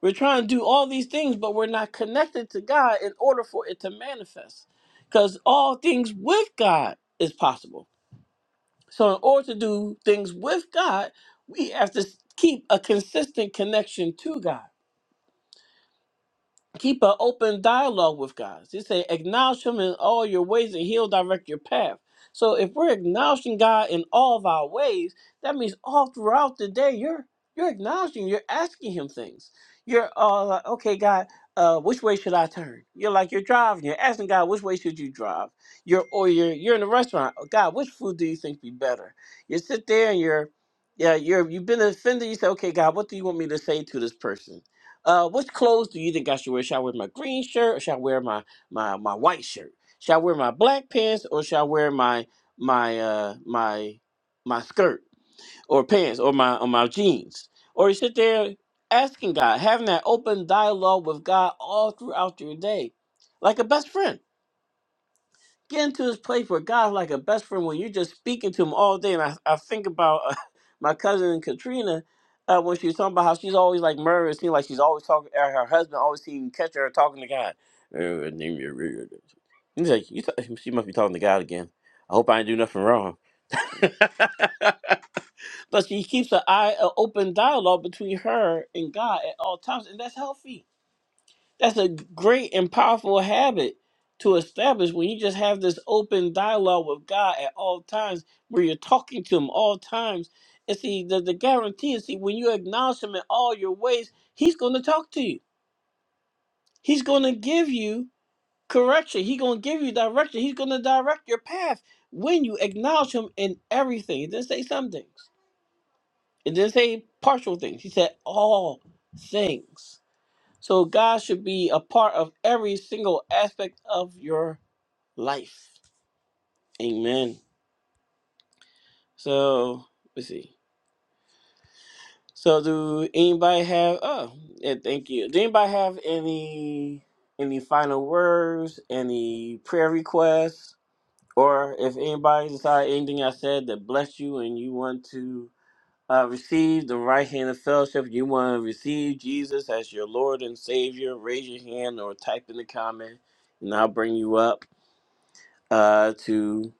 [SPEAKER 1] We're trying to do all these things, but we're not connected to God in order for it to manifest. Because all things with God is possible. So in order to do things with God, we have to keep a consistent connection to God. Keep an open dialogue with God. He said, acknowledge him in all your ways and he'll direct your path. So if we're acknowledging God in all of our ways, that means all throughout the day you're you're acknowledging, you're asking him things. You're uh like, okay, God, uh, which way should I turn? You're like you're driving, you're asking God, which way should you drive? You're or you're you're in a restaurant. "Oh, God, which food do you think be better? You sit there and you're yeah, you're you've been offended. You say, okay, God, what do you want me to say to this person? uh, which clothes do you think I should wear? Should I wear my green shirt or should I wear my my my white shirt? Should I wear my black pants or should I wear my my uh my my skirt or pants or my or my jeans? Or you sit there asking God, having that open dialogue with God all throughout your day, like a best friend get into this place where God's like a best friend where you're just speaking to him all day. And I, I think about uh, *laughs* my cousin Katrina uh, when she was talking about how she's always like murder. It seems like she's always talking, uh, her husband always seems catch her talking to God. Uh, name your- your- He's like, you th- *laughs* she must be talking to God again. I hope I didn't do nothing wrong. *laughs* but she keeps an eye, an open dialogue between her and God at all times, and that's healthy that's a great and powerful habit to establish when you just have this open dialogue with God at all times, where you're talking to Him all times. And see, the, the guarantee is, see, when you acknowledge Him in all your ways, He's going to talk to you. He's going to give you correction. He's going to give you direction. He's going to direct your path when you acknowledge Him in everything. It didn't say some things, it didn't say partial things. He said all things. So God should be a part of every single aspect of your life. Amen. So let's see. So do anybody have oh yeah, thank you. Do anybody have any any final words, any prayer requests? Or if anybody decided anything I said that blessed you and you want to uh, receive the right hand of fellowship, you want to receive Jesus as your Lord and Savior, raise your hand or type in the comment and I'll bring you up uh, to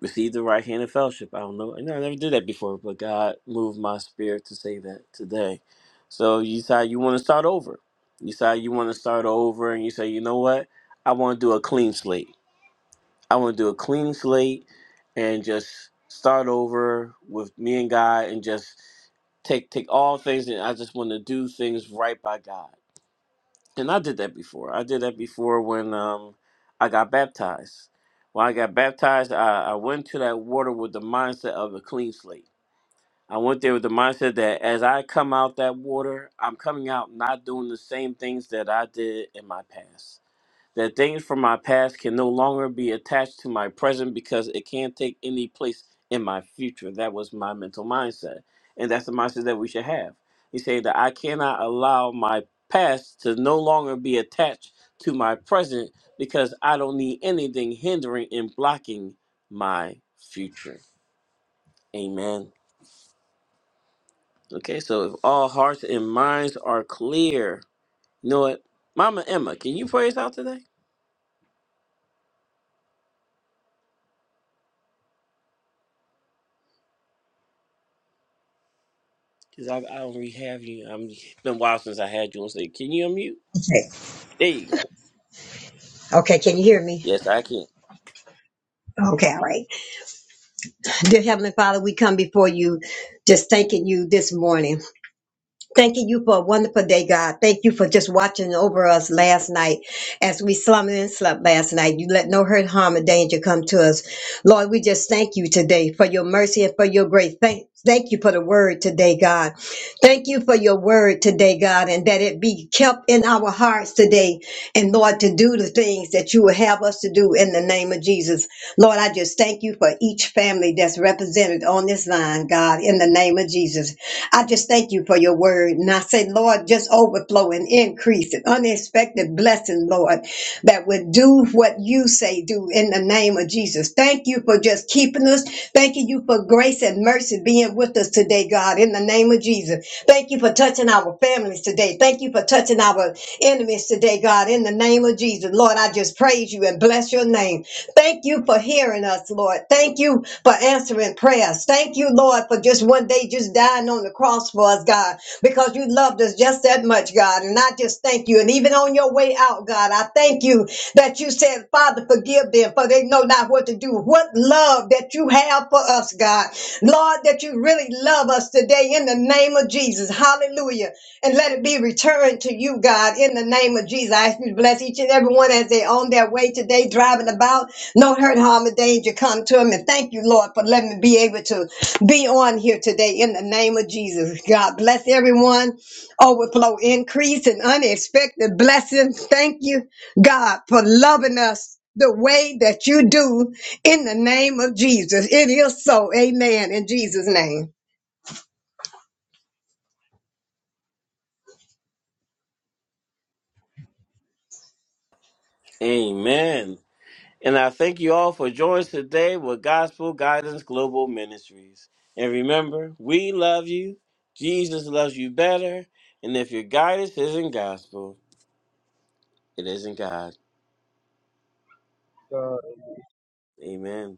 [SPEAKER 1] receive the right hand of fellowship. I don't know. I know I never did that before, but God moved my spirit to say that today. So you decide you want to start over. You decide you want to start over, and you say, you know what? I want to do a clean slate. I want to do a clean slate and just start over with me and God, and just take take all things, and I just want to do things right by God and I did that before. I did that before when um I got baptized. When I got baptized, I, I went to that water with the mindset of a clean slate. I went there with the mindset that as I come out that water, I'm coming out not doing the same things that I did in my past that things from my past can no longer be attached to my present because it can't take any place in my future. That was my mental mindset. And that's the mindset that we should have. He said that I cannot allow my past to no longer be attached to my present because I don't need anything hindering and blocking my future. Amen. Okay, so if all hearts and minds are clear, you know what? Mama Emma, can you pray us out today? Cause I, I don't really have you. I'm it's been a while since I had you on stage. Can you unmute?
[SPEAKER 3] Okay.
[SPEAKER 1] There you go.
[SPEAKER 3] Okay. Can you hear me?
[SPEAKER 1] Yes, I can.
[SPEAKER 3] Okay. All right. Dear Heavenly Father, we come before you just thanking you this morning. Thanking you for a wonderful day, God. Thank you for just watching over us last night as we slumbered and slept last night. You let no hurt, harm, or danger come to us. Lord, we just thank you today for your mercy and for your grace. Thank Thank you for the word today, God. Thank you for your word today, God, and that it be kept in our hearts today. And Lord, to do the things that you will have us to do in the name of Jesus. Lord, I just thank you for each family that's represented on this line, God, in the name of Jesus. I just thank you for your word. And I say, Lord, just overflow and increase and unexpected blessing, Lord, that would do what you say do in the name of Jesus. Thank you for just keeping us. Thank you for grace and mercy being with us today, God, in the name of Jesus. Thank you for touching our families today. Thank you for touching our enemies today, God, in the name of Jesus. Lord, I just praise you and bless your name. Thank you for hearing us, Lord. Thank you for answering prayers. Thank you, Lord, for just one day just dying on the cross for us, God, because you loved us just that much, God. And I just thank you. And even on your way out, God, I thank you that you said, Father, forgive them, for they know not what to do. What love that you have for us, God. Lord, that you really love us today in the name of Jesus. Hallelujah. And let it be returned to you, God, in the name of Jesus. I ask you to bless each and every one as they on their way today, driving about. No hurt, harm, or danger come to them. And thank you, Lord, for letting me be able to be on here today in the name of Jesus. God bless everyone. Overflow, increase, and unexpected blessings. Thank you. God, for loving us the way that you do in the name of Jesus. It is so. Amen. In Jesus' name.
[SPEAKER 1] Amen. And I thank you all for joining us today with Gospel Guidance Global Ministries. And remember, we love you. Jesus loves you better. And if your guidance isn't gospel, it isn't God.
[SPEAKER 8] God
[SPEAKER 1] Amen.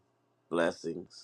[SPEAKER 1] Blessings.